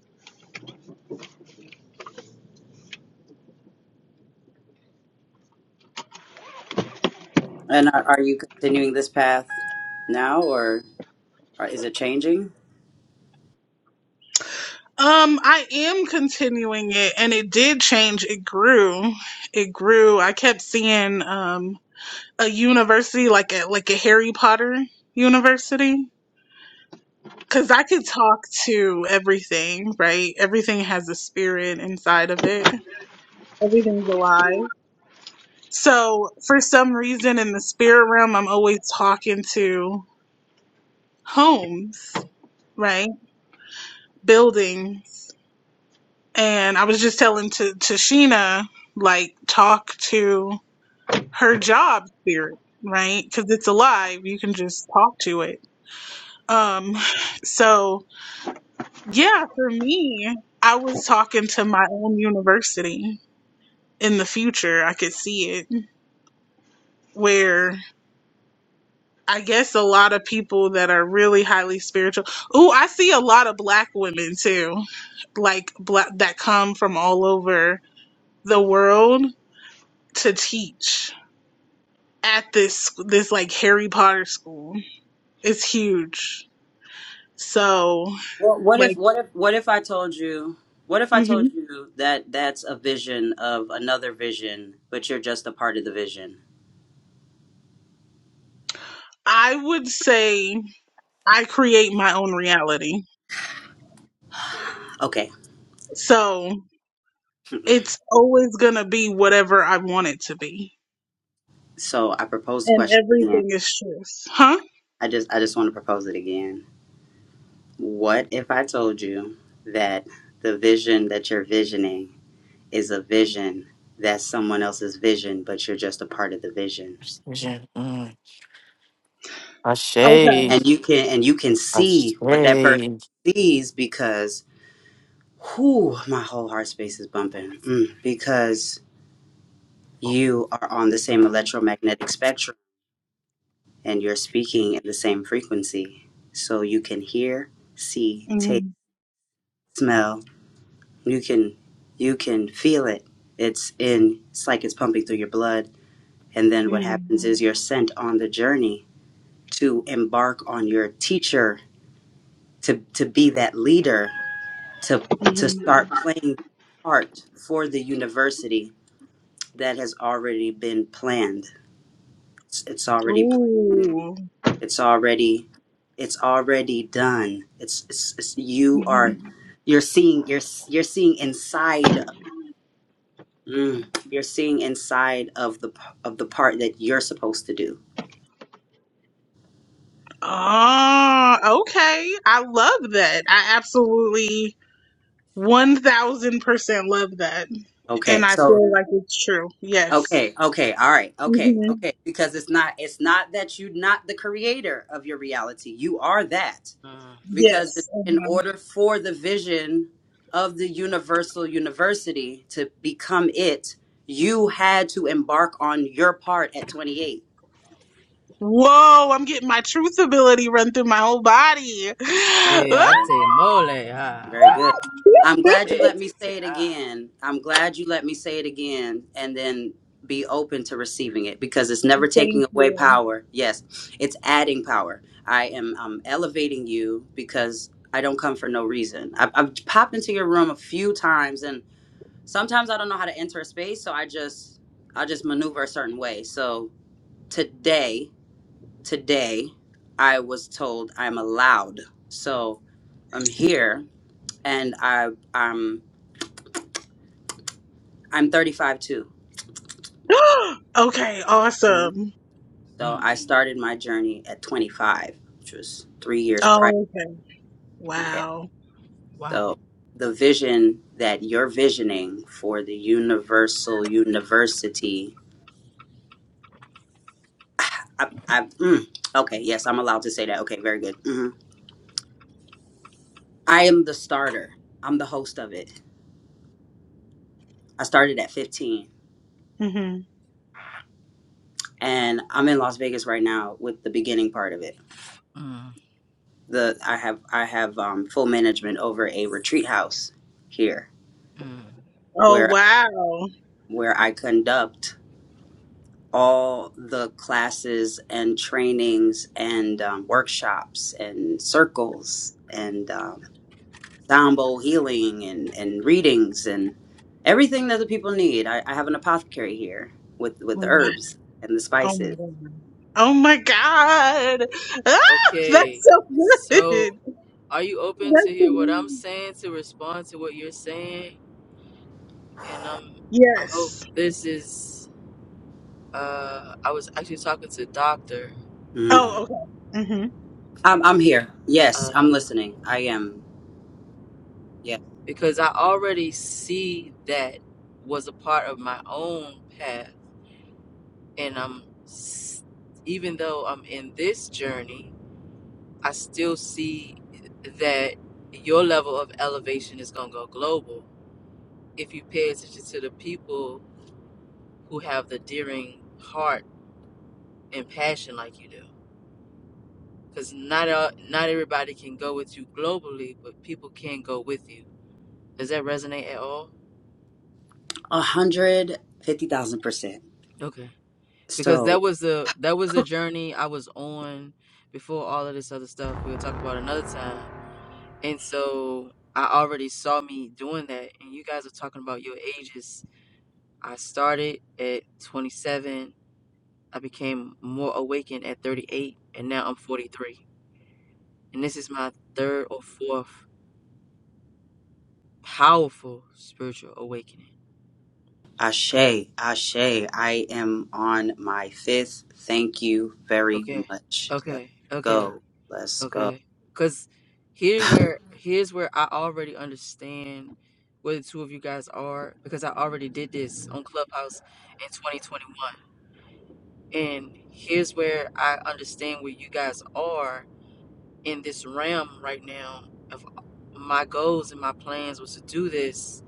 And are, are you continuing this path now or, or is it changing?
Um, I am continuing it, and it did change. It grew. It grew. I kept seeing. Um, a university like a like a Harry Potter university cuz I could talk to everything, right? Everything has a spirit inside of it. Everything's alive. So, for some reason in the spirit realm, I'm always talking to homes, right? Buildings. And I was just telling to to Sheena like talk to her job spirit, right? Cuz it's alive. You can just talk to it. Um so Yeah, for me, I was talking to my own university in the future. I could see it where I guess a lot of people that are really highly spiritual. Ooh, I see a lot of black women too, like black that come from all over the world to teach at this this like Harry Potter school. It's huge. So,
Well, what if
like,
what if what if I told you what if I told
mhm.
you that that's a vision of another vision, but you're just a part of the vision?
I would say I create my own reality.
Okay.
So, It's always going to be whatever I want it to be.
So I proposed the
And
question again.
everything is truth. Huh?
I just I just want to propose it again. What if I told you that the vision that you're visioning is a vision that's someone else's vision but you're just a part of the vision
Okay.
and you can and you can see what that person sees because whoo my whole heart space is bumping Mm, because you are on the same electromagnetic spectrum and you're speaking at the same frequency so you can hear see taste
hmm
smell you can you can feel it it's in it's like it's pumping through your blood and then what
hmm
happens is you're sent on the journey to embark on your teacher to to be that leader to to
hmm
start playing that part for the university that has already been planned it's, it's already planned
Ooh.
it's already it's already done it's, it's, it's you
hmm
are you you're seeing you're s- you're seeing inside mm, you're seeing inside of the p- of the part that you're supposed to do
Ah, okay. I love that. I absolutely 1000% love that.
okay
And I
so
feel like it's true. Yes.
Okay, okay, all right, okay,
hmm
okay. Because it's not it's not that you're not the creator of your reality. You are that.
Uh,
Because
Yes.
in
Mhm.
order for the vision of the universal university to become it, you had to embark on your part at 28.
Whoa, I'm getting my truth ability run through my whole body.
Eh, ate mole. Ah,
Very
ah,
good. I'm glad you
eh,
let
te,
me
te,
say it
ah.
again. I'm glad you let me say it again and then be open to receiving it because it's never taking away power. Yes, it's adding power. I am um, elevating you because I don't come for no reason. I've, I've popped into your room a few times and sometimes I don't know how to enter a space. So I just, I just maneuver a certain way. So today, today I was told I'm allowed. So I'm here and I um I'm 35 too.
okay,
Mhm.
awesome.
So
Mm,
I started my journey at 25, which was three years prior.
Okay.
Okay,
Wow.
wow.
so the vision that you're visioning for the universal university. I, I, mm, okay, yes, I'm allowed to say that. Okay, very good. hmm I am the starter. I'm the host of it. I started at 15,
hmm
and I'm in Las Vegas right now with the beginning part of it.
Mm,
The I have I have um, full management over a retreat house here
mm.
Oh,
where
wow.
where I conduct all the classes and trainings and um, workshops and circles and um, sound bowl healing and, and readings and everything that the people need. I, I have an apothecary here with with the
Wow.
herbs and the
Oh, my
spices.
God. Oh, my God. Ah,
Okay.
that's so good.
So, are you open to
That's
hear what I'm
amazing.
saying to respond to what you're saying? And um, I hope
Yes.
this is. Uh, I was actually talking to doctor
Mm.
Oh, okay. hmm
I'm I'm here. Yes,
uh,
I'm listening. I am. Yeah,
because I already see that was a part of my own path, and I'm s- even though I'm in this journey I still see that your level of elevation is going to go global if you pay attention to the people who have the daring heart and passion like you do. Because not all, not everybody can go with you globally, but people can go with you. Does that resonate at all?
a hundred fifty thousand percent.
Okay. Because
So
that was the that was the journey I was on before all of this other stuff we'll talk about another time. And so I already saw me doing that, and you guys are talking about your ages I started at 27. I became more awakened at 38, and now I'm 43. And this is my third or fourth powerful spiritual awakening.
Ashe, Ashe, I am on my fifth. Thank you very
Okay,
much. Let's
okay, okay,
go. Let's go.
okay. Cause here where here's where I already understand where the two of you guys are because I already did this on Clubhouse in 2021. And here's where I understand where you guys are in this realm right now of my goals and my plans was to do this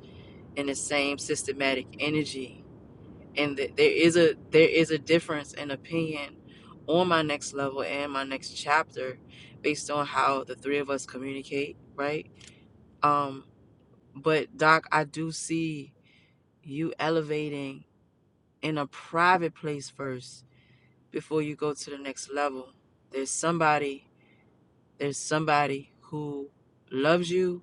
in the same systematic energy and that there is a there is a difference in opinion on my next level and my next chapter based on how the three of us communicate right um but doc i do see you elevating in a private place first before you go to the next level there's somebody there's somebody who loves you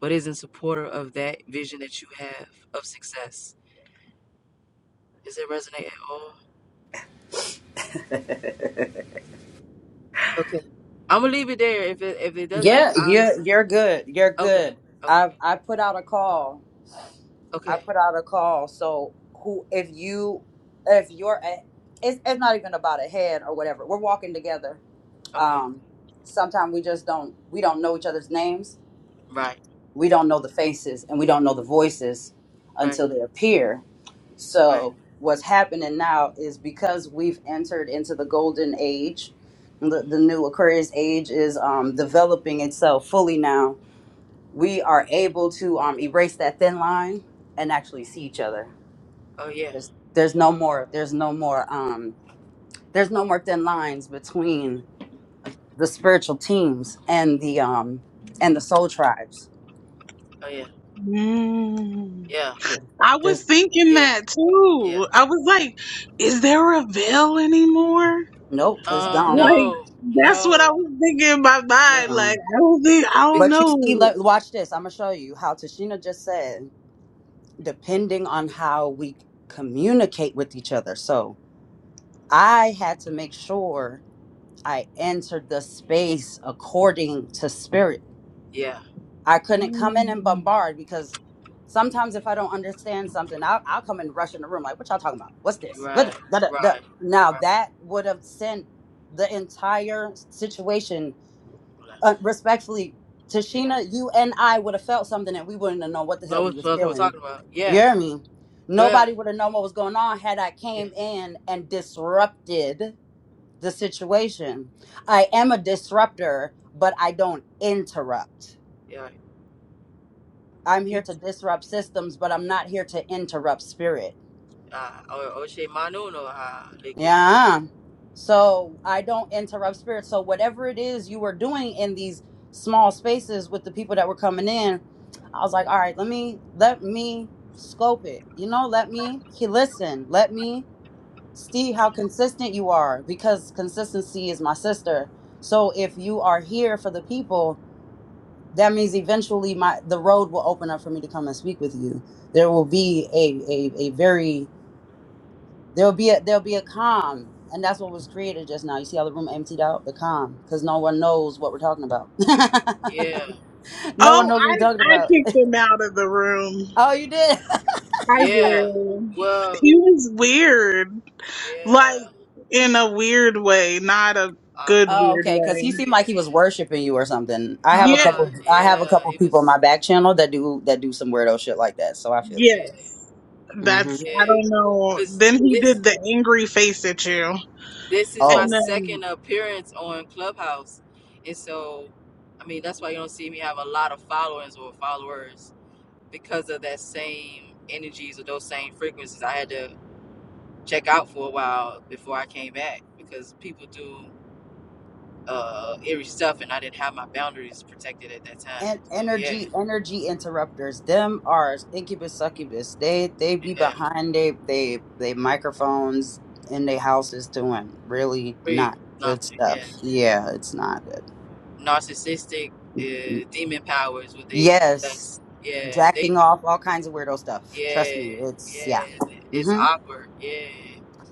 but is not supporter of that vision that you have of success. Does it resonate at all? Okay. I'm gonna leave it there. If it if it doesn't,
Yeah,
I
you're
understand.
you're good. You're
Okay.
good.
Okay.
I I put out a call. I
Okay.
put out a call. So who if you if you're a, it's it's not even about a head or whatever. We're walking together.
Okay.
Um sometimes we just don't we don't know each other's names.
Right.
We don't know the faces and we don't know the voices
Right.
until they appear.
Right.
So what's happening now is because we've entered into the golden age, the, the new Aquarius age is um, developing itself fully now. We are able to um, erase that thin line and actually see each other.
Oh yeah.
There's there's no more there's no more um, there's no more thin lines between the spiritual teams and the um and the soul tribes.
Oh yeah.
mm
Yeah.
I
There's
was thinking
Yeah.
that
Yeah.
too. I was like, is there a veil anymore?
nope, it's
Um.
gone.
Like,
No.
that's what I
No.
was thinking in my mind.
No.
Like,
Um,
I don't think, I
Big.
don't
but you
know.
see, let, watch this. I'm gonna show you how Tashina just said. depending on how we communicate with each other. So I had to make sure I entered the space according to spirit.
Yeah.
I couldn't come in and bombard because sometimes if I don't understand something, I'll, I'll come and rush in the room like, "What y'all talking about? What's this?" Da, da,
Right.
da, da, da."
Right.
Now
Right.
that would have sent the entire situation uh, respectfully,
Yeah.
Tashina, you and I would have felt something and we wouldn't have known what the hell we
Lowest
was
what we're
feeling.
talking about.
You
Yeah.
hear me?
Yeah.
Nobody would have known what was going on had I
Yeah.
came in and disrupted the situation. I am a disruptor, but I don't interrupt.
Yeah.
I'm
You.
here to disrupt systems, but I'm not here to interrupt spirit.
Ah. Uh, or or she manuno ha leke
Yeah. So I don't interrupt spirit. So whatever it is you were doing in these small spaces with the people that were coming in, I was like, all right, let me let me scope it. You know, let me he listen. Let me see how consistent you are because consistency is my sister. So if you are here for the people, that means eventually my the road will open up for me to come and speak with you. There will be a a, a very There'll be a there'll be a calm, and that's what was created just now. You see how the room emptied out? The calm, because no one knows what we're talking about.
Yeah,
no one
Oh,
knows what we're talking
I, I
about.
kicked him out of the room.
Oh, you did.
I
yeah.
do.
Well,
He was weird. Like
yeah.
in a weird way, not a good
Awkward.
Oh,
weird
okay. Because he
way.
seemed like
Yeah.
he was worshiping you or something. I have a
Yeah,
Uh,
couple. I have a
yeah.
couple
He
people on
was.
my back channel that do that do some weirdo shit like that. So I feel you.
Yeah,
yes.
hmm
That's I
yeah.
don't know.
Cause
Then he
this
did the angry face at you.
this is my
And
Oh.
then
second appearance on Clubhouse, and so I mean that's why you don't see me have a lot of followers or followers because of that same energies or those same frequencies. I had to check out for a while before I came back because people do uh eerie stuff, and I didn't have my boundaries protected at that time.
and
So yeah.
energy energy interrupters them are incubus succubus they they be
Yeah,
behind they they they microphones in their houses doing really
pretty
not good
nothing.
stuff
Yeah,
yeah it's not good
narcissistic uh, demon powers. What they
yes
that's yeah they
jacking off all kinds of weirdo stuff trust me
yeah
it's yeah
yeah it's
hmm
awkward. Yeah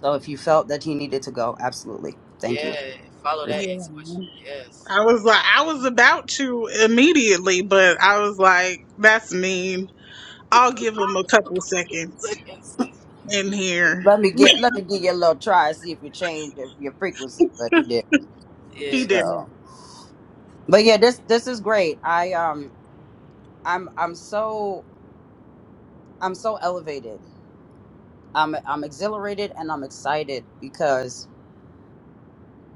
so if you felt that you needed to go absolutely thank you
yeah follow
Appreciate-
that
yeah.
intuition. Yes.
I was like I was about to immediately, but I was like, that's mean. I'll give him a couple seconds in
it.
here.
let me get let me give you a little try see if you change your, your frequency but he did
he
yeah
didn't.
so but
yeah
yeah this this is great i um I'm I'm so I'm so elevated. I'm I'm exhilarated and I'm excited because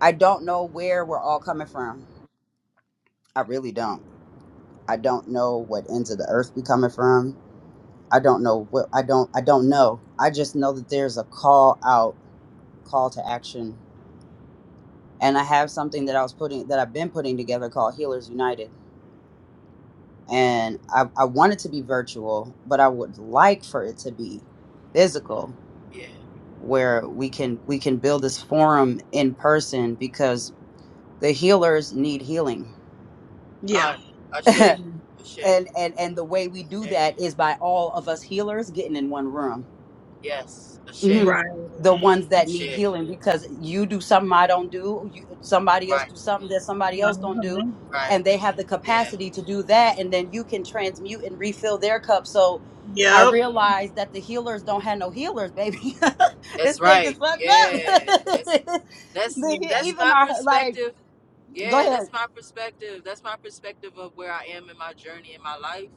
I don't know where we're all coming from. I really don't. I don't know what ends of the earth we coming from. I don't know what I don't I don't know. I just know that there's a call out, call to action. And I have something that I was putting that I've been putting together called Healers United. And I, I want it to be virtual, but I would like for it to be physical
yeah.
where we can we can build this forum in person because the healers need healing
Yeah.
All right, Ashay,
and
Ashay,
and and the way we do
Ashay.
that is by all of us healers getting in one room
Yes, Ashay,
Mhm.
Right.
the ones that need
Ashay.
healing because you do something I don't do, you, somebody else
Right,
do something that somebody else don't do,
Uh-huh.
right.
and they have the
Yeah,
capacity to do that, and then you can transmute and refill their cup. So I
Yep.
realized that the healers don't have no healers, baby.
that's
this thing is
right.
fucked up.
Yeah, that's that's
Yeah.
the, he-
that's
even
my
our like,
perspective.
go
Yeah,
ahead.
that's my perspective. That's my perspective of where I am in my journey in my life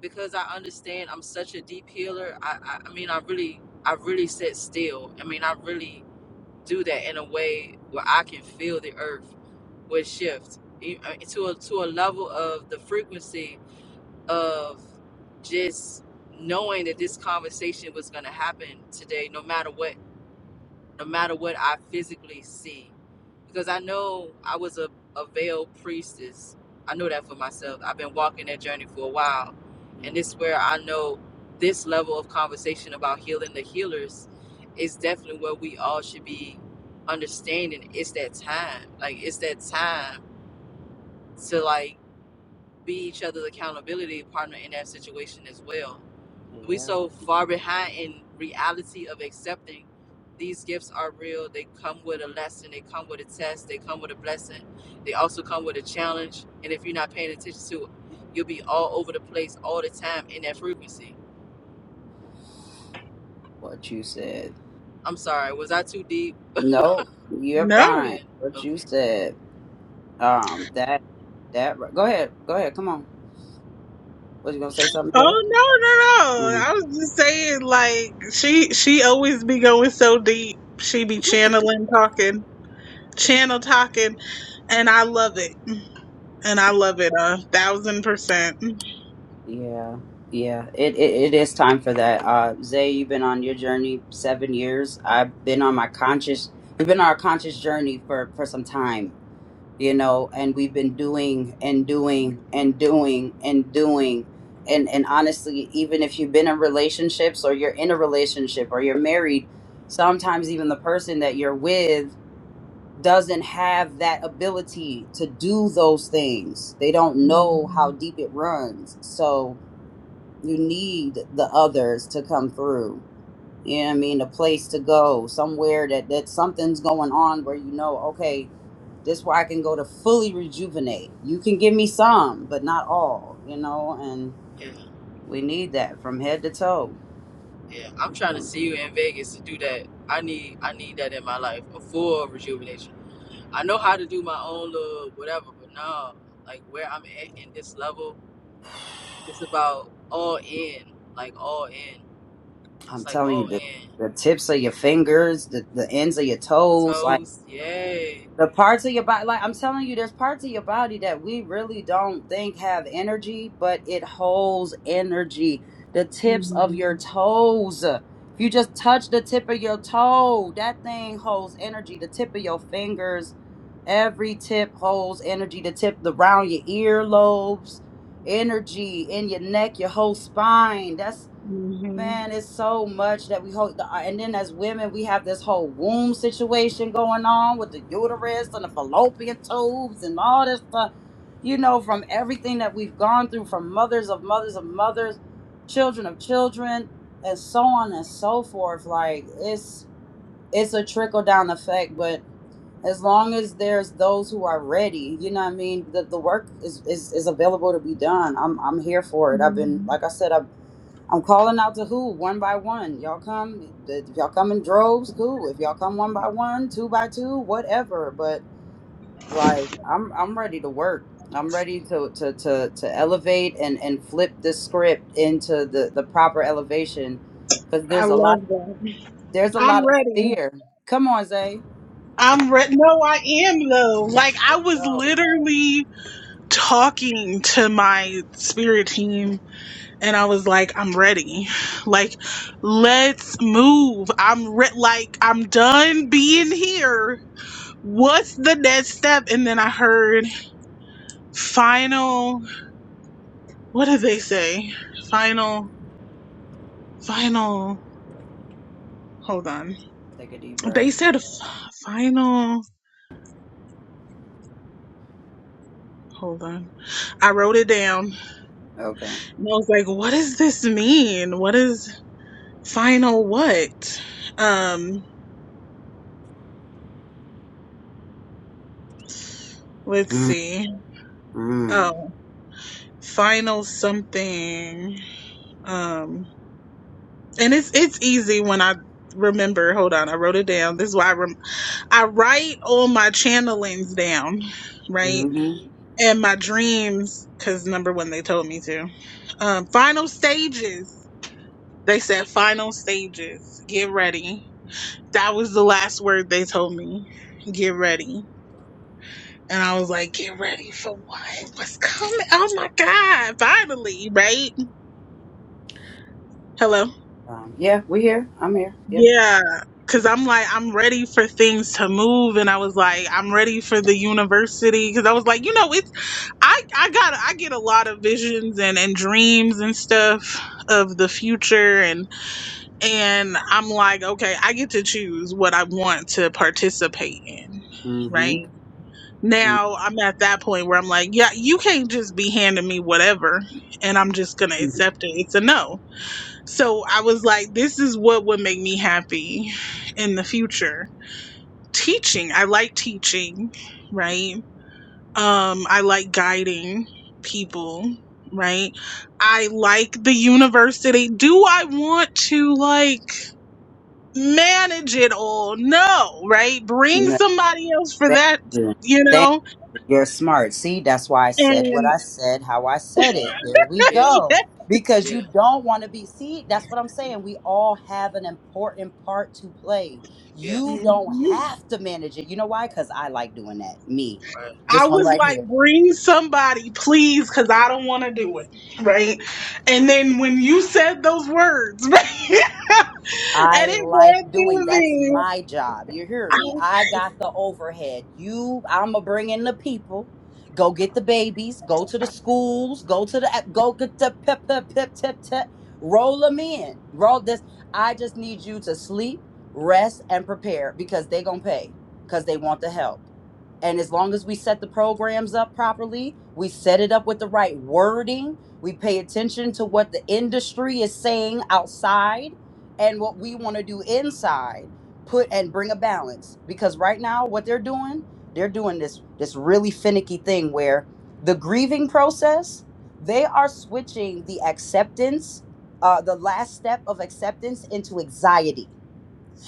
because I understand I'm such a deep healer. I, I, I mean, I really, I really sit still. I mean, I really do that in a way where I can feel the earth would shift e- uh, to a, to a level of the frequency of just knowing that this conversation was going to happen today, no matter what no matter what I physically see. Because I know I was a, a veiled priestess. I know that for myself. I've been walking that journey for a while. And this
Mm,
is where I know this level of conversation about healing the healers is definitely where we all should be understanding it's that time. Like it's that time to like be each other's accountability partner in that situation as well. We
Yeah,
so far behind in reality of accepting these gifts are real. They come with a lesson. They come with a test. They come with a blessing. They also come with a challenge. And if you're not paying attention to it, you'll be all over the place all the time in that frequency.
what you said.
I'm sorry. Was I too deep?
No, you're
No.
fine.
Okay.
What you
Okay.
said. Um, that that. Go ahead. Go ahead. Come on. Was you gonna say something,
Oh
Jay?
no, no, no.
Mm.
I was just saying like she she always be going so deep. She be channeling talking, channel talking, and I love it. And I love it a thousand percent.
Yeah, yeah. It, it it is time for that. Uh, Zay, you've been on your journey seven years. I've been on my conscious. We've been on our conscious journey for for some time, you know. And we've been doing and doing and doing and doing. And and honestly, even if you've been in relationships or you're in a relationship or you're married, sometimes even the person that you're with doesn't have that ability to do those things. They don't know how deep it runs. So you need the others to come through. You know what I mean? A place to go, somewhere that, that something's going on where you know, okay, this where I can go to fully rejuvenate. You can give me some, but not all, you know, and
Yeah.
we need that from head to toe.
Yeah. I'm trying to
I'm,
see you in Vegas to do that. I need I need that in my life. A full rejuvenation. I know how to do my own little whatever, but no, like where I'm at in this level, it's about all in, like all in. It's
I'm
like
telling you,
all
the,
in.
the tips of your fingers, the, the ends of your toes, like.
Toast! yay.
The parts of your body, like I'm telling you, there's parts of your body that we really don't think have energy, but it holds energy. The tips of
hmm
your toes. If you just touch the tip of your toe, that thing holds energy. The tip of your fingers, every tip holds energy. The tip around your earlobes, energy in your neck, your whole spine. That's Man, it's so much that we hold. The, and then as women, we have this whole womb situation going on with the uterus and the fallopian tubes and all this stuff. You know, from everything that we've gone through, from mothers of mothers of mothers, children of children, and so on and so forth. Like it's it's a trickle down effect, but as long as there's those who are ready, you know what I mean. The the work is is is available to be done. I'm I'm here for it. I've been like I said. I've I'm calling out to who one by one. Y'all come, if y'all come in droves, cool. If y'all come one by one, two by two, whatever. But like, I'm I'm ready to work. I'm ready to to to to elevate and and flip the script into the the proper elevation, because
I
there's a lot
love that.
there's a
I'm
lot of
ready.
fear. Come on, Zay.
I'm ready. No, I am though. Like I was
Go.
literally talking to my spirit team and I was like, I'm ready. Like, let's move. I'm re- like, I'm done being here. What's the next step? And then I heard final, what did they say? Final, final, hold on.
Take a deep breath.
They said final, hold on. I wrote it down.
Okay.
And I was like, what does this mean? What is final what? Um, let's see.
Mm-hmm.
Oh, final something. Um, and it's it's easy when I remember. Hold on, I wrote it down. This is why I rem- I write all my channelings down, right?
hmm
And my dreams, because number one, they told me to. Um, final stages. They said final stages. Get ready. That was the last word they told me. Get ready And I was like, get ready for what? What's coming? Oh my God, finally, right? Hello.
Um, yeah, we here. I'm here. Yep.
Yeah. Cause I'm like, I'm ready for things to move. And I was like, I'm ready for the university. Cause I was like, you know, it's, I, I got, I get a lot of visions and, and dreams and stuff of the future. And, and I'm like, okay, I get to choose what I want to participate in. Right.
Mm-hmm.
Now I'm at that point where I'm like, yeah, you can't just be handing me whatever and I'm just going to accept it. It's a no. So I was like, this is what would make me happy in the future. Teaching, I like teaching, right? Um I like guiding people, right? I like the university. Do I want to like manage it all? No, right? Bring somebody else for
Thank
that,
you.
you
Thank
know?
You're smart. See, that's why I said what
And
I said, how I said it. There we
Yeah,
yeah.
go. Because
yeah,
you don't want to be, see, that's what I'm saying. We all
yeah,
have an important part to play. You
yes.
don't have to manage it. You know why? Because I like doing that. Me.
Right.
I
This one
was
right
like,
here.
bring somebody, please, because I don't want to do it. Right. And then when you said those words, right, and
I
it
like
ran
doing.
through
That's
me,
my job. You hear
I
me?
was
I got the overhead. You, I'm gonna bring in the people. Go get the babies. Go to the schools. Go to the go get the pep pep pep tip tip. Roll them in. Roll this. I just need you to sleep, rest, and prepare because they gonna pay because they want the help. And as long as we set the programs up properly, we set it up with the right wording. We pay attention to what the industry is saying outside and what we want to do inside put and bring a balance because right now what they're doing they're doing this this really finicky thing where the grieving process they are switching the acceptance uh, the last step of acceptance into anxiety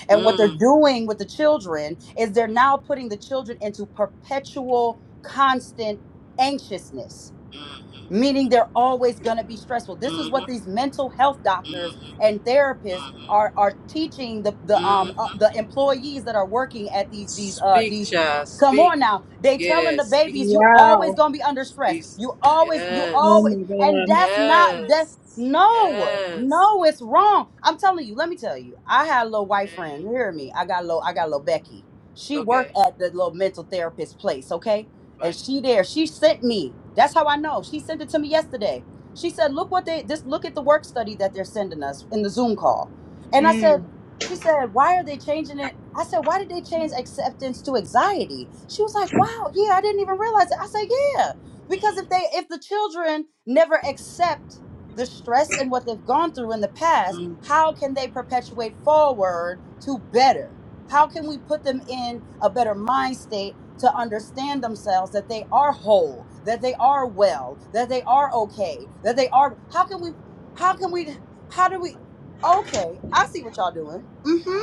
and what they're
Mm,
doing with the children is they're now putting the children into perpetual constant anxiousness
mm, mm,
meaning they're always going to be stressful this is what
mm,
these mental health doctors
mm,
and therapists
mm,
are are teaching the the um uh,
mm.
the employees that are working at these these uh
Speak,
these
child,
come
speak.
on now they telling
Yes,
the
speak,
babies you always going to be under stress
speak.
you always you
Yes,
always
on
and that's not that
yes,
no
yes.
no it's wrong i'm telling you let me tell you i had a little
Yeah.
white friend you hear me i got a little i got a little becky she
Okay,
worked at the little mental therapist place okay and
right.
she there she sent me that's how i know she sent it to me yesterday she said look what they just look at the work study that they're sending us in the zoom call and i said she said why are they changing it i said why did they change acceptance to anxiety she was like wow yeah i didn't even realize it i said yeah because if they if the children never accept the stress and what they've gone through in the past
Mm.
how can they perpetuate forward to better how can we put them in a better mind state to understand themselves that they are whole, that they are well, that they are okay, that they are How can we how can we how do we Okay, I see what y'all doing. mm Mhm.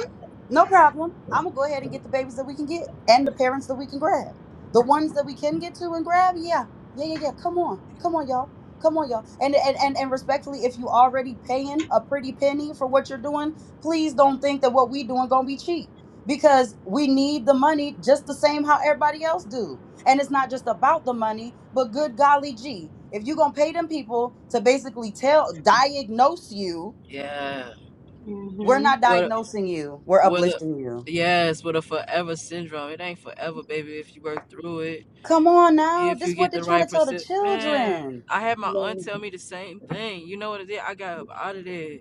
No problem. I'm going to go ahead and get the babies that we can get and the parents that we can grab. The ones that we can get to and grab, yeah. Yeah, yeah, yeah. Come on. Come on, y'all. Come on, y'all. And and and, and respectfully, if you already paying a pretty penny for what you're doing, please don't think that what we doing gonna be cheap because we need the money just the same how everybody else do. And it's not just about the money, but good golly gee, if you're gonna pay them people to basically tell diagnose you,
Yeah.
we're not
What
diagnosing you, we're
what a
uplifting you.
yes, what a forever syndrome. It ain't forever, baby, if you work through it.
Come on now,
If
this
you
is what
get
they're
the
trying
right
to tell the
percent man,
children.
I had my aunt tell me the same thing. You know what it did? I got up out of there.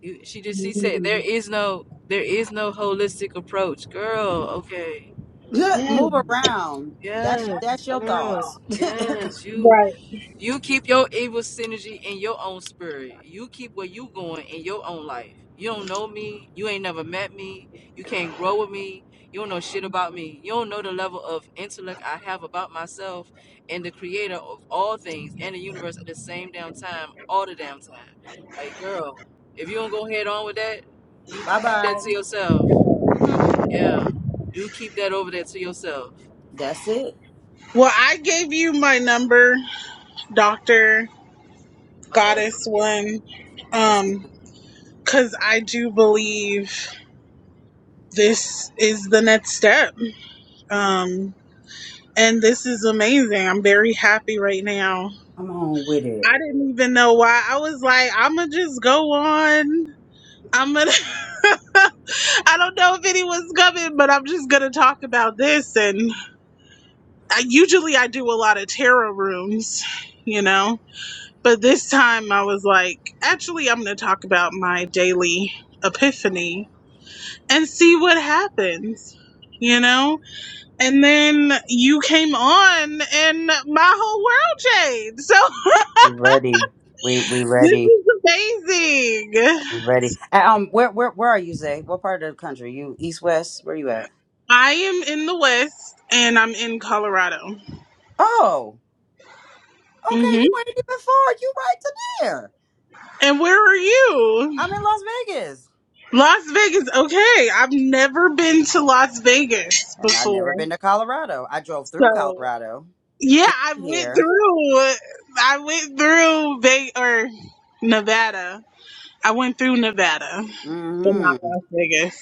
You- She just she said there is no there is no holistic approach. Girl, okay.
Move around. That's
Yes,
that's your thoughts.
girl. Yes, you You keep your evil synergy in your own spirit. You keep where you going in your own life. You don't know me. You ain't never met me. You can't grow with me. You don't know shit about me. You don't know the level of intellect I have about myself and the creator of all things and the universe at the same damn time, all the damn time. Like, girl, if you don't go head on with that, you can
bye
keep that
bye.
to yourself.
hmm
Yeah. You keep that over there to yourself.
That's it.
Well, I gave you my number, Dr.
Oh, yeah.
Goddess
look at this.
One,
That's it.
um, because I do believe this is the next step. Um, and this is amazing. I'm very happy right now.
come on with
I
it.
didn't even know why. I was like, I'm going to just go on. I'm gonna. I don't know if anyone's coming, but I'm just gonna talk about this. And I, usually I do a lot of tarot rooms, you know. But this time I was like, actually, I'm gonna talk about my daily epiphany and see what happens, you know. And then you came on, and my whole world changed. So
We ready. We we
this
ready.
is amazing.
I'm ready. And, um, where where where are you, Zay? What part of the country? You east west? Where you at?
I am in the West, and I'm in Colorado.
Oh,
hmm
okay. You ain't even far. You right to there.
And where are you?
I'm in Las Vegas,
Las Vegas. Okay. I've never been to Las Vegas
and I've never
before.
been to Colorado. I drove through
So
Colorado
yeah,
to
I
get
went
here.
through, I went through Ve- or Nevada. I went through Nevada,
Mm-hmm.
Vegas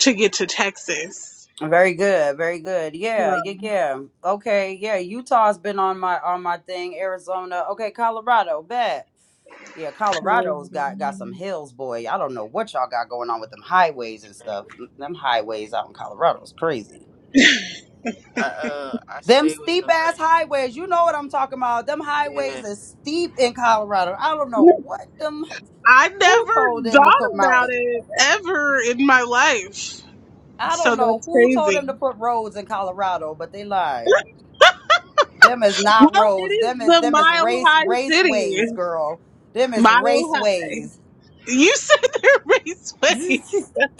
to get to Texas.
Very good. Very good. Yeah. Yeah. Yeah. Okay. Yeah. Utah's been on my on my thing. Arizona. Okay. Colorado. Bet. Yeah, Colorado's got got some hills, boy. I don't know what y'all got going on with them highways and stuff. Them highways out in Colorado's crazy.
I, uh, I
Them
stay with
steep
somebody.
ass highways, you know what I'm talking about. Them
Yeah.
highways is steep in Colorado. I don't know what them
I
who
never
told them to
thought
put
about
mountain.
it ever in my life.
I
So
don't know
that's
who told
crazy.
them to put roads in Colorado, but they lied. Them is not
Well, it
roads.
is
Them is
the
them is
mile
race
high city.
raceways, girl. Them is
Mile high.
raceways.
You said the raceway.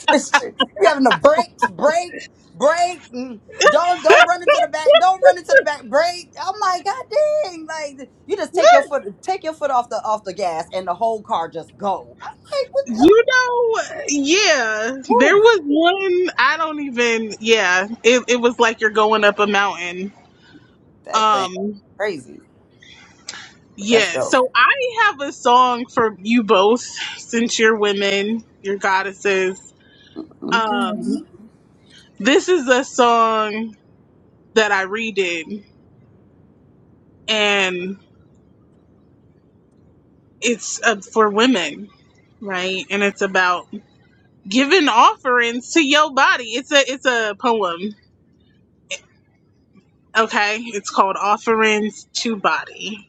It's- you having a break, break, break. mm, Don't don't run into the back. Don't run into the back. Break. I'm like, God dang! Like you just
You
take your foot, take your foot off the off the gas, and the whole car just go. I'm like, what the?
know, yeah, there
Woo!
was one. I don't even. Yeah, it it was like you're going up a mountain.
That thing
Um,
crazy, but that's
yeah.
dope.
So I have a song for you both, since you're women, you're goddesses.
Okay.
Um, this is a song that I redid, and it's uh, for women, right? And it's about giving offerings to your body. It's a it's a poem, Okay, it's called Offerings to Body.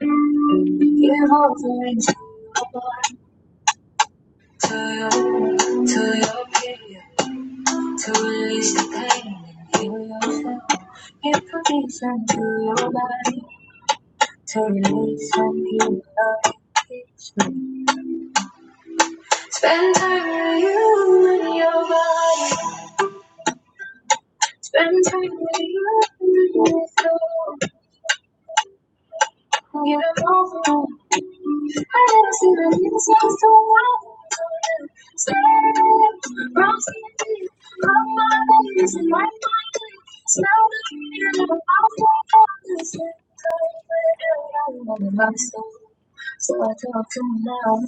Give offerings to your, to your period, to release the pain and heal yourself. Give permission to your Rocks now clear, I'll fall the center. the Myself, so I talk to me now.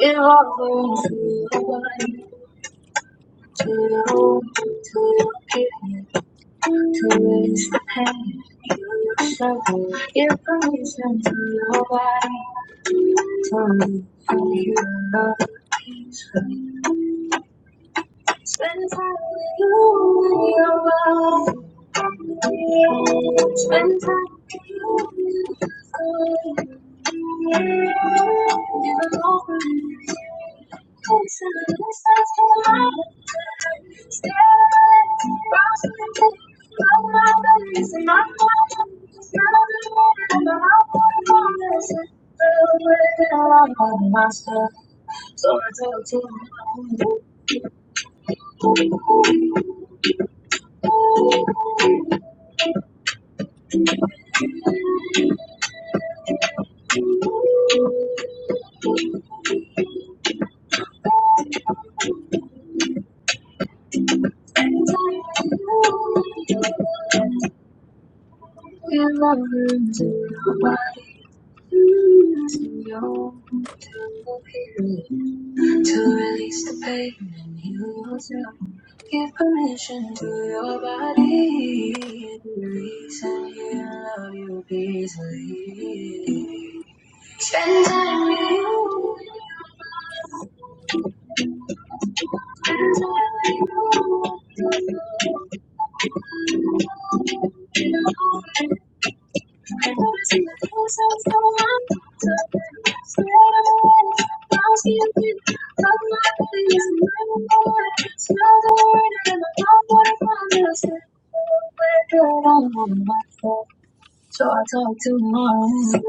Give offerings to your body, to your, to your period, to release the pain. Your promise to your body, tongue, feet, body. Spend time with you and your love. Spend time with you. It's in my heart. It's not hard. I'm heart. Myself. So I tell you, please, smell the word and I love what I promise. We're good on myself. So I talk to mom.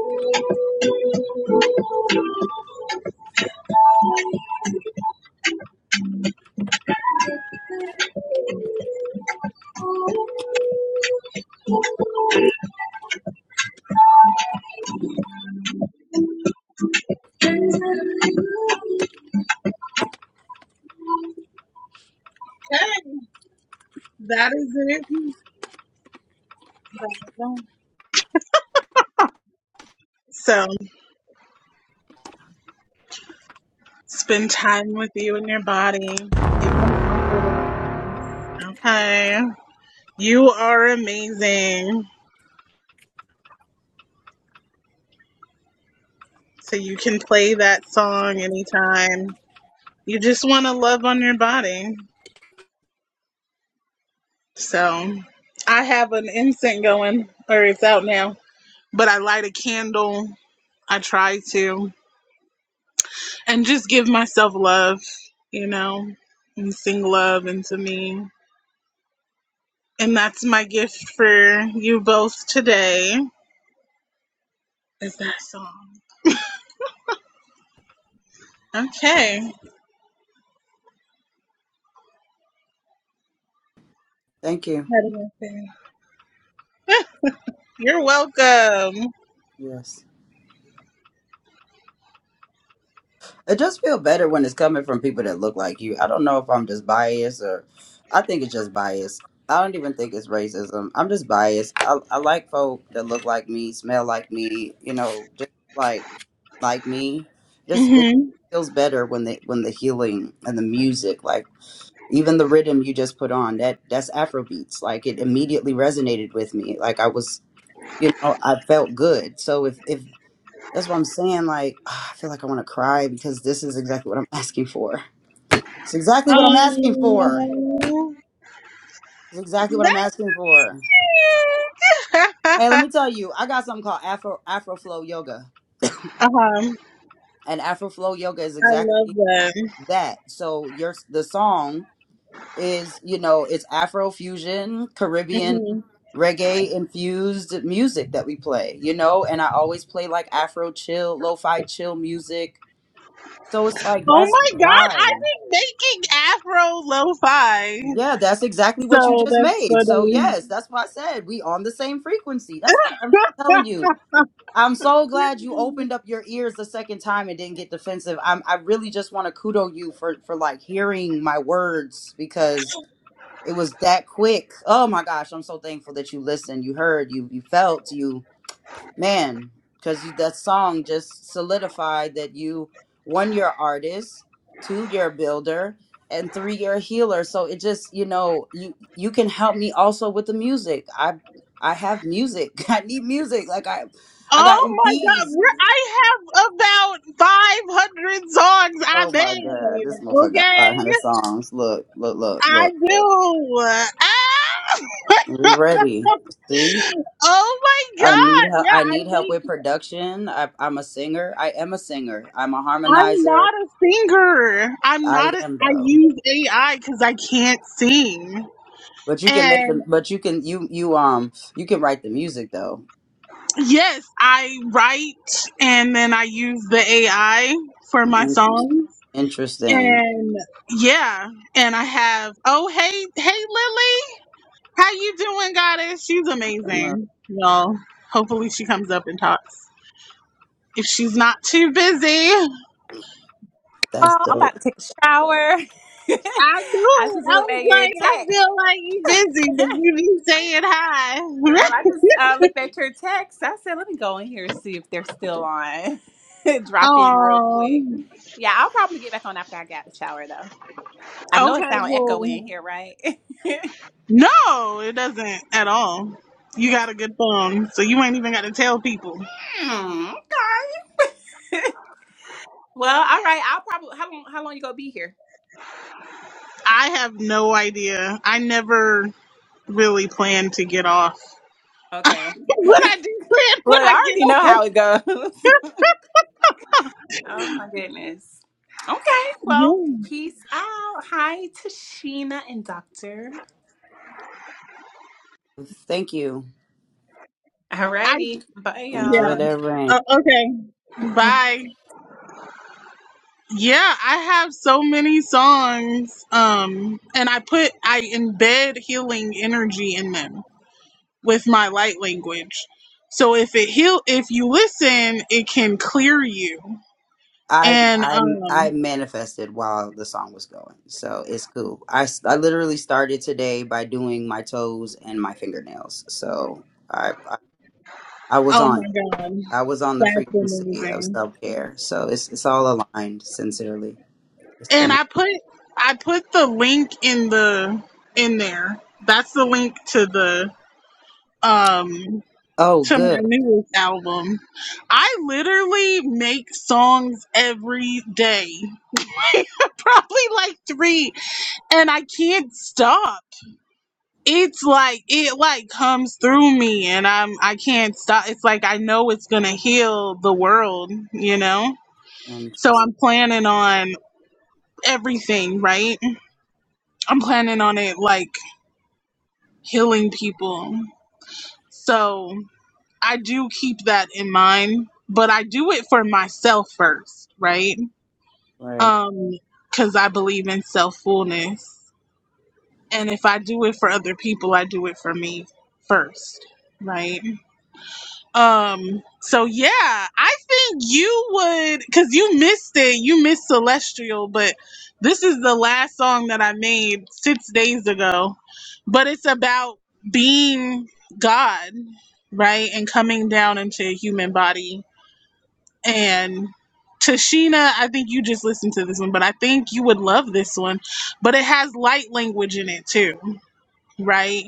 Okay, that is it. So spend time with you and your body. Give them compliments. Okay. You are amazing. So you can play that song anytime. You just want to love on your body. So I have an incense going, or it's out now, but I light a candle. I try to. and just give myself love, you know, and sing love into me. And that's my gift for you both today is that song. Okay.
Thank you.
You're welcome. oh
Yes. It just feel better when it's coming from people that look like you. I don't know if I'm just biased or I think it's just bias. I don't even think it's racism. I'm just biased. I, I like folk that look like me, smell like me, you know, just like like me. Just it feels better when the when the healing and the music, like even the rhythm you just put on, that that's Afrobeats. Like it immediately resonated with me. Like I was you know, I felt good. So if if that's what I'm saying. Like, ah, I feel like I want to cry because this is exactly what I'm asking for. It's exactly what I'm asking for. It's exactly what I'm asking for. Hey, let me tell you, I got something called Afro Afroflow Yoga, and Afroflow Yoga is exactly that. So your the song is, you know, it's Afro fusion, Caribbean reggae infused music that we play, you know, and I always play like Afro chill, lo-fi chill music. So it's like that's
my
the
god, I've
vibe.
been making Afro lo-fi.
Yeah, that's exactly what you
So
just
that's
made. So
funny.
yes, that's why I said we on the same frequency. That's why I'm telling you. I'm so glad you opened up your ears the second time and didn't get defensive. I'm I really just want to kudo you for for like hearing my words because it was that quick. Oh my gosh, I'm so thankful that you listened, you heard, you you felt, you man because that song just solidified that you one you're an artist two you're a builder and three you're a healer so it just you know you you can help me also with the music i i have music i need music like i i got
oh my god,
eps
we're, I have about 500 songs I
oh my god
made.
this motherfucker got
Okay?
500 songs look look look
I
look, look.
do. Ah!
we ready see
Oh my
I need
god!
help.
Yeah,
I
I
need help with
think
production. I, I'm a singer. I am a singer. I'm a
I'm
harmonizer.
not a singer. I'm
I
not. A,
am
I
though.
use AI because I can't sing.
But you can make
And
them. But you can you you um you can write the music though.
yes, I write, and then I use the AI for my
Interesting.
songs.
Interesting.
And yeah, and I have. Oh hey, hey Lily, how you doing, Goddess? She's
Well,
amazing. Well, hopefully she comes up and talks if she's not too busy.
That's
Girl, I'm
dope.
about to take a shower.
I knew
I
it.
just
I
looked
was
at your
like, I
text.
feel like you busy, but you be saying hi.
Girl, I just uh, looked at your text. I said, let me go in here and see if they're still on. Drop in real
oh,
quick. Yeah, I'll probably get back on after I got the shower, though. I know it
okay,
sounds echoey
cool.
in here, right?
No, it doesn't at all. You got a good phone, so you ain't even got to tell people.
Oh. Mm, okay. well, all right. I'll probably how long? How long you gonna be here?
I have no idea. I never really plan to get off.
Okay.
What I do plan
Look,
when I
I
get
already know
off.
how it goes. Oh my goodness. Okay, well,
Yeah.
peace out. Hi to Sheena and Doctor.
Thank you.
I
Alrighty. Bye
Enjoy
yeah.
y'all.
that rain.
Uh, okay. Bye. Yeah, I have so many songs. Um, and I put I embed healing energy in them with my light language. So if it heal if you listen, it can clear you.
I
And
I I
um
manifested while the song was going, so it's cool. I s- I literally started today by doing my toes and my fingernails, so I I, I was
oh
on it.
my god,
I was on the
that's
frequency of
amazing.
self care, so it's it's all aligned. Sincerely, it's
And
center.
I put I put the link in the in there. That's the link to the um
Oh,
to my
good.
newest album. I literally make songs every day, probably like three, and I can't stop. It's like it like comes through me, and I'm I can't stop. It's like I know it's gonna heal the world, you know. So
Interesting.
I'm planning on everything, right? I'm planning on it like healing people. So I do keep that in mind, but I do it for myself first, right?
Right.
Um, because I believe in self fullness, and if I do it for other people, I do it for me first, right? Um, so yeah, I think you would, because you missed it, you missed Celestial, but this is the last song that I made six days ago, but it's about being God, right, and coming down into a human body and Tashina, I think you just listened to this one, but I think you would love this one. But it has light language in it too, right?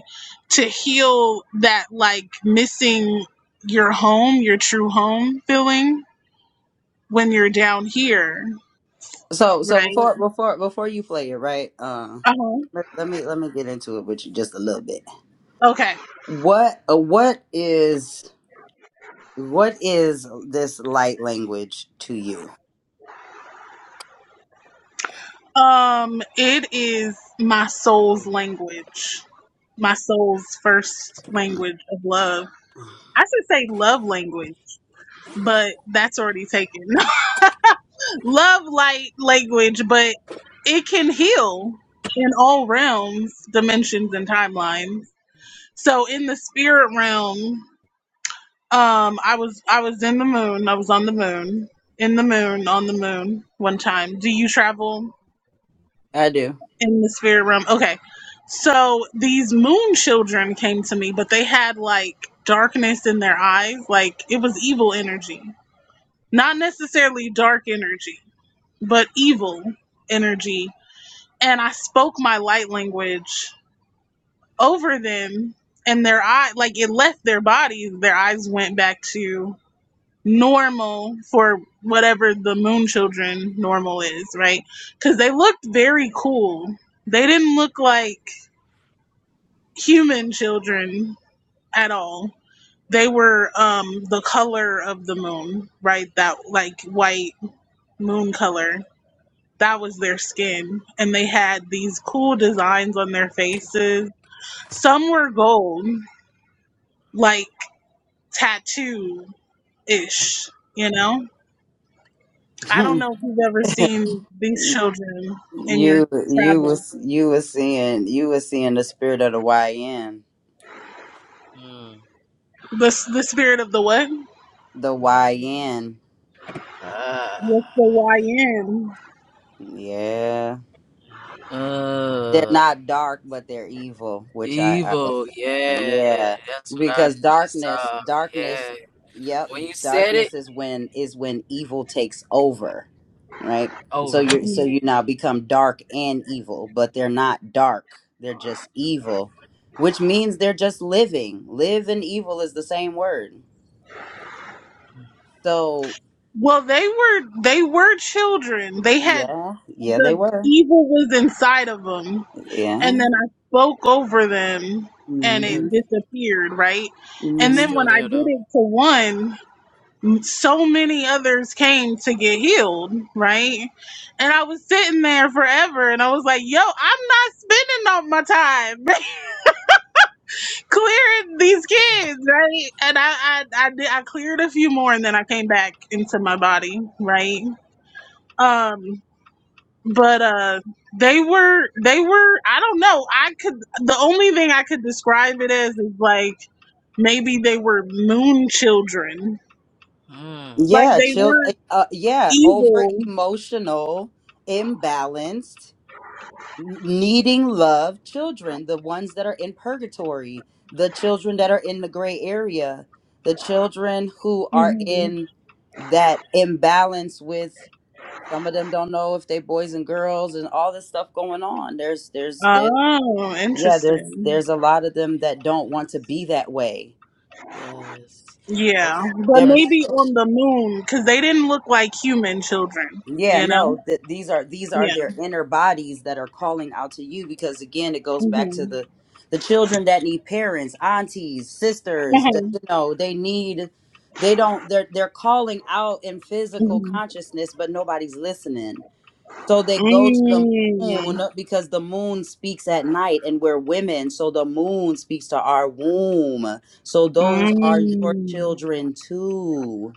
To heal that like missing your home, your true home feeling when you're down here,
So so
right?
before before before you play it, right? Uh,
Uh-huh.
let, let me let me get into it with you just a little bit.
Okay.
What uh, what is what is this light language to you?
Um it is my soul's language. My soul's first language of love. I should say love language, but that's already taken. love light language, but it can heal in all realms, dimensions, and timelines. So in the spirit realm, um, I was I was in the moon. I was on the moon, in the moon, on the moon. One time, do you travel
I do.
in the spirit realm? Okay, so these moon children came to me, but they had like darkness in their eyes, like it was evil energy, not necessarily dark energy, but evil energy and I spoke my light language over them and their eye like it left their bodies, their eyes went back to normal for whatever the moon children normal is, right? Cuz they looked very cool. They didn't look like human children at all. They were um the color of the moon, right? That like white moon color. That was their skin and they had these cool designs on their faces Some were gold, like tattoo ish, you know? I don't know if you've ever seen these
you
children in your
you
travels.
was you was seeing you was seeing the spirit of the YN.
Mm.
The, the spirit of the what?
The
Why?
YN.
What's
Ah,
the
Yeah. they're
Uh,
not dark but they're evil which i i
evil.
understand
Yeah,
yeah
that's what I
because
just
darkness
saw.
darkness
Yeah,
yep
when you said it,
darkness is when is when evil takes over right so
over.
you're so
YN?
Yeah,
you now become dark and evil but they're not dark they're just evil which means they're just living live and evil is the same word so
Well, they were they were children. They had
yeah yeah they
the
were
evil was inside of them, and
yeah
then I spoke over them, and it
it,
hmm
disappeared. Right, and
it's
then
still
when I
there
did
though.
it to one, so many others came to get healed, right? And I was sitting there forever and I was like, yo, I'm not spending all my time clearing these kids, right? And I, I, I did, I cleared a few more and then I came back into my body, right? Um, but, uh, they were, they were, I don't know. I could, the only thing I could describe it as is like, maybe they were moon children.
Mm.
Like
Yeah,
they
child.
weren't
Uh, yeah, over
evil.
emotional, imbalanced, n- needing love children, the ones that are in purgatory, the children that are in the gray area, the children who are
Mm-hmm.
in that imbalance with some of them don't know if they boys and girls and all this stuff going on. There's there's there,
Oh,
yeah, there's
interesting.
there's a lot of them that don't want to be that way.
Yes,
Yeah,
that's
but
They're
that's.
being
maybe on the moon because they didn't look like human children.
Yeah,
You know?
no, th- these are these are
Yeah.
their inner bodies that are calling out to you because again, it goes back to the the children that need parents, aunties, sisters, that, you know, they need they don't they're they're calling out in physical consciousness, but nobody's listening. So they go to the moon
Mm.
because the moon speaks at night and we're women, so the moon speaks to our womb. So those are your
Mm.
children too.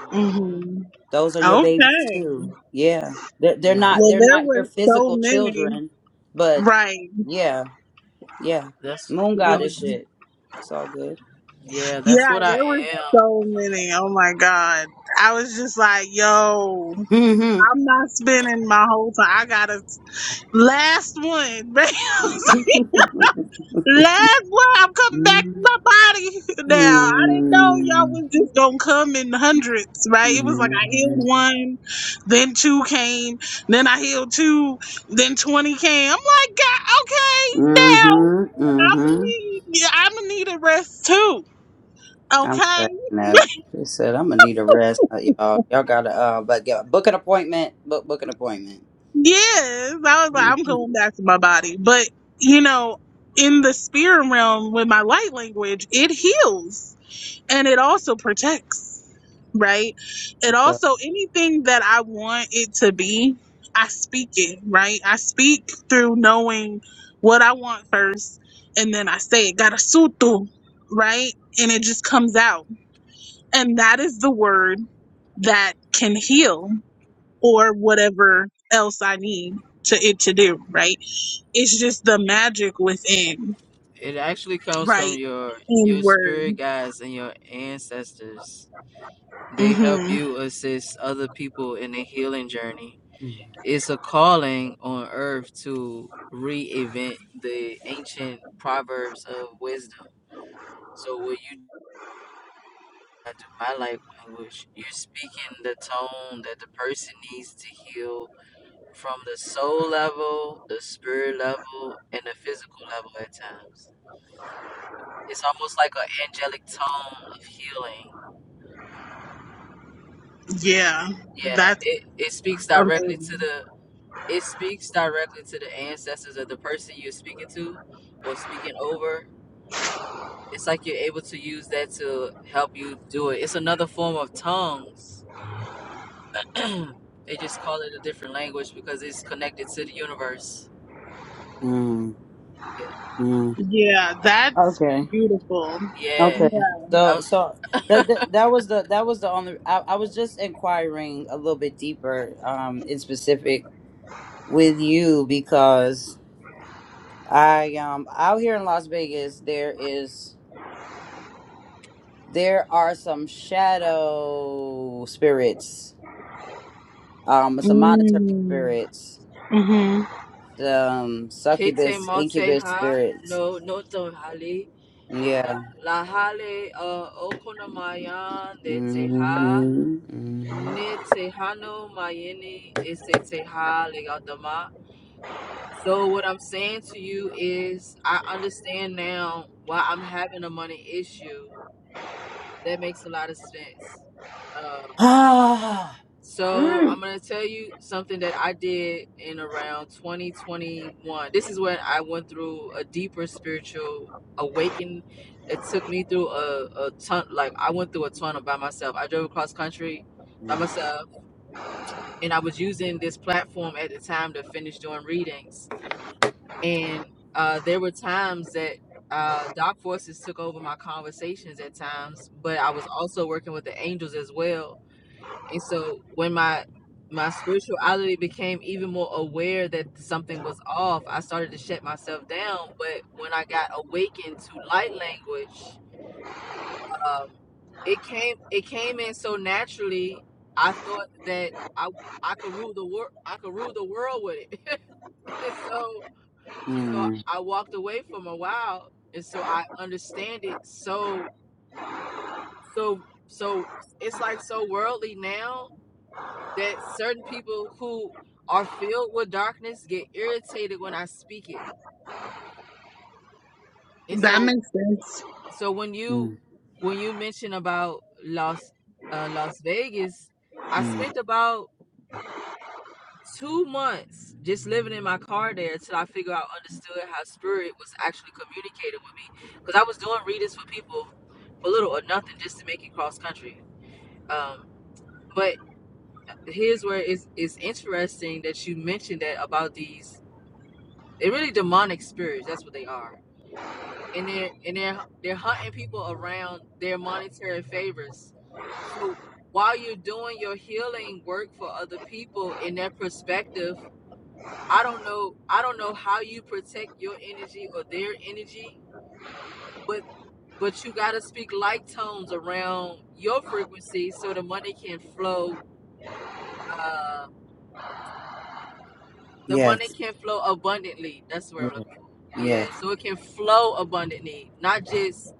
mhm.
hmm
Those are your babies
Okay.
too. Yeah. They're they're
Yeah,
not
Well,
they're
there
not your
were so
physical
many.
children, but
Right.
yeah, yeah.
that's.
Moon
Yeah.
I
goddess
was.
shit. It's all good.
Yeah, that's
Yeah,
what I
there were
am.
so many. Oh my God. I was just like, yo,
Mm-hmm.
I'm not spending my whole time. I got to last one. Bam. Last one, I'm coming back
Mm-hmm.
to my body now. I didn't know y'all was just gonna come in hundreds, right? It was like I healed
Mm-hmm.
one, then two came, then I healed two, then twenty came. I'm like, God, okay, now I'm gonna
Mm-hmm.
need, yeah, I'm gonna need a rest too.
I'm
Okay,
cracking up. She said, "I'm gonna need a rest, uh, y'all. Y'all gotta uh, but yeah, book an appointment. Book book an appointment.
yes, I was like, I'm
Mm-hmm.
going back to my body, but you know, in the spirit realm with my light language, it heals and it also protects right it
Okay.
also anything that i want it to be i speak it right i speak through knowing what i want first and then i say it garasutu right and it just comes out and that is the word that can heal or whatever else i need to it to do right it's just the magic within
It actually comes from
right
your
in
your
word
spirit guides and your ancestors. They help
hmm
you assist other people in a healing journey. It's a calling on earth to reinvent the ancient proverbs of wisdom. So when you I do my light language, you're speaking the tone that the person needs to heal from the soul level, the spirit level, and the physical level at times. It's almost like an angelic tone of healing. It,
yeah
yeah,
that's
it, it speaks directly to the It speaks directly to the ancestors of the person you're speaking to or speaking over. It's like you're able to use that to help you do it. It's another form of tongues. they just call it a different language because it's connected to the universe.
Mm-hmm.
Yeah.
uh, that
Okay.
yeah.
Okay.
Uh,
So so that that, that was the that was the only I, I was just inquiring a little bit deeper um in specific with you because I um out here in Las Vegas there is there are some shadow spirits um some monitoring
Mm.
spirits
hmm
some
Kete
succubus
Malte
incubus
Ha,
spirits
no, no, don't Hali.
yeah
Da- La Hale, uh, Okonamayan, de Te Ha,
mm-hmm, mm-hmm.
Ne Te Hano Mayeni, Is Te Te Ha, Legal So what I'm saying to you is I understand now why I'm having a money issue. That makes a lot of sense. Uh, so
mm.
I'm gonna tell you something that I did in around 2021. This is when I went through a deeper spiritual awakening. It took me through a, a ton, like I went through a tunnel by myself. I drove across country by
Mm,
myself, and I was using this platform at the time to finish doing readings And uh, there were times that uh, dark forces took over my conversations at times, but I was also working with the angels as well. And so when my my spirituality became even more aware that something was off, I started to shut myself down. But when I got awakened to light language, um, it came it came in so naturally. I thought that I I could rule the world. I could rule the world with it. so so
mm,
I walked away from a while, and so I understand it. So, so, so it's like so worldly now that certain people who are filled with darkness get irritated when I speak it. And
That
so,
makes sense.
so when you
mm,
when you mention about Las uh, Las Vegas, I
mm.
spent about two months just living in my car there till I figure out understood how spirit was actually communicating with me. Because I was doing readings for people for little or nothing just to make it cross country. Um, but here's where it's, it's interesting that you mentioned that about these they're really demonic spirits, that's what they are. And they're and they're they're hunting people around their monetary favors. So while you're doing your healing work for other people in their perspective I don't know I don't know how you protect your energy or their energy, but but you gotta speak like tones around your frequency so the money can flow uh the money
Yes,
can flow abundantly. That's what I'm
yes,
looking for.
yes.
Yeah, so it can flow abundantly, not just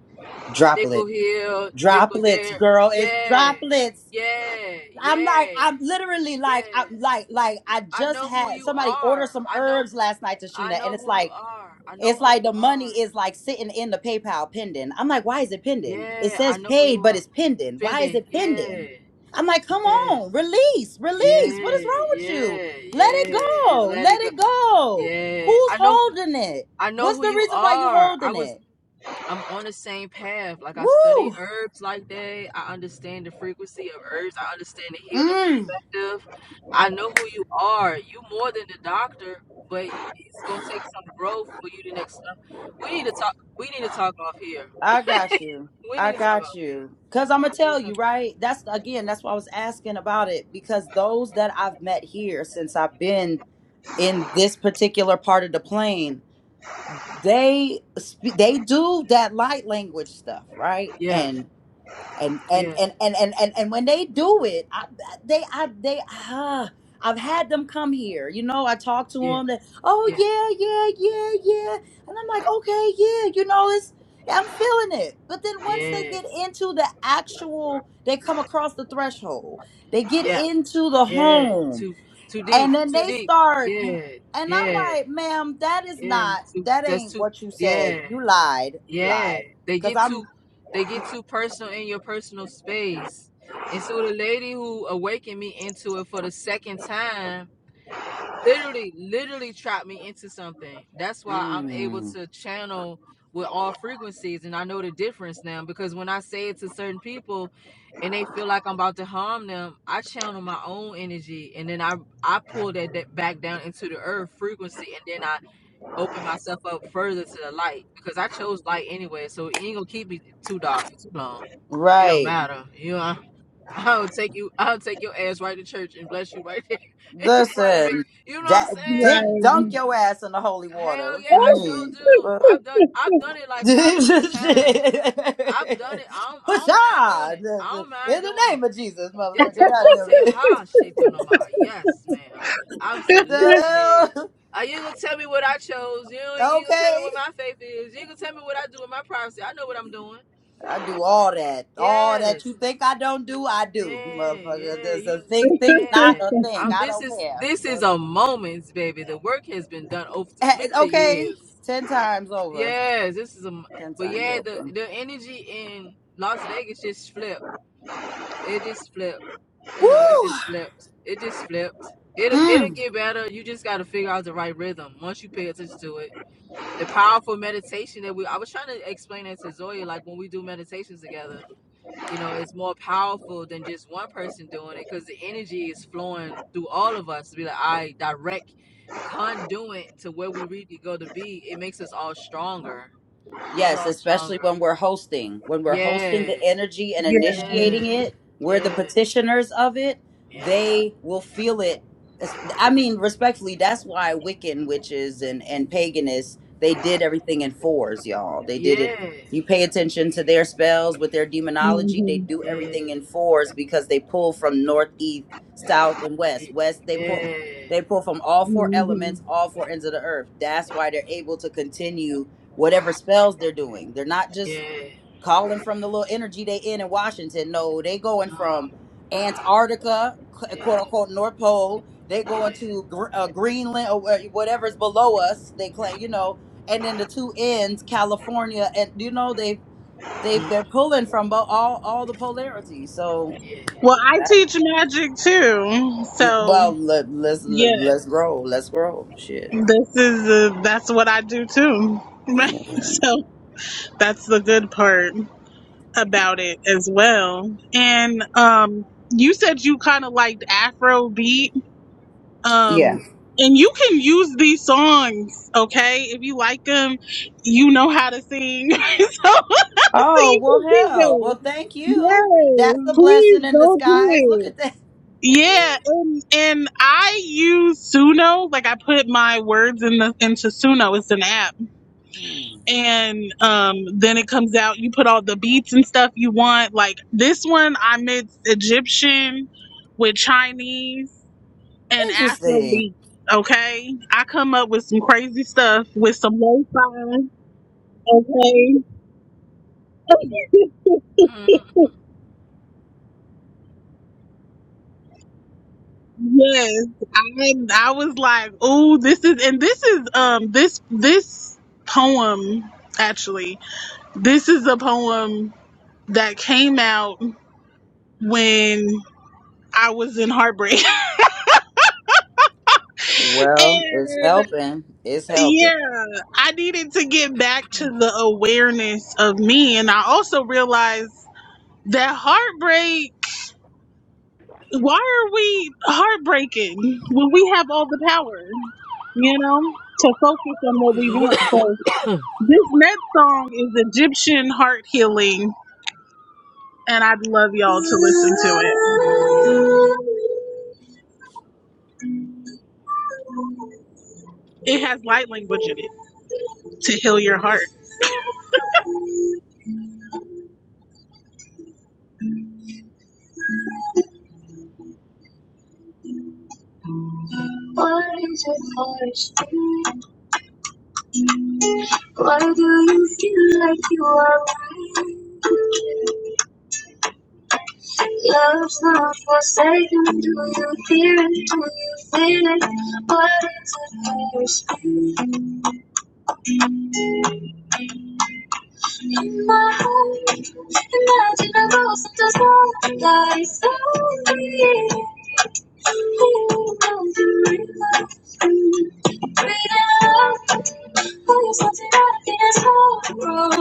nickel
Droplets,
here, nickel
droplets,
there.
girl. It's
Yeah,
droplets.
yeah,
I'm like,
yeah,
I'm literally
yeah.
like, I'm like, like I
I
just
know who
had
you
somebody order
are.
some
I know
herbs last night,
I
Tashina, and
know
it's
who you
like,
are. I
it's
know who
like
you
the
are.
money is like sitting in the PayPal pending. I'm like, why is it pending? It
Yeah, I
says
know who you
paid, but
are.
it's pending. Why is
Fendi,
it pending?
yeah,
I'm like, come
yeah,
on, release, release. What is
yeah,
wrong with you?
yeah,
Let it
yeah. It's
go.
let
Let
it go.
it go.
Yeah,
Who's
I know,
holding it?
I know
What's
who
the
you
reason why you
are. I
holding
was,
it?
I'm on the same path. Like I study
Woo!
herbs like that. I understand the frequency of herbs. I understand the healing
Mm,
perspective. I know who you are. You more than the doctor, but it's gonna take some growth for you. The next step. We need to talk. We need to talk off here.
I got you.
We
I
need to talk
got
off here.
you. Cause I'm gonna
We need
tell
to talk-
you, right? That's again, that's why I was asking about it. Because those that I've met here since I've been in this particular part of the plane, they sp- they do that light language stuff, right?
Yeah,
And. and and
yeah,
and and and and, and when they do it I, they i they ah I've had them come here, you know. I talk to
yeah,
them, that oh
yeah,
yeah, yeah, yeah, yeah, and I'm like, okay, yeah, you know, it's I'm feeling it. But then once they
yeah.
get into the actual, they come across the threshold, they get
Yeah,
into the
Yeah,
home,
too too deep,
and then
too
they
deep.
start, and
Yeah,
I'm
yeah,
like, ma'am, that is
yeah.
not,
Too,
that
that's
ain't
too.
what you said.
Yeah,
You lied, you
yeah.
lied,
They
because
get too,
I'm,
they get too personal in your personal space. And so the lady who awakened me into it for the second time literally literally trapped me into something that's why i'm able
mm,
to channel with all frequencies and i know the difference now because when i say it to certain people and they feel like i'm about to harm them i channel my own energy and then i i pull that, that back down into the earth frequency and then i open myself up further to the light because i chose light anyway so it ain't gonna keep me too dark for too long it don't
right.
matter you know I'll take you. I'll take your ass right to church and bless you right there in front of it.
Listen,
You know what I'm
that
saying?
dick
Right.
dunk your ass in the holy water.
Hell
What
yeah,
you
I sure
mean?
do.
But
I've done. I've done it like
Push
five or six times. I've done it. I don't. I don't mind doing
on
it. I
The-
don't
the-
mind
in the
doing it.
name of Jesus, motherfucker.
Deto
God damn
mote
it.
ha sheto nama. Yes, ma'am.
The
Absolutely.
hell?
Uh, you ain't gonna tell me what I chose? You ain't- you ain't gonna tell
Okay.
me what my faith is? You ain't gonna tell me what I do with my privacy? I know what I'm doing.
I do all that. All that you
Yes.
think I don't do, I do,
Yeah,
motherfucker.
yeah,
There's
you,
a think, think not
yeah.
a
I,
think. I
this
don't
is
care.
this is
The-
a moments, baby. The work has been done over
eh,
many
Okay.
years.
Ten times over.
Yes, this is a. m-
Ten
But
times
yeah, the
over.
the energy in Las Vegas just flipped. It just flipped. You know, it
Woo!
just flipped. It just flipped. It it'll
Mm.
get better. You just got to figure out the right rhythm once you pay attention to it. The powerful meditation that we I was trying to explain that to Zoya, like when we do meditations together you know it's more powerful than just one person doing it because the energy is flowing through all of us to be like i direct conduit to where we really go to be it makes us all stronger makes us
Yes,
all
especially
stronger
when we're hosting. When we're hosting
yeah
the energy and
yeah.
yeah
initiating it, we're the
yeah
petitioners of it.
yeah
They will feel it. It's- I mean, respectfully, that's why Wiccan witches and, and paganists, they did everything in fours, y'all. They did it.
yeah
You pay attention to their spells with their demonology. They
hmm
do everything in fours because they pull from north, east, south, and west. West, they
yeah
pull,
yeah
they pull from all four
hmm
elements, all four ends of the earth. That's why they're able to continue whatever spells they're doing. They're not just
yeah
calling from the little energy they in in Washington. No, they going
Oh,
from Antarctica,
yeah,
quote unquote North Pole. They going
yeah,
to Gr- uh, Greenland or where- whatever's below us. They claim, you know, and then the two ends, California, and you know they they
mm,
they're pulling from bo- all all the polarities. So
yeah,
Well, I
that
teach magic too.
mm,
So,
well let, let's let,
yeah,
let's grow, let's grow. Shit.
this is, uh that's what I do too. Right. So, that's the good part about it as well. And, um, you said you kind of liked Afro beat.
Yeah.
um and you can use these songs okay if you like them you know how to sing so, so
Oh,
you
well,
can keep
hell.
them
Well, thank you. That's
yes
a
please
blessing in
go do
disguise. Look
it
at that.
yeah
yeah.
and and i use suno like i put my words in the into suno it's an app
Hmm.
and um then it comes out you put all the beats and stuff you want like this one i mixed egyptian with chinese and Afrobeat,
Interesting.
Okay, I come up with some crazy stuff with some lo-fi. Okay,
Mhm.
yes, I I was like, oh, this is and this is um this this poem actually. This is a poem that came out when I was in heartbreak,
Well, it's
and
helping. It's helping.
yeah, I needed to get back to the awareness of me, and I also realized that heartbreak why are we heartbreaking when we have all the power, you know, to focus on what we want? So this next song is Egyptian heart healing, and I'd love y'all to listen to it. It has light language in it to heal your heart.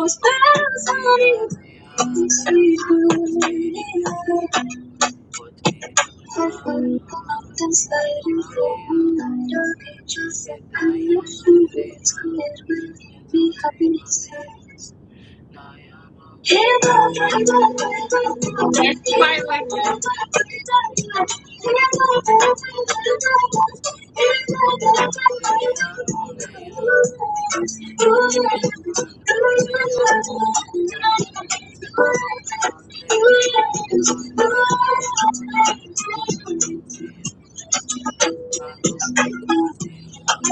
They- they are- they are- they are- Thank you.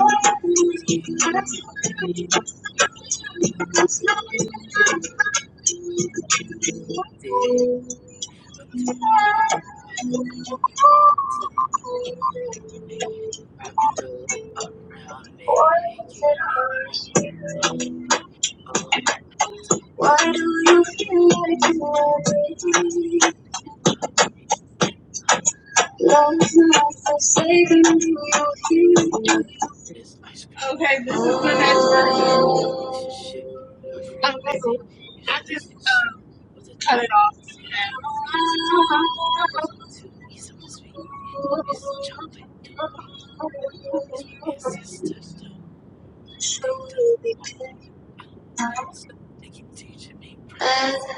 Dig to I the light around me and keep me warm. Oh, every day. this ice cream
Okay, this is the next verse.
It should shift my
Okay,
frequency.
I
Usually
just
should shift
uh,
with the
cut
dark
it off.
Satan. First me to eat something sweet. And chocolate too. Oh, it's my big sisters too. They do want me. So they keep teaching me breakfast.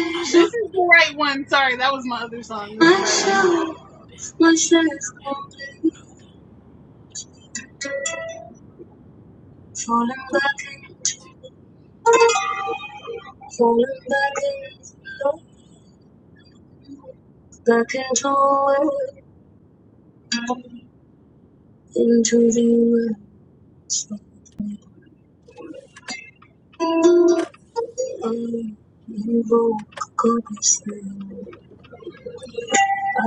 And I
This is
love them
the
too.
right one. Sorry, that was my other
They
song.
run this bed. Yo,
Falling back into falling back in, back into it, into the woods. I invoke God's name.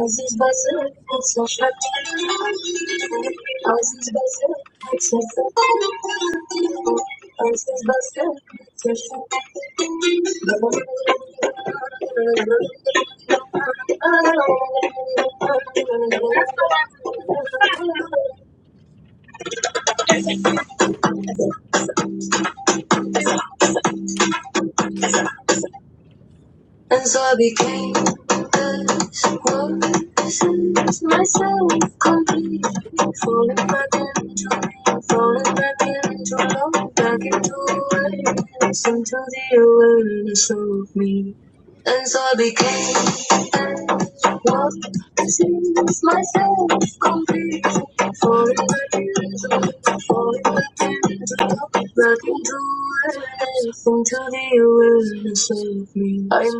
Aziz Basir, it's a shot. Aziz Basir, it's a shot.
all hot, all hot, hot. So, so, so, so, so, so, so.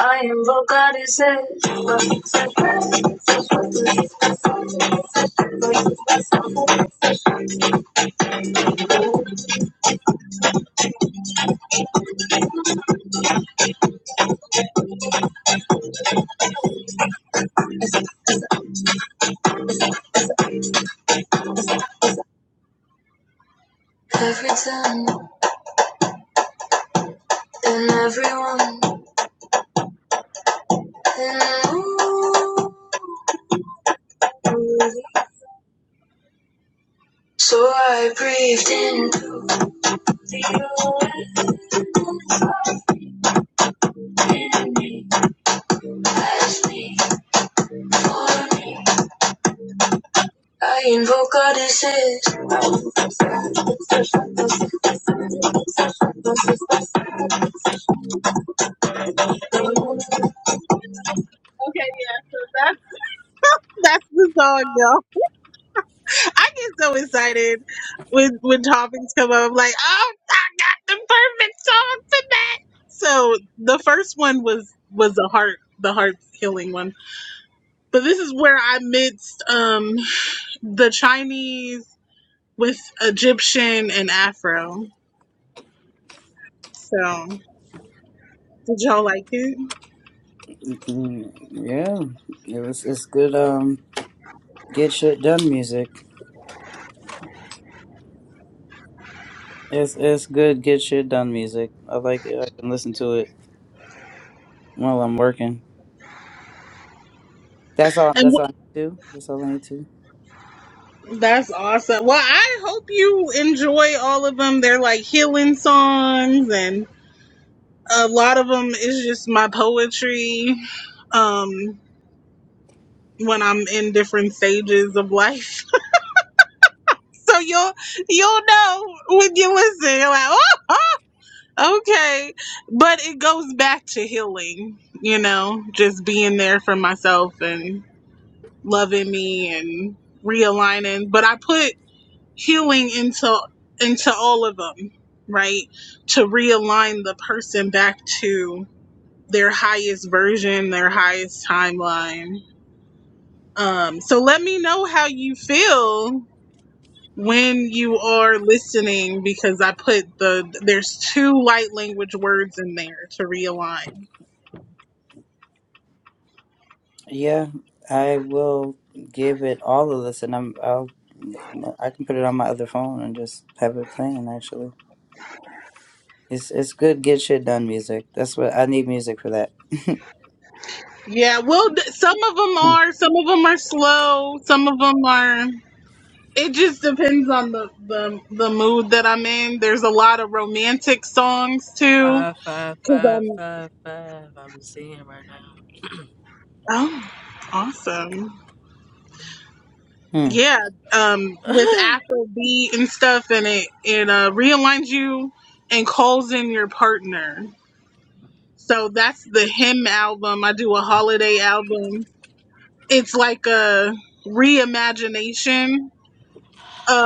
I invoke God's name. Okay, that's that's the song, y'all. I get so excited when when topics come up. I'm like, oh, I got the perfect song for that. So the first one was was the heart the heart healing one, but this is where I mixed um the Chinese with Egyptian and Afro. So did y'all like it?
Mhm. Yeah. It was it's good um get shit done music. It's it's good get shit done music. I like it. I can listen to it while I'm working. That's all
And
that's all
wh-
I need to. do. That's all I need to. do.
that's awesome. Well, I hope you enjoy all of them. They're like healing songs and a lot of them is just my poetry um when i'm in different stages of life so you'll you'll know when you listen you're like oh oh, oh." okay but it goes back to healing you know just being there for myself and loving me and realigning but i put healing into into all of them right to realign the person back to their highest version, their highest timeline. Um, so let me know how you feel when you are listening because I put the there's two light language words in there to realign.
Yeah. I will give it all a listen. I'm I'll I can put it on my other phone and just have it playing actually. It's it's good get shit done music. That's what I need music for that.
Yeah, well, th- some of them are, some of them are slow, some of them are. It just depends on the, the the mood that I'm in. There's a lot of romantic songs too.
Five, five, five, five, five. I'm seeing right now.
Oh, awesome!
Hmm.
Yeah, um, with Afrobeat and stuff, and it it uh, realigns you and calls in your partner. So that's the hymn album. I do a holiday album. It's like a reimagination of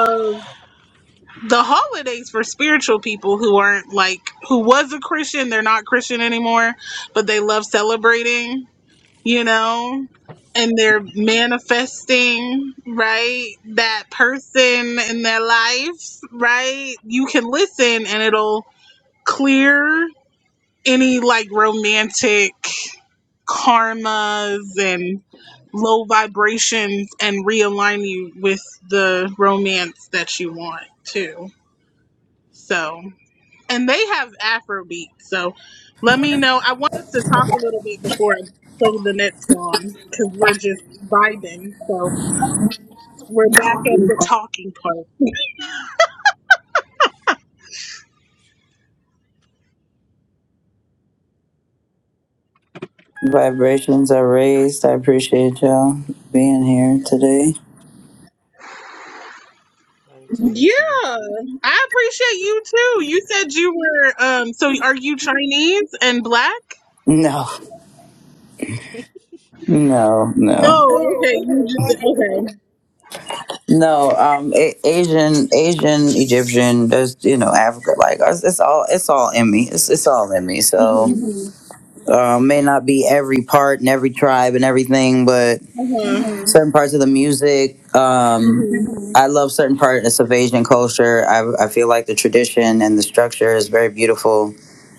the holidays for spiritual people who aren't like who was a Christian. They're not Christian anymore, but they love celebrating. you know, and they're manifesting, right? That person in their life, right? You can listen and it'll clear any like romantic karmas and low vibrations and realign you with the romance that you want too. So and they have Afrobeat. So let me know. I want us to talk a little bit before I play the next song because we're just vibing. So we're back at the talking part.
Vibrations are raised. I appreciate y'all being here today.
Gratitude
Yeah,
to you. too.
I appreciate you too. You said you were. Um, so are you Chinese and black?
No, no, no,
No. Okay. You just said okay.
no. Um, a- Asian, Asian, Egyptian. There's you know Africa. Like it's, it's all it's all in me. It's it's all in me. So
Mhm.
um, may not be every part and every tribe and everything, but.
Uh huh.
certain parts of the music. Um,
Mhm.
I love certain parts of Asian culture. I, I feel like the tradition and the structure is very beautiful.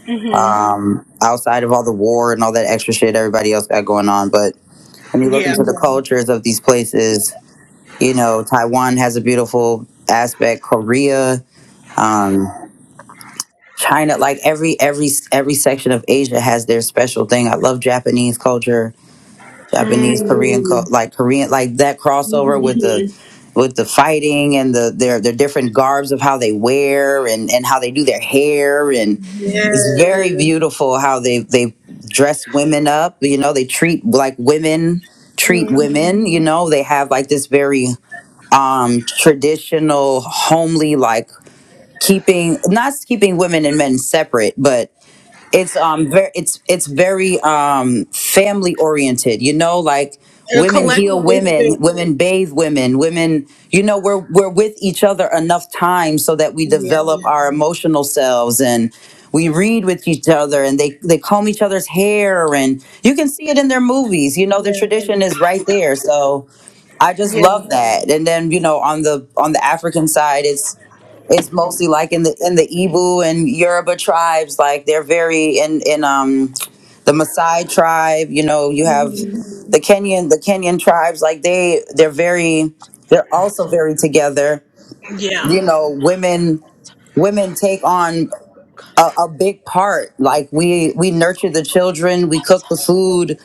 Mhm.
Um, outside of all the war and all that extra shit everybody else got going on, but when you look
Yeah.
into the cultures of these places, you know, Taiwan has a beautiful aspect. Korea, um, China, like every every every section of Asia has their special thing. I love Japanese culture. Japanese
Mm.
Korean co- Mm. like Korean like that crossover with
Mhm.
the Mhm. with the fighting and the their their different garbs of how they wear and and how they do their hair and
Yeah.
it's very Mm. beautiful how they they dress women up you know they treat like women treat
Mhm.
women you know they have like this very um traditional homely like keeping not keeping women and men separate but it's um very it's it's very um family oriented you know like
A
women heal
collectivist
women
thing.
women bathe women women you know we're we're with each other enough time so that we
Yeah.
develop our emotional selves and we read with each other and they they comb each other's hair and you can see it in their movies you know the
Yeah.
tradition is right there so i just
Yeah.
love that and then you know on the on the african side it's it's mostly like in the in the Ibu and Yoruba tribes, like they're very in in um the Maasai tribe. You know, you have
Mhm.
the Kenyan the Kenyan tribes, like they they're very they're
One
also
time,
very together.
one
Yeah.
You know, women
time,
women take
let's
on
go.
a, a big part. Like we we nurture the children, we
One
cook the
time,
food,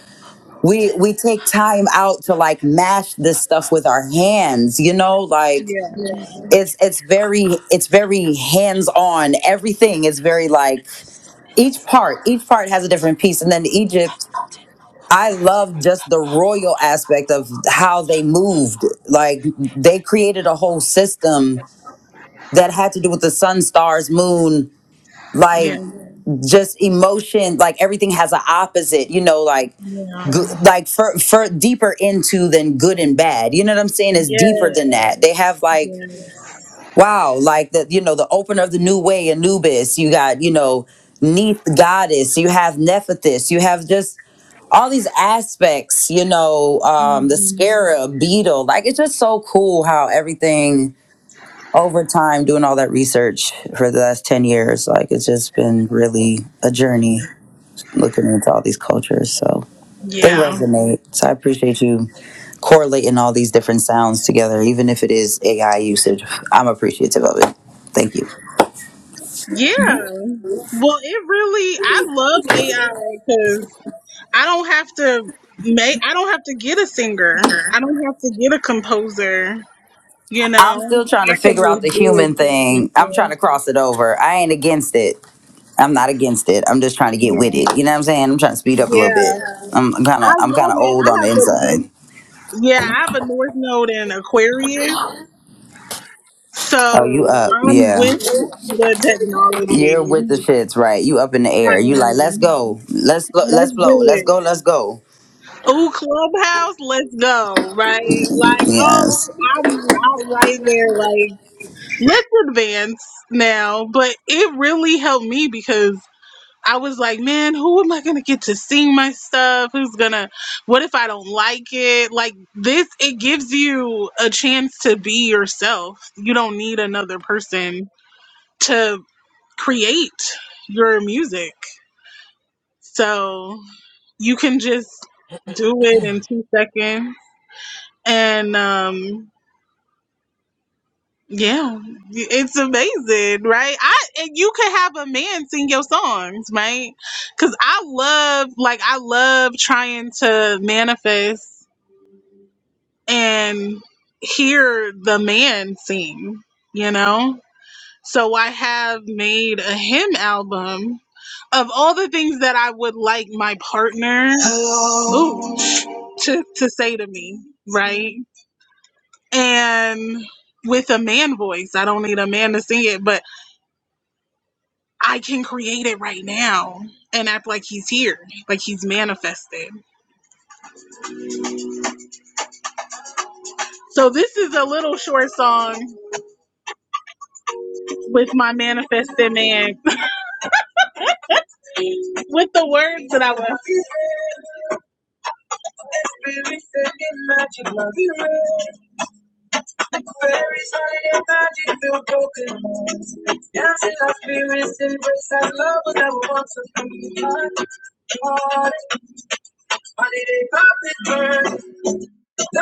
we
two.
we take time out to like mash this
five, five.
stuff with our hands. You know, like
Yeah.
is
it's it's very
often
it's very hands on.
insulted.
Everything is very like
This
each
is
part each part has a different piece and then egypt
often
i love just the royal aspect of how they moved like they created a whole system that had to do with the sun stars moon like just emotion like everything has an opposite you know like good, like for for deeper into than good and bad. You know what I'm saying? It's
Yeah.
deeper than that. They have like Wow, like the you know the opener of the new way, Anubis. You got you know Neith goddess. You have Nephthys. You have just all these aspects. You know um, the scarab beetle. Like it's just so cool how everything over time doing all that research for the last ten years. Like it's just been really a journey looking into all these cultures. So. They
Yeah.
resonate. So I appreciate you correlating all these different sounds together, even if it is AI usage. I'm appreciative of it. Thank you.
Yeah. Well, it really, I love AI because I don't have to make, I don't have to get a singer. I don't have to get a composer. You know,
I'm still trying
I
to
could
figure out the
just do
human
it
thing. I'm trying
myself.
to cross it over. I ain't against it. I'm not against it. I'm just trying to get with
Yeah.
it. You know what I'm saying? I'm trying to speed up a little
Yeah.
bit. I'm kind of
I
I'm kind
love
of
it.
old on
I
the
have a,
inside.
yeah, I have a North Node in Aquarius.
Oh, you
So
up?
I'm
Yeah,
with the
you're
technology.
with the shits, right? You up in the
I
air. You like, let's
am.
go, let's go, let's
Let's
blow,
do
let's
it.
go, let's go.
Ooh, Clubhouse, let's go, right? Like, oh,
Yes.
I'm I'm right there. Like, let's advance now. But it really helped me because I was like, man, who am I gonna get to sing my stuff? Who's gonna? What if I don't like it? Like this, it gives you a chance to be yourself. You don't need another person to create your music. So you can just do it in two seconds. and um yeah it's amazing right i and you could have a man sing your songs right because i love like i love trying to manifest and hear the man sing you know so i have made a hymn album of all the things that i would like my partner ooh, to, to say to me right and with a man voice. I don't need a man to sing it, but I can create it right now and act like he's here, like he's manifested. So this is a little short song with my manifested man, with the words that I was. Very sorry about you feel broken. Dancing like spirits embrace that love that wants to be. Holiday, poppin' birds, The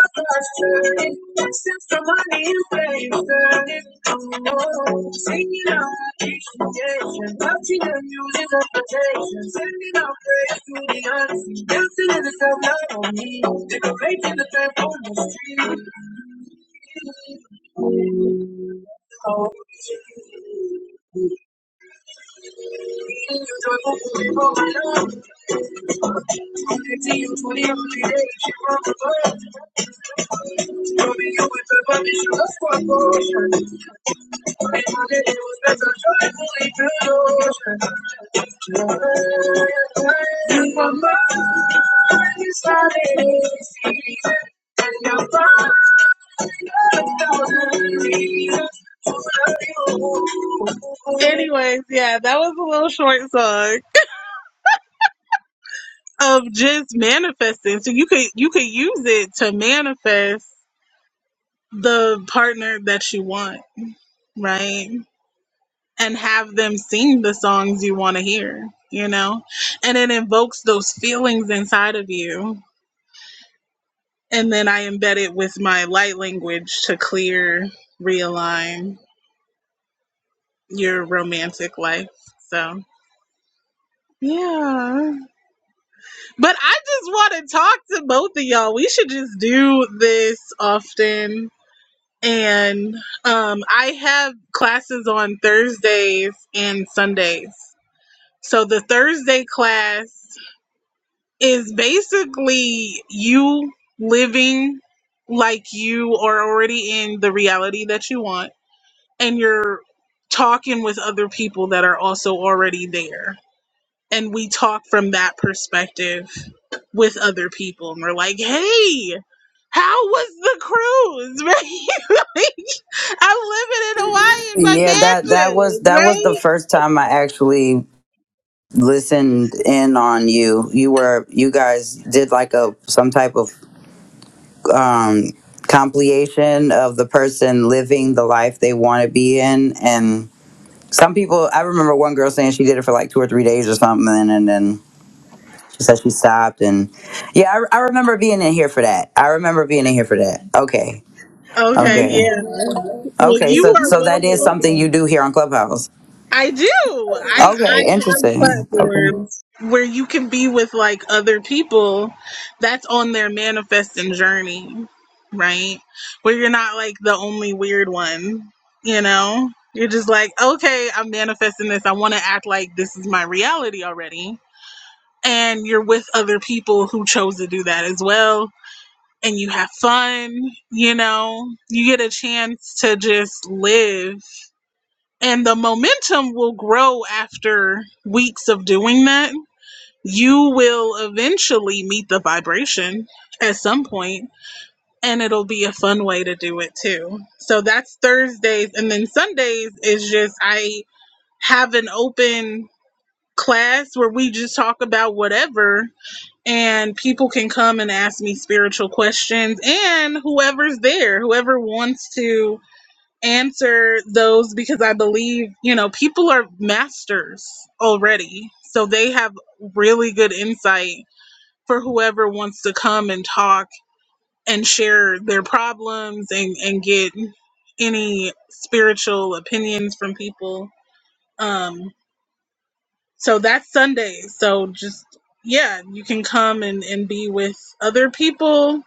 blessing, since the money is paid, turning. Oh, singing out my appreciation, touching the music of protection, sending out praise to the unseen, dancing in the self-love on me, decorating the temple on the street. Oh, eating you joyful food for my love, connecting you to the everyday, she brought the birth, loving you with the permission of for portion, and my day was better joyfully through the ocean. Anyways, yeah, that was a little short song of just manifesting. So you could you could use it to manifest the partner that you want, right? And have them sing the songs you want to hear, you know? And it invokes those feelings inside of you And then I embed it with my light language to clear, realign your romantic life. So, yeah. But I just want to talk to both of y'all. We should just do this often. And um, I have classes on Thursdays and Sundays. So the Thursday class is basically you living like you are already in the reality that you want and you're talking with other people that are also already there. And we talk from that perspective with other people. And we're like, hey, how was the cruise? Right? Like, I'm living in Hawaii in
Yeah,
my
that that was
mansion,
that was the
right?
first time I actually listened in on you. You were you guys did like a some type of um compilation of the person living the life they want to be in and some people I remember one girl saying she did it for like two or three days or something and then she said she stopped and yeah, I, I remember being in here for that. I remember being in here for that. Okay.
Okay,
Okay.
yeah. Well,
Okay, so
you are
so that is
welcome.
something you do here on Clubhouse.
I do. I I
Okay,
have
interesting. Okay.
platforms where you can be with like other people that's on their manifesting journey, right? Where you're not like the only weird one, you know? You're just like, okay, I'm manifesting this. I want to act like this is my reality already. And you're with other people who chose to do that as well. And you have fun, you know? You get a chance to just live and the momentum will grow after weeks of doing that. You will eventually meet the vibration at some point, and it'll be a fun way to do it too. So that's Thursdays, and then Sundays is just I have an open class where we just talk about whatever and people can come and ask me spiritual questions and whoever's there whoever wants to answer those because I believe, you know, people are masters already. So they have really good insight for whoever wants to come and talk and share their problems and, and get any spiritual opinions from people. Um, so that's Sunday. So just, yeah, you can come and, and be with other people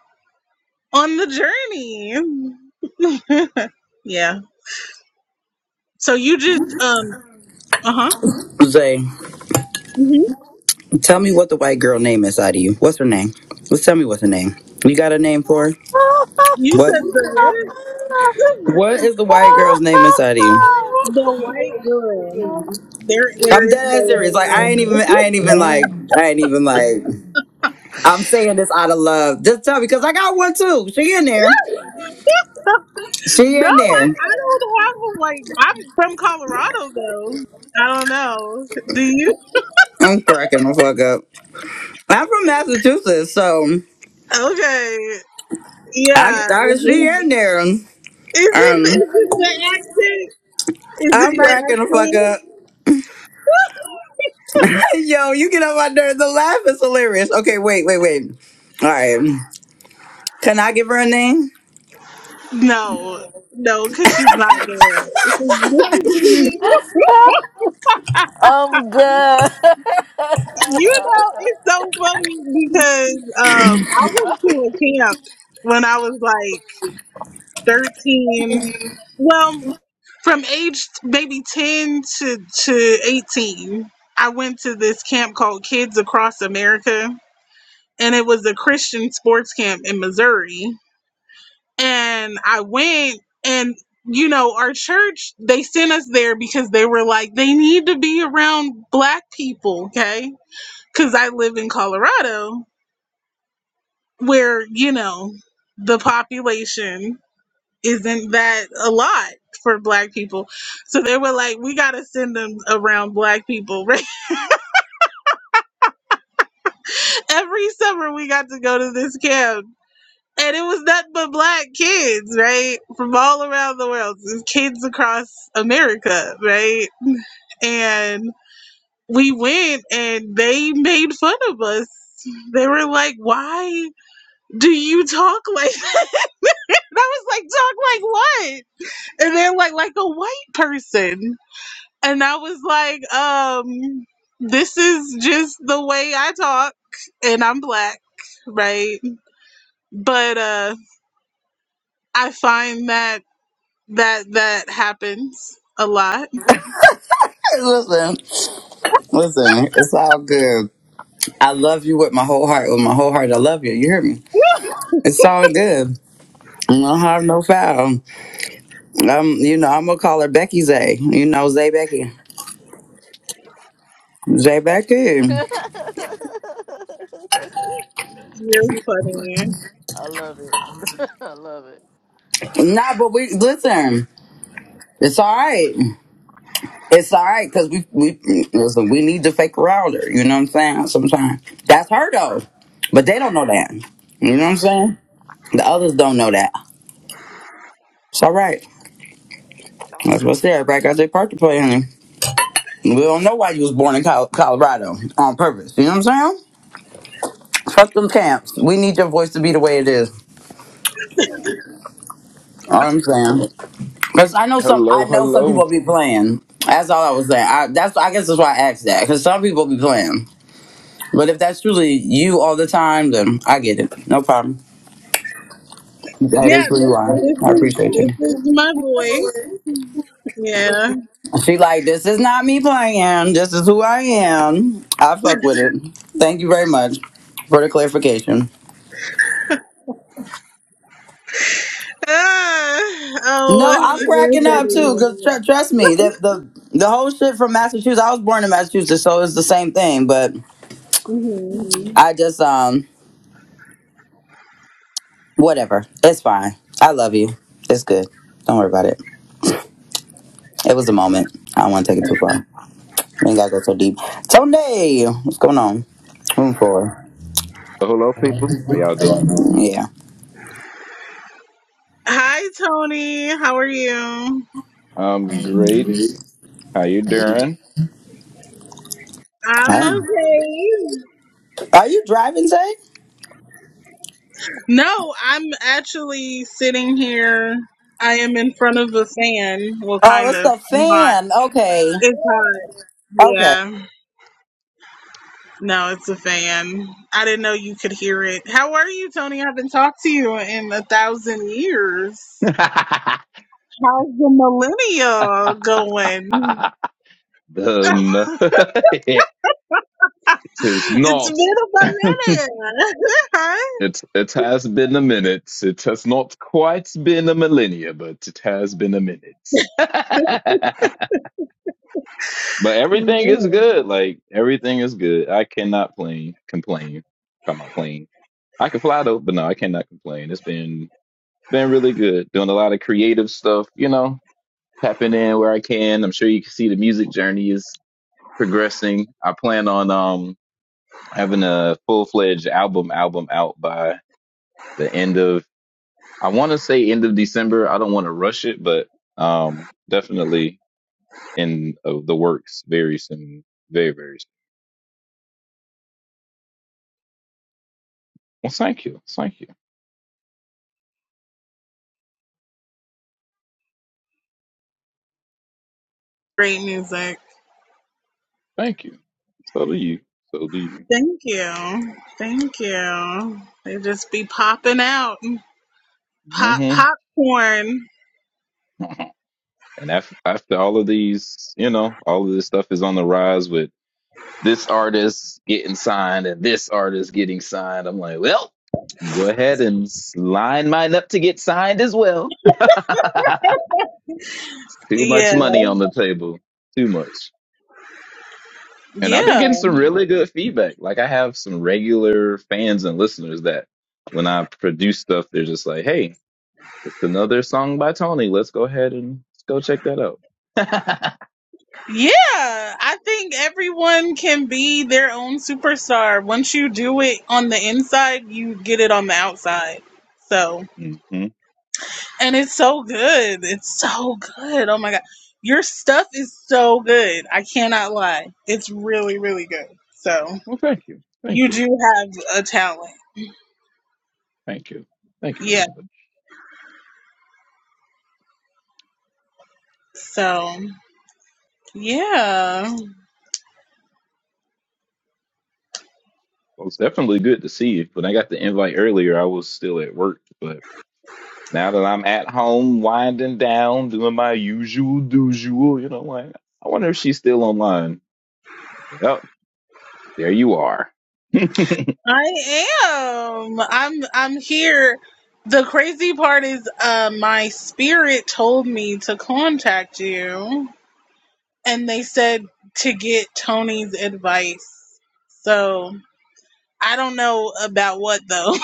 on the journey. yeah. So you just, um, uh huh.
Zay, tell me what the white girl name is out of you. What's her name? Let's tell me what's her name. You got a name for her?
You
What?
said the what?
What is the white girl's name inside of you?
The white girl. There, there
I'm
is no
dead ass serious.
white
Like I
girl.
ain't even.
name.
I ain't even
Yeah.
like. I ain't even like. I'm saying this out of love. Just tell me, cause I got one too. She in there. She
no, I,
in there.
I don't have a white. I'm from Colorado though. I don't know. Do you?
I'm cracking the fuck up. I'm from Massachusetts, so
Okay.
I,
Yeah.
I she in there.
Is it? Is
Um,
it my accent? Is it
I'm
my
cracking the fuck up. Yo, you get on my nerves. The laugh is hilarious. Okay, wait, wait, wait. All right. Can I give her a name?
accent? No. No, because she's not there.
I'm good.
You know, it's so funny because um, I went to a camp when I was like. 13 well from age maybe 10 to to 18 i went to this camp called kids across america and it was a christian sports camp in missouri and i went and you know our church they sent us there because they were like they need to be around black people okay because i live in colorado where you know the population isn't that a lot for black people? So they were like, we got to send them around black people. Right? Every summer we got to go to this camp. And it was nothing but black kids, right? From all around the world, It was kids across America, right? And we went and they made fun of us. They were like, why do you talk like that? And I was like, talk like what? And they're like, like a white person. and I was like, um, this is just the way I talk, and I'm black, right? But uh, I find that that that happens a lot.
Listen, listen, it's all good. I love you with my whole heart. With my whole heart, I love you. You hear me? It's all good. No harm, no foul. Um, you know, I'm gonna call her Becky Zay. You know, Zay Becky. Zay Becky.
you funny.
I love it. I love it.
Nah, but we listen. It's all right. It's all right because we we listen. We need to fake around her. You know what I'm saying? Sometimes that's her though, but they don't know that. You know what I'm saying? The others don't know that. It's all right. That's what's there. Everybody got their part to play, honey. We don't know why you was born in Col- Colorado on purpose. You know what I'm saying? Fuck them camps. We need your voice to be the way it is. All I'm saying. Because I know some. I
Hello,
know some
hello,
people be playing. That's all I was saying. I, that's I guess that's why I asked that. Because some people be playing. But if that's truly you all the time, then I get it. No problem. That
Yeah,
is who you
this
are.
this
I
is
appreciate you.
this is my voice. Yeah.
She like, this is not me playing. This is who I am. I fuck with it. Thank you very much for the clarification.
Ah,
No,
oh,
I'm
you're
cracking up too.
funny.
Cause tr- trust me, the, the the whole shit from Massachusetts. I was born in Massachusetts, so it's the same thing. But
Mhm.
I just um whatever. It's fine. I love you. It's good. Don't worry about it. It was a moment. I don't want to take it too far. ain't gotta go so deep. Tony, what's going on? Room for?
hello, people. How y'all doing?
Yeah.
Hi, Tony. How are you?
I'm great. How you doing?
I'm
Um,
okay.
Are you driving, Zay?
No, I'm actually sitting here. I am in front of a fan. Well,
Oh,
kind
it's
of.
the
I'm hot.
fan. Okay.
It's hot.
Okay.
Yeah. No, it's a fan. I didn't know you could hear it. How are you, Tony? I haven't talked to you in a thousand years.
um,
How's the millennial going?
it is
It's
not.
been a minute, huh?
It it has been a minute. It has not quite been a millennia, but it has been a minute. but everything is
Yeah.
good. Like everything is good. I cannot plain complain about my plane. I can fly though, but no, I cannot complain. It's been been really good. Doing a lot of creative stuff. You know, tapping in where I can. I'm sure you can see the music journey is progressing. I plan on um having a full fledged album album out by the end of I want to say end of December. I don't want to rush it, but um definitely in of the works very soon, very very soon. Well, thank you, thank you,
Great music.
thank you. So do you, so do you.
Thank you. Thank you. They just be popping out. Pop
hmm
popcorn.
and af- after all of these, you know, all of this stuff is on the rise with this artist getting signed and this artist getting signed. I'm like, well, go ahead and line mine up to get signed as well. It's Too much
Yeah.
money on the table. Too much. And I've been
Yeah,
getting some really good feedback. Like I have some regular fans and listeners that when I produce stuff, they're just like, hey, it's another song by Tony. Let's go ahead and let's go check that out.
yeah. I think everyone can be their own superstar. Once you do it on the inside, you get it on the outside. So,
hmm
and it's so good. It's so good. Oh my God. Your stuff is so good. I cannot lie. It's really, really good. So,
Well, thank you. Thank
you
you.
do have a talent.
Thank you. Thank you very
Yeah.
much.
So, yeah.
Well, it's definitely good to see you. When I got the invite earlier, I was still at work, but now that I'm at home, winding down, doing my usual usual, you know, like I wonder if she's still online. Yep, there you are.
I am. I'm I'm here. The crazy part is uh my spirit told me to contact you and they said to get Tony's advice. So, I don't know about what though.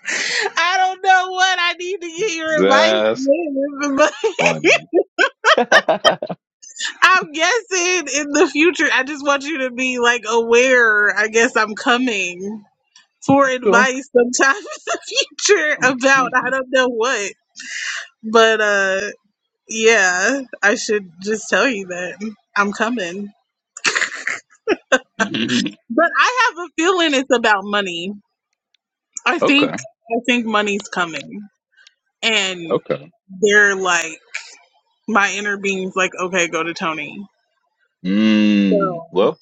I don't know what I need to get your advice
That's
with, but
funny.
I'm guessing in the future I just want you to be like aware. I guess I'm coming for
Cool.
advice sometime in the future about I don't know what. But uh yeah, I should just tell you that I'm coming. But I have a feeling it's about money. I think
okay,
I think money's coming. And
okay.
they're like my inner being's like, okay, go to Tony.
Mm,
So
well,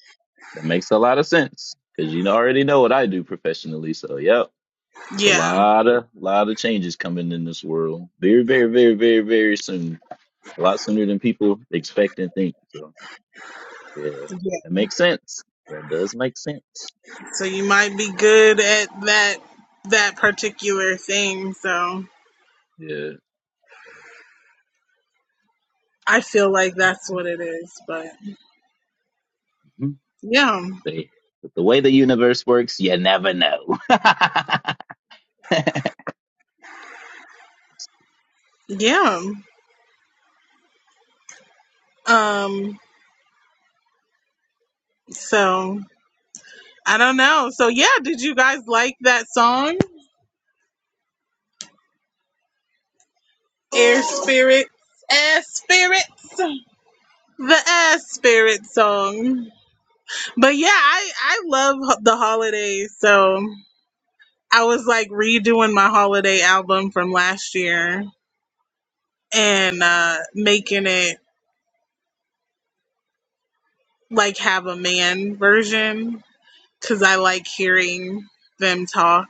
that makes a lot of sense because you already know what I do professionally. So, yep. It's a
yeah.
lot of lot of changes coming in this world. Very, very, very, very, very soon. A lot sooner than people expect and think. So yeah,
Yeah.
that makes sense. That does make sense.
So you might be good at that that particular thing. So
Yeah.
I feel like that's what it is. But
Mhm.
yeah.
They, but the way the universe works, you never know.
Yeah. Um so I don't know. So yeah, did you guys like that song? Air Spirit. Air Spirits. The Air Spirit song. But yeah, I, I love ho- the holidays. So I was like redoing my holiday album from last year and uh, making it like have a man version because I like hearing them talk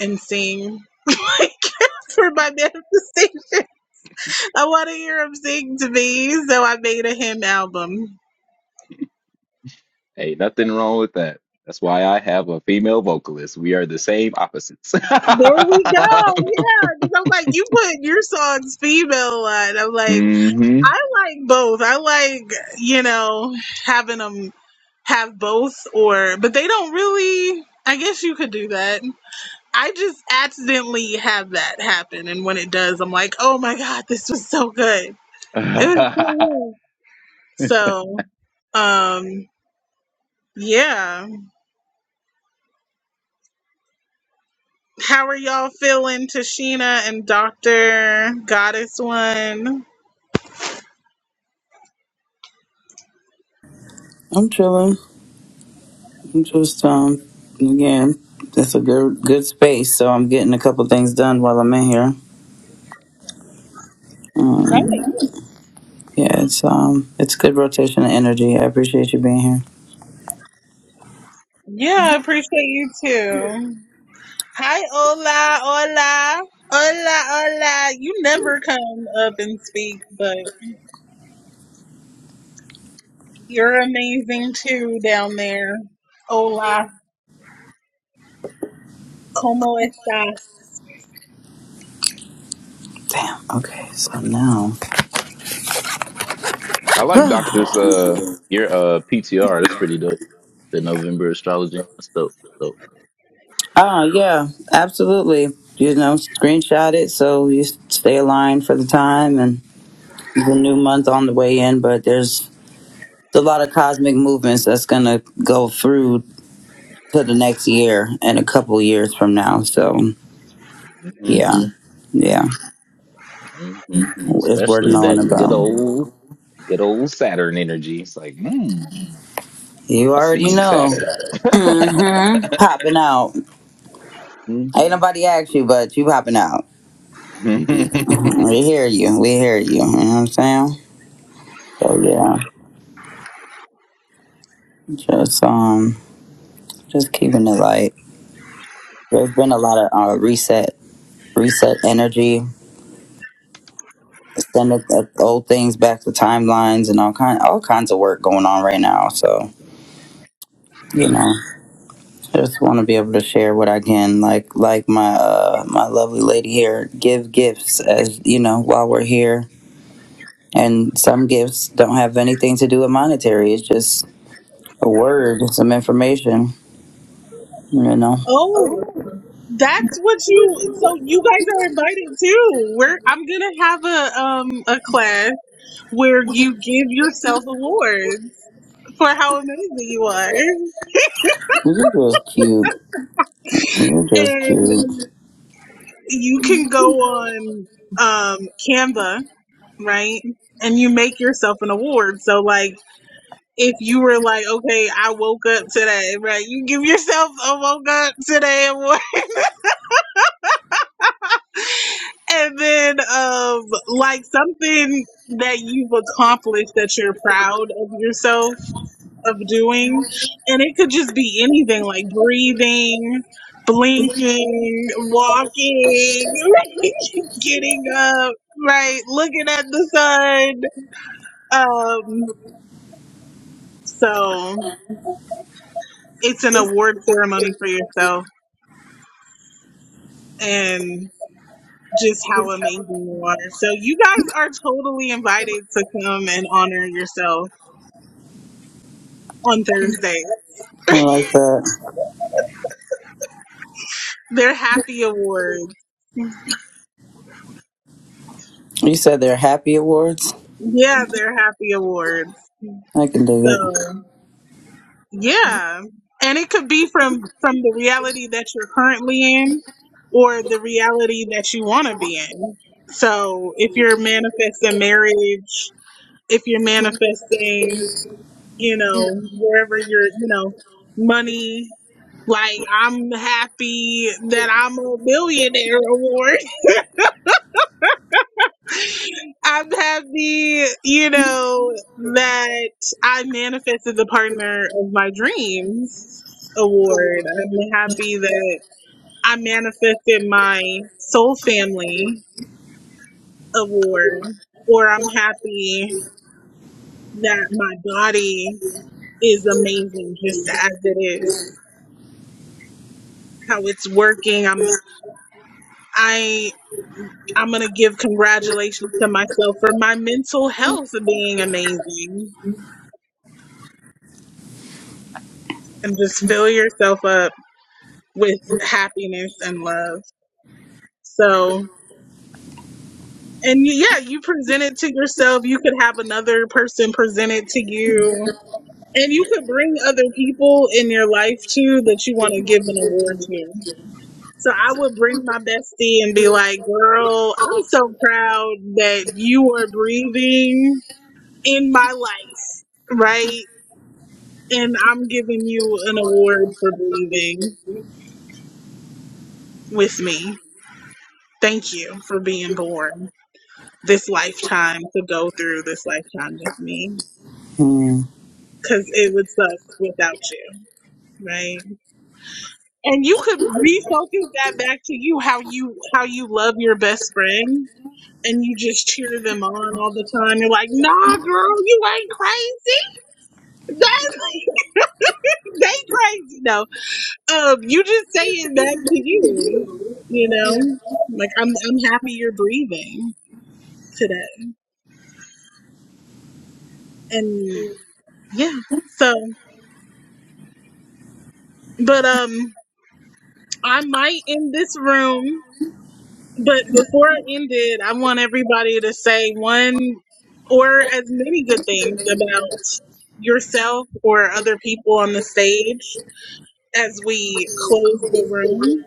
and sing like for my manifestation. I want to hear him sing to me, so I made a hymn album.
hey, nothing wrong with that. That's why I have a female vocalist. We are the same opposites.
There we go. Yeah, because I'm like, you put your songs female a lot. I'm like,
hmm
I like both. I like, you know, having them have both, or but they don't really. I guess you could do that. I just accidentally have that happen, and when it does, I'm like, oh my god, this was so good. It was so good. So, um, yeah. How are y'all feeling, Tashina and Doctor Goddess One?
I'm chilling. I'm just um again. it's a good good space. So I'm getting a couple things done while I'm in here.
Nice.
Um, yeah, it's um it's good rotation of energy. I appreciate you being here.
Yeah, I appreciate you too. Hi, hola, hola, hola, hola. You never come up and speak, but you're amazing too down there. Hola, cómo estás?
Damn. Okay. So now.
I like Doctor's uh your uh PTR. That's pretty dope. The November astrology. That's dope. That's dope.
Ah, yeah. Absolutely. You know, screenshot it so you stay aligned for the time and. the new month on the way in, but there's a lot of cosmic movements that's going to go through to the next year and a couple years from now. So,
Mm-hmm.
yeah, yeah,
Mm-hmm.
it's worth
Especially
knowing
that good
about.
old good old Saturn energy. It's like, mm,
You
I see
already
you,
know.
Saturn.
hmm Popping out.
Mm.
Ain't nobody asked you, but you popping out. We hear you. We hear you. You know what I'm saying? So, yeah, just, um, just keeping it light. There's been a lot of uh, reset, reset energy sending the old things back to timelines and all kind all kinds of work going on right now. So you know, I just want to be able to share what I can. Like like my uh, my lovely lady here, give gifts as you know while we're here. And some gifts don't have anything to do with monetary. It's just a word, some information. You know,
Oh, that's what you. So you guys are invited too. We're I'm gonna have a um a class where you give yourself awards. for how amazing you are.
you're just cute. You're just
And
cute.
you can go on um, Canva, right? And you make yourself an award. So, like, if you were like, okay, I woke up today, right? You give yourself a woke up today award. And then, um, like, something that you've accomplished that you're proud of yourself of doing. And it could just be anything like breathing, blinking, walking, getting up, right? Looking at the sun. Um, so it's an award ceremony for yourself and just how amazing you are. So you guys are totally invited to come and honor yourself on Thursday.
I like that.
They're happy awards.
You said they're happy awards.
Yeah, they're happy awards.
I can dig it.
So. Yeah. And it could be from from the reality that you're currently in or the reality that you want to be in. So, if you're manifesting marriage, if you're manifesting, you know, wherever you're, you know, money, like I'm happy that I'm a millionaire award. I'm happy, you know, that I manifested the partner of my dreams award. I'm happy that I manifested my soul family award, or I'm happy that my body is amazing just as it is how it's working i'm i i'm gonna give congratulations to myself for my mental health being amazing and just fill yourself up with happiness and love so and y- yeah you present it to yourself you could have another person present it to you And you could bring other people in your life too that you want to give an award to. So I would bring my bestie and be like, girl, I'm so proud that you are breathing in my life, right? And I'm giving you an award for breathing with me. Thank you for being born this lifetime to go through this lifetime with me.
Hmm.
Cause it would suck without you, right? and you could refocus that back to you how you how you love your best friend and you just cheer them on all the time you're like nah girl you ain't crazy That's, they crazy no um you just say it back to you you know like i'm i'm happy you're breathing today and yeah so but um i might in this room But before I end it, I want everybody to say one or as many good things about yourself or other people on the stage as we close the room.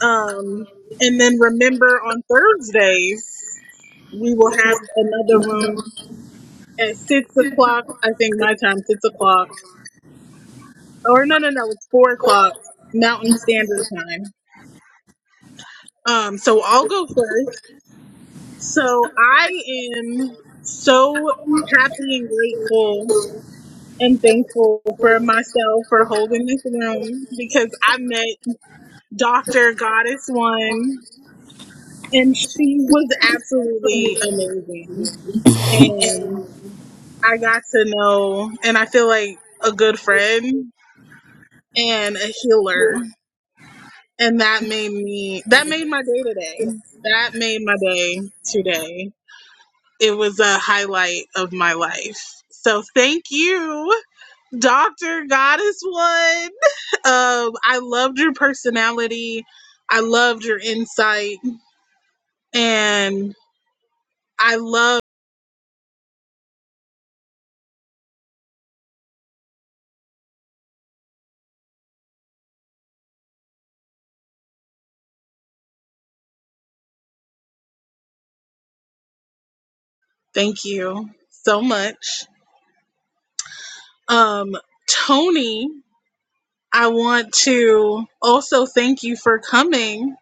Um, and then remember on Thursdays, we will have another room at six o'clock, I think my time, six o'clock. Or no, no, no, it's four o'clock Mountain Standard Time. Um, so I'll go first. So I am so happy and grateful and thankful for myself for holding this room because I met Dr. Goddess One and she was absolutely amazing. And I got to know, and I feel like a good friend and a healer. And that made me, that made my day today. That made my day today it was a highlight of my life. So thank you, Dr. Goddess One. Um, I loved your personality. I loved your insight. And I love, thank you so much. Um, Tony, I want to also thank you for coming.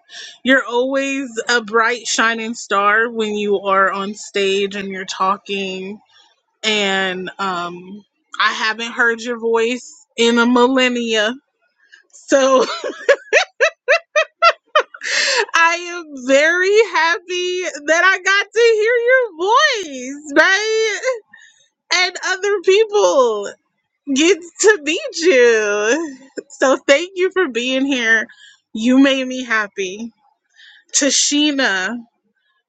You're always a bright, shining star when you are on stage and you're talking and um, I haven't heard your voice in a millennia. So I am very happy that I got to hear your voice, right? And other people get to meet you. So thank you for being here. You made me happy. Tashina,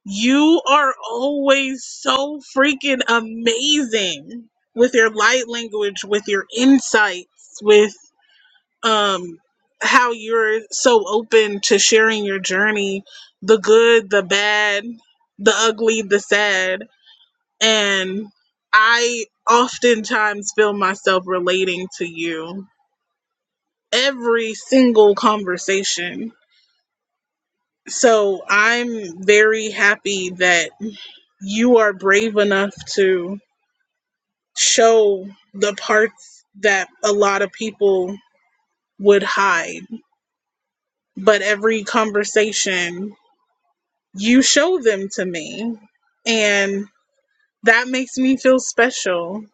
you are always so freaking amazing with your light language, with your insights, with um how you're so open to sharing your journey the good the bad the ugly the sad and i oftentimes feel myself relating to you every single conversation so i'm very happy that you are brave enough to show the parts that a lot of people would hide but every conversation you show them to me and that makes me feel special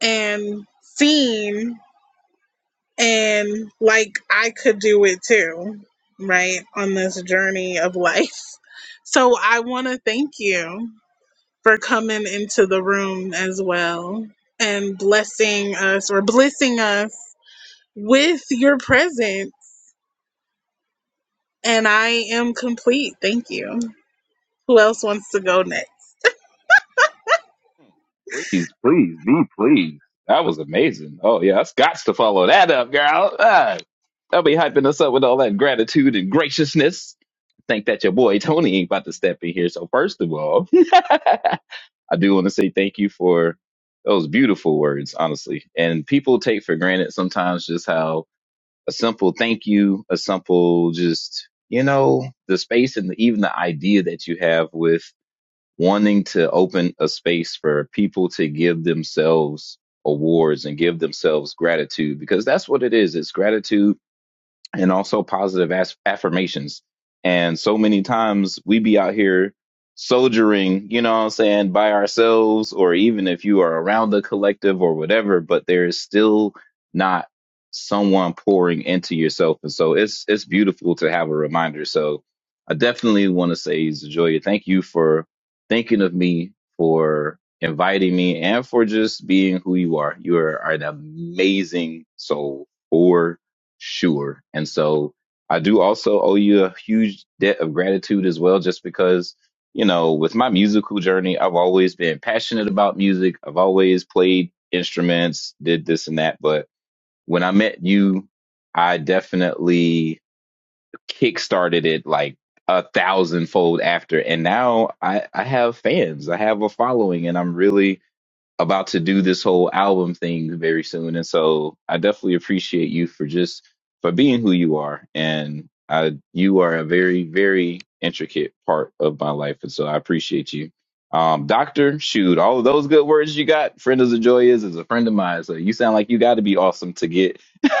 and seen and like I could do it too right on this journey of life so I want to thank you for coming into the room as well and blessing us or blessing us with your presence and I am complete thank you who else wants to go next
please, please, be please. That was amazing. Oh yeah, that's got to follow that up, girl. Ah, I'll be hyping us up with all that gratitude and graciousness. Think that your boy Tony ain't about to step in here. So first of all. I do want to say thank you for those beautiful words, honestly. And people take for granted sometimes just how a simple thank you, a simple just, you know, the space and even the idea that you have with wanting to open a space for people to give themselves awards and give themselves gratitude because that's what it is. It's gratitude and also positive as- affirmations. And so many times we be out here soldiering, you know what I'm saying, by ourselves, or even if you are around the collective or whatever, but there is still not someone pouring into yourself. And so it's it's beautiful to have a reminder. So I definitely want to say, Zajoya, thank you for thinking of me, for inviting me, and for just being who you are. You are an amazing soul sure. And so I do also owe you a huge debt of gratitude as well, just because, you know, with my musical journey, I've always been passionate about music. I've always played instruments, did this and that. But when I met you, I definitely kickstarted it like a thousandfold after. And now I, I have fans, I have a following, and I'm really about to do this whole album thing very soon and so i definitely appreciate you for just for being who you are and i you are a very very intricate part of my life and so i appreciate you um doctor shoot all of those good words you got friend of the joy is is a friend of mine so you sound like you got to be awesome to get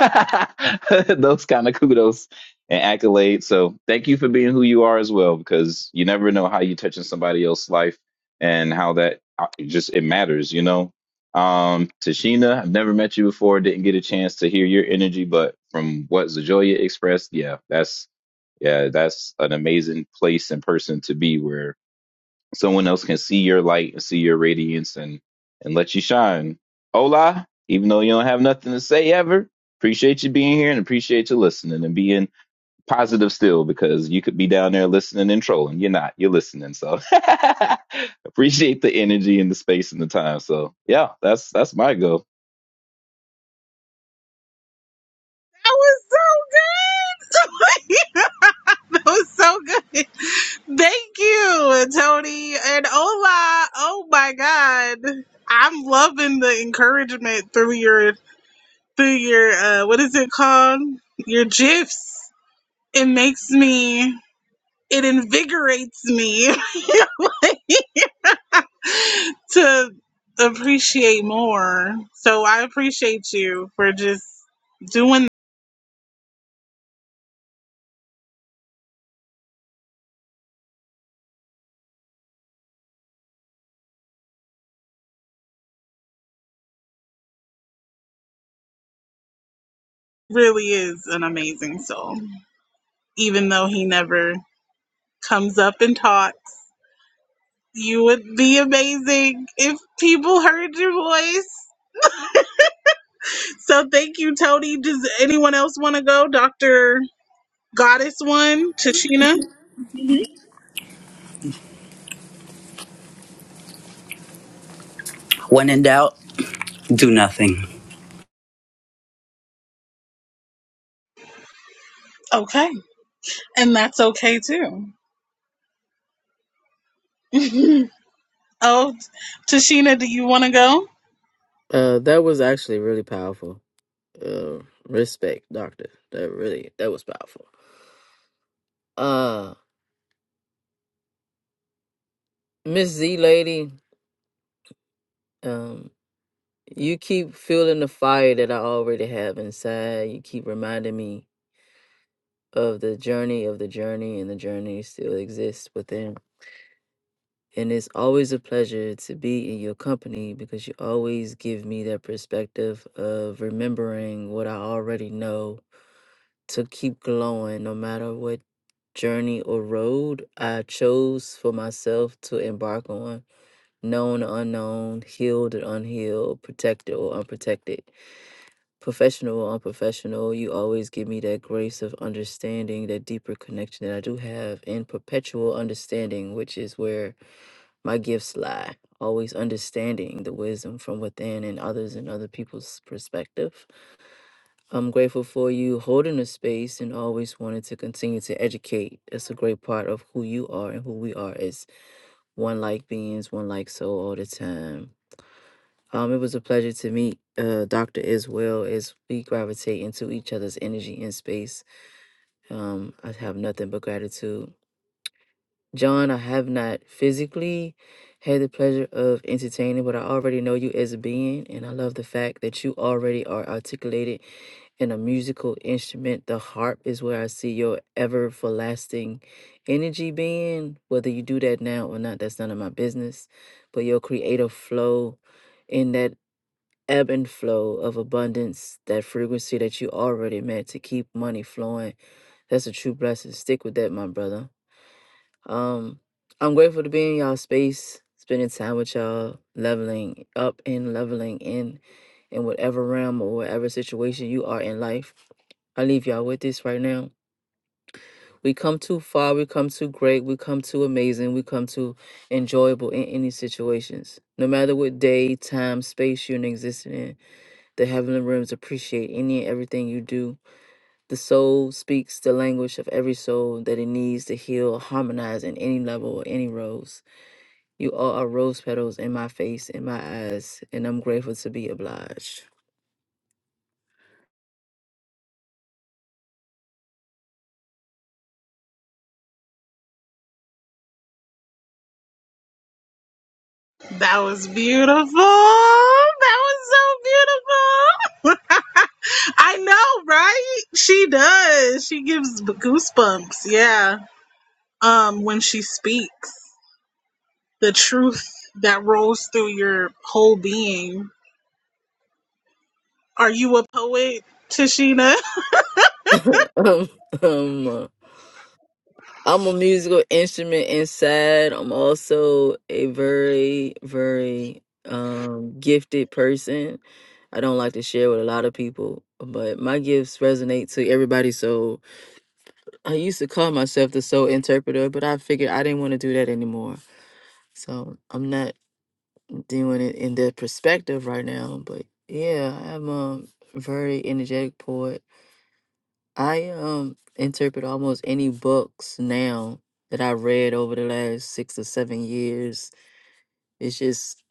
those kind of kudos and accolades so thank you for being who you are as well because you never know how you touching somebody else's life and how that uh, it just it matters, you know. Um, Tashina, I've never met you before, didn't get a chance to hear your energy, but from what Zajoya expressed, yeah, that's yeah, that's an amazing place and person to be where someone else can see your light and see your radiance and and let you shine. Ola, even though you don't have nothing to say ever, appreciate you being here and appreciate you listening and being positive still because you could be down there listening and trolling. You're not. You're listening. So appreciate the energy and the space and the time. So yeah, that's that's my go.
that was so good was so good. Thank you, Tony and Ola. Oh my God, I'm loving the encouragement through your through your uh, what is it called? Your gifs. It makes me. It invigorates me to appreciate more. So I appreciate you for just doing. Really is an amazing soul, even though he never comes up and talks. You would be amazing if people heard your voice. So thank you, Tony. Does anyone else want to go? Dr. Goddess one, Tashina? Mhm.
When in doubt, do nothing.
Okay. And that's okay too. Oh, Tashina, do you want to go?
Uh, that was actually really powerful. Uh, respect, doctor. That really that was powerful. Uh, Miss Z lady. Um, You keep fueling the fire that I already have inside. You keep reminding me of the journey of the journey, and the journey still exists within. And it's always a pleasure to be in your company because you always give me that perspective of remembering what I already know to keep glowing no matter what journey or road I chose for myself to embark on, known or unknown, healed or unhealed, protected or unprotected professional or unprofessional, you always give me that grace of understanding, that deeper connection that I do have, and perpetual understanding, which is where my gifts lie. Always understanding the wisdom from within and others and other people's perspective. I'm grateful for you holding a space and always wanting to continue to educate. That's a great part of who you are and who we are as one like beings, one like soul all the time um, it was a pleasure to meet uh, Dr. Iswell as we gravitate into each other's energy and space. Um, I have nothing but gratitude. John, I have not physically had the pleasure of entertaining, but I already know you as a being, and I love the fact that you already are articulated in a musical instrument. The harp is where I see your ever lasting energy being. Whether you do that now or not, that's none of my business. But your creative flow in that ebb and flow of abundance, that frequency that you already meant to keep money flowing. That's a true blessing. Stick with that, my brother. Um, I'm grateful to be in y'all space, spending time with y'all, leveling up and leveling in in whatever realm or whatever situation you are in life. I leave y'all with this right now. We come too far, we come too great, we come too amazing, we come too enjoyable in any situations. No matter what day, time, space you're existing in, the heavenly realms appreciate any and everything you do. The soul speaks the language of every soul that it needs to heal or harmonize in any level or any rose. You all are rose petals in my face, in my eyes, and I'm grateful to be obliged.
That was beautiful. That was so beautiful. I know, right? She does. She gives goosebumps. Yeah. Um, when she speaks. the truth that rolls through your whole being. Are you a poet, Tashina?
um, um, uh, I'm a musical instrument inside. I'm also a very, very um, gifted person. I don't like to share with a lot of people, but my gifts resonate to everybody. So. I used to call myself the soul interpreter, but I figured I didn't want to do that anymore. So I'm not doing it in that perspective right now. But yeah, I'm a very energetic poet. I um interpret almost any books now that I read over the last six or seven years. It's just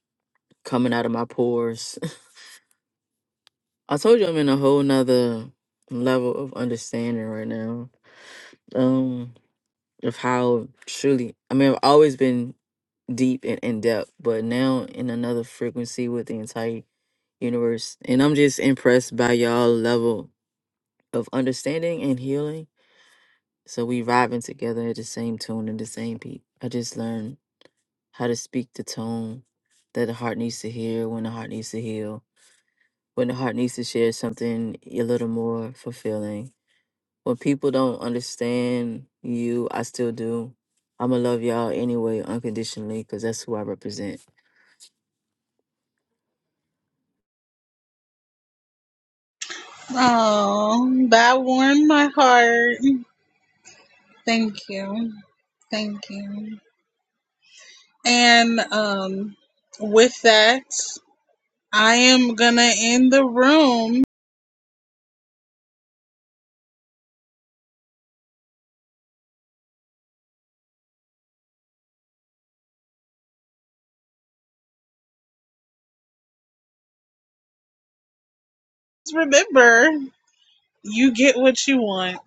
coming out of my pores. I told you I'm in a whole nother level of understanding right now. Um of how truly I mean I've always been deep and in depth, but now in another frequency with the entire universe. And I'm just impressed by y'all level of understanding and healing. So we vibing together at the same tune and the same beat. I just learned how to speak the tone that the heart needs to hear when the heart needs to heal. When the heart needs to share something a little more fulfilling When people don't understand you, I still do. I'ma love y'all anyway, unconditionally, because that's who I represent.
Oh, that warmed my heart. Thank you. And um, with that, I am gonna end the room. Remember, you get what you want.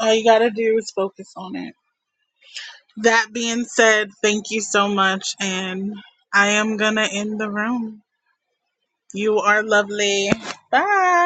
All you gotta do is focus on it. That being said, thank you so much, and I am gonna end the room. You are lovely. Bye.